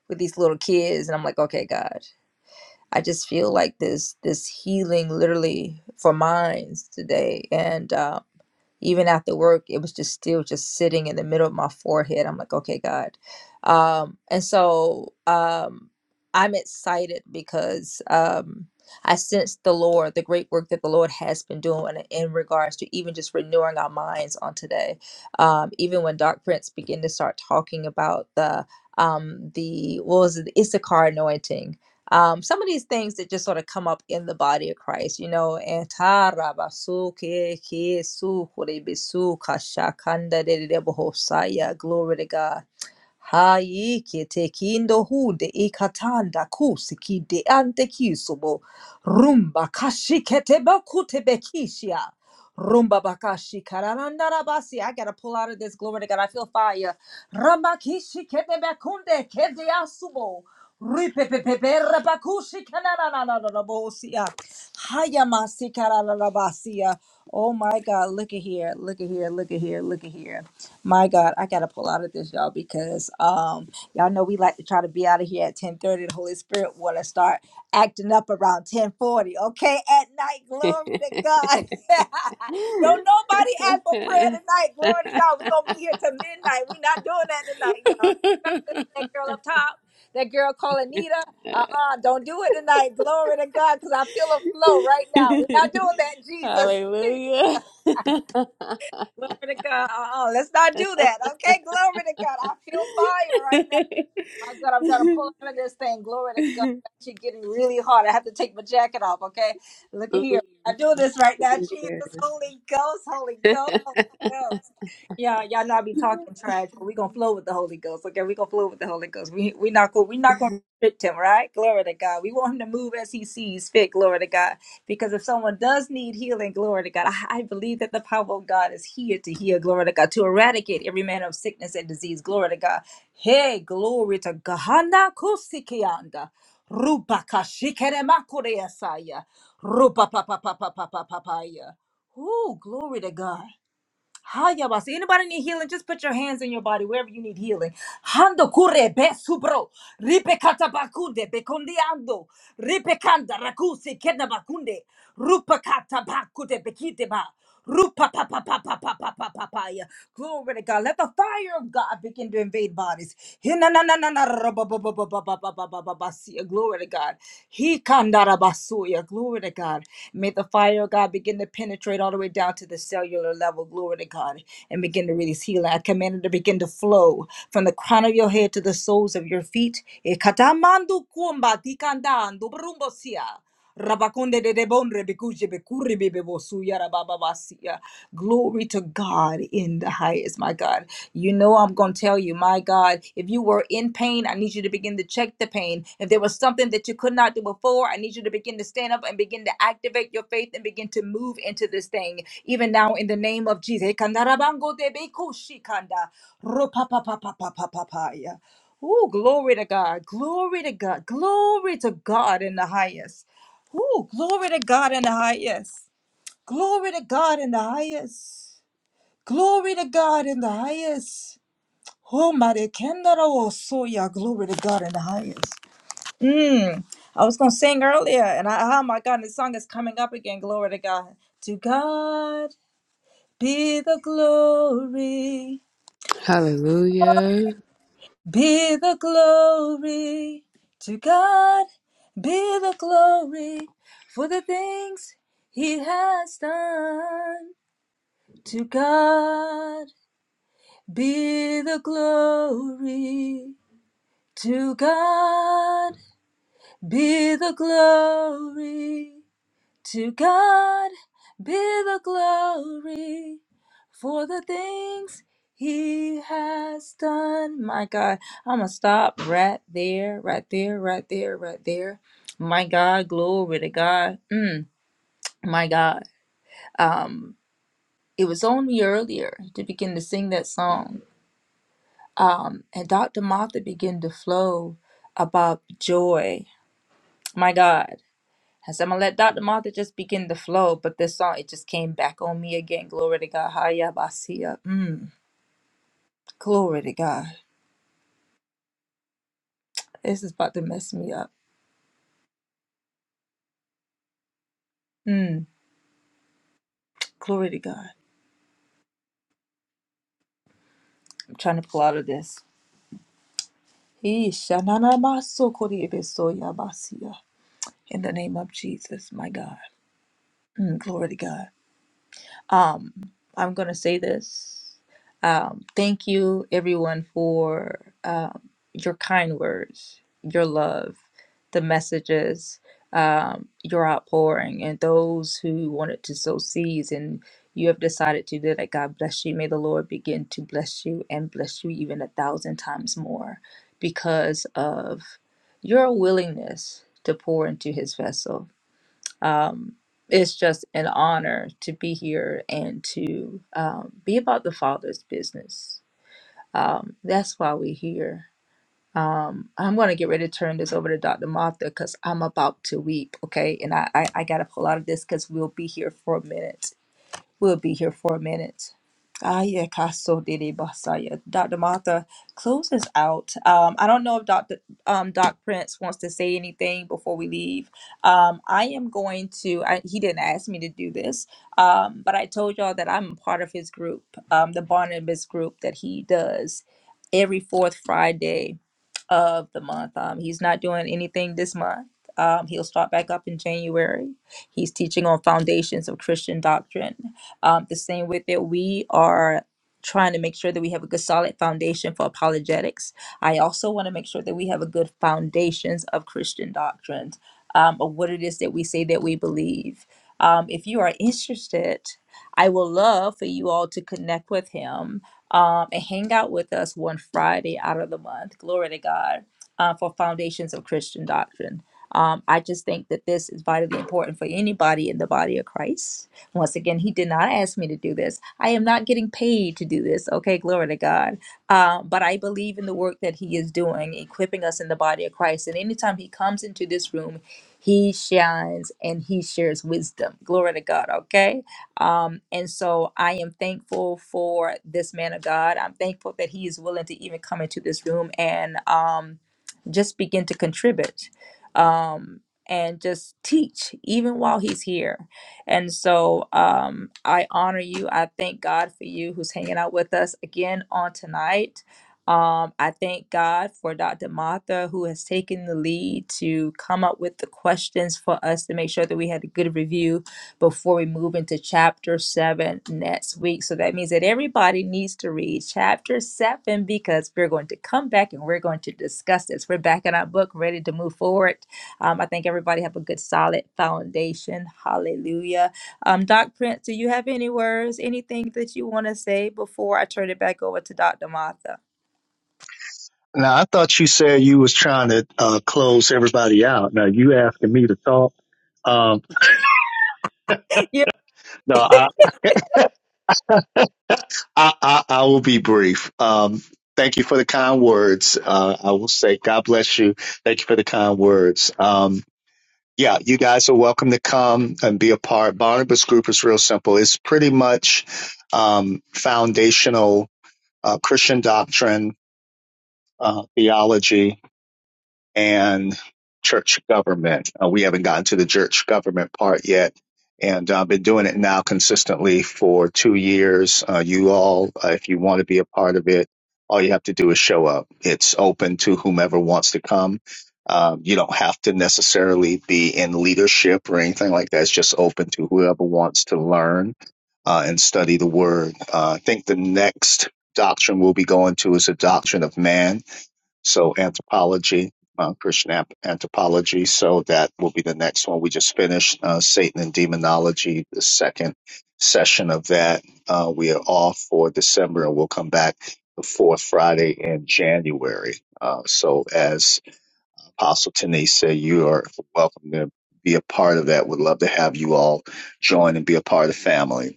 S1: with these little kids, and I'm like, okay, God. I just feel like this this healing literally for minds today, and um, even after work it was just still just sitting in the middle of my forehead i'm like okay god um and so um i'm excited because um i sense the lord the great work that the lord has been doing in regards to even just renewing our minds on today um even when doc prince began to start talking about the um the what was it the issachar anointing um, some of these things that just sort of come up in the body of Christ, you know, and ta ke ke su kore be de de de glory to God. Ha yi ke te kindo de si ante ki rumba kashi kete ba Rumba bakashi kararanda rabasi. I gotta pull out of this glory to God. I feel fire. Ramba kishi kete be asubo. Ripepepeperapacushikanananananabosia. Hayamasikaralabasia. Oh my God, look at here, look at here, look at here, look at here. My God, I gotta pull out of this, y'all, because um y'all know we like to try to be out of here at 10:30. The Holy Spirit wanna start acting up around 10:40, okay? At night, glory to God. Don't nobody ask for prayer tonight. Glory to God. We're gonna be here till midnight. We're not doing that tonight, y'all that girl up top, that girl called Anita. Uh-uh, don't do it tonight. Glory to God, because I feel a flow right now. We're not doing that, Jesus.
S3: Hallelujah.
S1: Glory to God. Uh-uh, let's not do that. Okay, glory to God. I feel fire right now. My God, I'm trying to pull out of this thing. Glory to God.
S3: Mm,
S1: It's Actually getting really hard. I have to take my jacket off, okay? Look at here. I do this right now. Jesus,
S3: Jesus.
S1: Holy Ghost, Holy Ghost, Holy Ghost. Yeah, y'all not be talking trash, but we gonna flow with the Holy Ghost. Okay, we gonna flow with the Holy Ghost. We we not going we not gonna restrict him, right? Glory to God. We want him to move as he sees fit. Glory to God. Because if someone does need healing, glory to God, I, I believe that the power of God is here to heal. Glory to God to eradicate every manner of sickness and disease. Glory to God. Hey, glory to God. Hana kusikianda. Rupa kashikere makure yasaya. Rupa pa pa pa pa pa pa pa pa ya. Ooh, glory to God. Hayabasa. Anybody need healing? Just put your hands in your body wherever you need healing. Hando kure be subro. Ripe katabakunde bekundi ando. Ripe kanda rakusi keda bakunde. Rupa katabakude bekite ba. Rupa pa pa pa pa pa pa pa pa pa ya. Glory to God. Let the fire of God begin to invade bodies. Hina na na na na ra ba ba ba ba ba ba ba ba ba ba ba. See, Glory to God. He kandarabasuya. Glory to God. May the fire of God begin to penetrate all the way down to the cellular level. Glory to God. And begin to release healing. I command it to begin to flow from the crown of your head to the soles of your feet. Ikatamandu kumba tikanda andubrumbosia. Rabakunde de debon rebekuje bekuri bebebosu yarabababasiya. Glory to God in the highest, my God. You know, I'm going to tell you, my God, if you were in pain, I need you to begin to check the pain. If there was something that you could not do before, I need you to begin to stand up and begin to activate your faith and begin to move into this thing, even now in the name of Jesus. Ekandarabangotebekushikanda. Ropapapapapapapapaya. Oh, glory to God. Glory to God. Glory to God in the highest. Woo, glory to God in the highest. Glory to God in the highest. Glory to God in the highest. Oh, mighty Kendaro Soya, glory to God in the highest. Hmm. I was going to sing earlier, and I, oh my God, this song is coming up again. Glory to God. To God be the glory,
S3: Hallelujah.
S1: be the glory. To God be the glory for the things he has done. To God be the glory. To God be the glory. To God be the glory for the things he has done. My God, I'm going to stop right there, right there, right there, right there. My God, glory to God. Mm, my God. Um, it was only earlier to begin to sing that song Um, and Dr. Martha began to flow about joy. My God. I said, I'm going to let Dr. Martha just begin to flow. But this song, it just came back on me again. Glory to God. Hiya, Basia. Mm, glory to God. This is about to mess me up. Mm, glory to God. I'm trying to pull out of this. Isha, na, na, ma, so, kori, ebe, so, ya, Basia. In the name of Jesus, my God. Mm, glory to God. Um, I'm gonna say this. Um, thank you, everyone, for um, your kind words, your love, the messages, um, your outpouring, and those who wanted to sow seeds and you have decided to do that. God bless you. May the Lord begin to bless you and bless you even a thousand times more because of your willingness to pour into His vessel um, it's just an honor to be here and to um, be about the Father's business. Um, that's why we're here. Um, I'm going to get ready to turn this over to Dr. Martha because I'm about to weep, okay? And I, I, I got to pull out of this because we'll be here for a minute. We'll be here for a minute. Ah, yeah, Kaso Dede Basaya. Dr. Martha, close us out. Um, I don't know if Dr. Um, Doc Prince wants to say anything before we leave. Um, I am going to, I, he didn't ask me to do this, um, but I told y'all that I'm part of his group, um, the Barnabas group that he does every fourth Friday of the month. Um, he's not doing anything this month. Um, he'll start back up in January. He's teaching on foundations of Christian doctrine. Um, the same with it, we are trying to make sure that we have a good solid foundation for apologetics. I also want to make sure that we have a good foundations of Christian doctrines, um, of what it is that we say that we believe. Um, if you are interested, I will love for you all to connect with him um, and hang out with us one Friday out of the month. Glory to God uh, for Foundations of Christian Doctrine. Um, I just think that this is vitally important for anybody in the body of Christ. Once again, he did not ask me to do this. I am not getting paid to do this. Okay, glory to God. Uh, but I believe in the work that he is doing, equipping us in the body of Christ. And anytime he comes into this room, he shines and he shares wisdom. Glory to God. Okay. Um, and so I am thankful for this man of God. I'm thankful that he is willing to even come into this room and um, just begin to contribute um, and just teach, even while he's here. And so um, I honor you. I thank God for you who's hanging out with us again on tonight. Um, I thank God for Dr. Martha, who has taken the lead to come up with the questions for us to make sure that we had a good review before we move into chapter 7 next week. So that means that everybody needs to read chapter 7 because we're going to come back and we're going to discuss this. We're back in our book, ready to move forward. Um, I think everybody have a good solid foundation. Hallelujah. Um, Doc Prince, do you have any words, anything that you want to say before I turn it back over to Dr. Martha?
S5: Now I thought you said you was trying to uh, close everybody out. Now you asking me to talk. Um,
S1: Yeah.
S5: no, I, I I I will be brief. Um, thank you for the kind words. Uh, I will say God bless you. Thank you for the kind words. Um, yeah, you guys are welcome to come and be a part. Barnabas Group is real simple. It's pretty much um, foundational uh, Christian doctrine, uh, theology, and church government. Uh, we haven't gotten to the church government part yet. And I've uh, been doing it now consistently for two years. Uh, you all, uh, if you want to be a part of it, all you have to do is show up. It's open to whomever wants to come. Um, you don't have to necessarily be in leadership or anything like that. It's just open to whoever wants to learn uh, and study the word. Uh, I think the next doctrine we'll be going to is a doctrine of man so anthropology, uh, Christian ap- anthropology. So that will be the next one. We just finished uh, Satan and Demonology, the second session of that. Uh, we are off for December, and we'll come back the fourth Friday in January. Uh, so as Apostle Denise said, you are welcome to be a part of that. we Would love to have you all join and be a part of the family.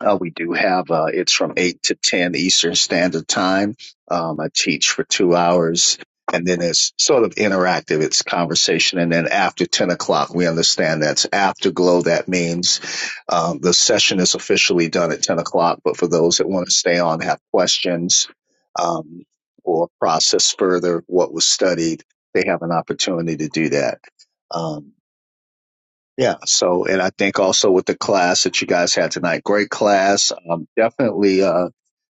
S5: Uh, we do have uh, it's from eight to ten Eastern Standard Time. Um, I teach for two hours, and then it's sort of interactive. It's conversation, and then after ten o'clock, we understand that's afterglow. That means um, the session is officially done at ten o'clock. But for those that want to stay on, have questions, um, or process further what was studied, they have an opportunity to do that. Um, yeah. So, and I think also with the class that you guys had tonight, great class. Um, definitely, uh,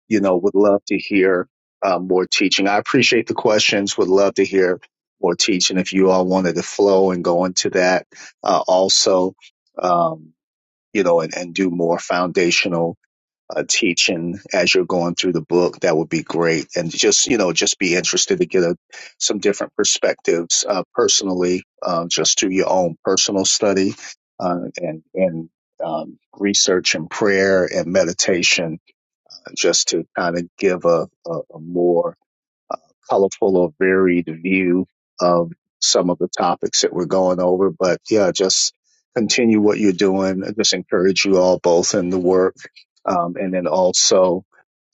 S5: you know, would love to hear uh, more teaching. I appreciate the questions. Would love to hear more teaching if you all wanted to flow and go into that. Uh, also, um, you know, and, and do more foundational uh, teaching as you're going through the book. That would be great. And just, you know, just be interested to get a, some different perspectives uh, personally, uh, just through your own personal study uh, and, and um, research and prayer and meditation, just to kind of give a, a, a more colorful or varied view of some of the topics that we're going over. But yeah, just continue what you're doing. I just encourage you all both in the work. Um, and then also,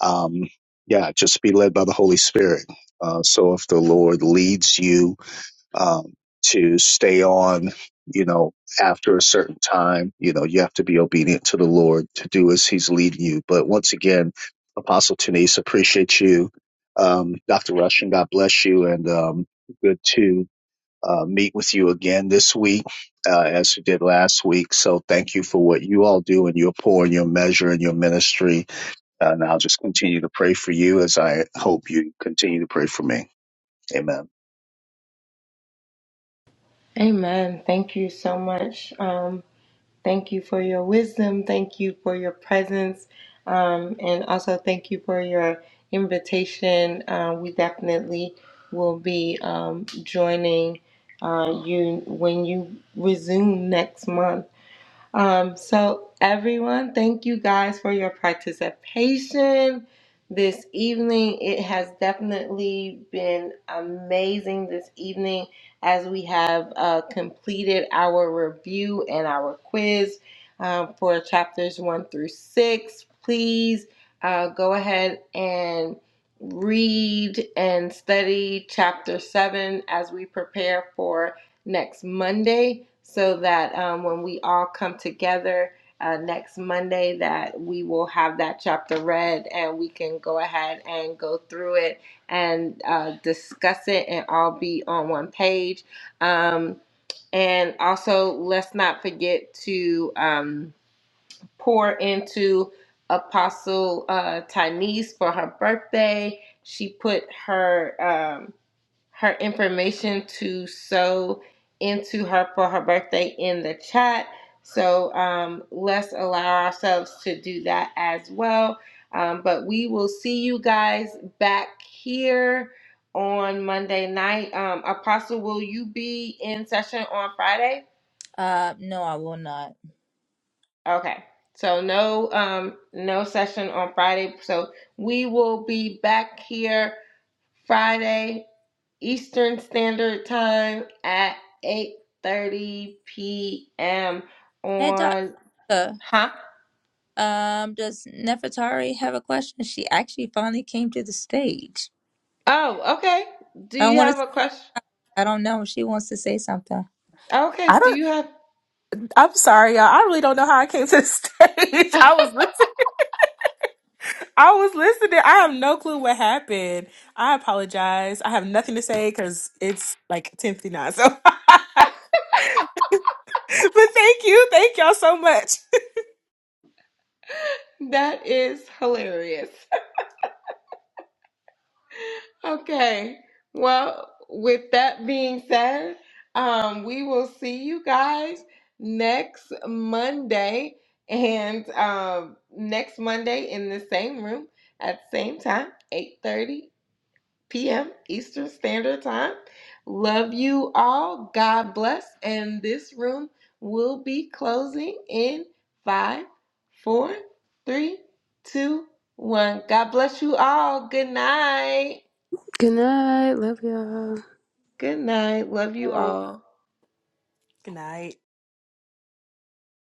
S5: um, yeah, just be led by the Holy Spirit. Uh, so if the Lord leads you um, to stay on, you know, after a certain time. You know, you have to be obedient to the Lord to do as He's leading you. But once again, Apostle Denise, appreciate you. Um, Dr. Rushing, God bless you. And um, good to uh, meet with you again this week, uh, as we did last week. So thank you for what you all do and your pour and your measure and your ministry. Uh, and I'll just continue to pray for you as I hope you continue to pray for me. Amen.
S2: Amen. Thank you so much. Um, Thank you for your wisdom. Thank you for your presence. Um, and also, thank you for your invitation. Uh, we definitely will be um, joining uh, you when you resume next month. Um, so, everyone, thank you guys for your participation this evening. It has definitely been amazing this evening as we have uh, completed our review and our quiz um, for chapters one through six. Please uh, go ahead and read and study chapter seven as we prepare for next Monday so that um, when we all come together uh, next Monday that we will have that chapter read and we can go ahead and go through it and uh, discuss it and all be on one page. Um, and also, let's not forget to um, pour into Apostle uh, Tynese for her birthday. She put her. Um, her information to sew into her for her birthday in the chat. So um, let's allow ourselves to do that as well. Um, but we will see you guys back here on Monday night. Um, Apostle, will you be in session on Friday?
S1: Uh, no, I will not.
S2: Okay. So no um no session on Friday. So we will be back here Friday Eastern Standard Time at 8:30 p.m.
S1: Hey, Doctor.
S2: on huh?
S1: Um, does Nefertari have a question? She actually finally came to the stage.
S2: Oh, okay. Do
S1: I don't
S2: you
S1: want
S2: have
S1: to.
S2: a question?
S1: I don't know. She wants to say something.
S2: Okay,
S6: I
S2: do
S6: don't.
S2: you have
S6: I'm sorry, y'all. I really don't know how I came to the stage. I was listening. I was listening. I have no clue what happened. I apologize. I have nothing to say because it's like 10:59. So, but thank you, thank y'all so much.
S2: That is hilarious. Okay. Well, with that being said, um we will see you guys next Monday and um next Monday in the same room at the same time, 8:30 p.m. Eastern Standard Time. Love you all. God bless. And this room will be closing in five, four, three, two, one. God bless you all. Good night.
S3: Good night. Love y'all.
S2: Good night. Love you all.
S6: Good night.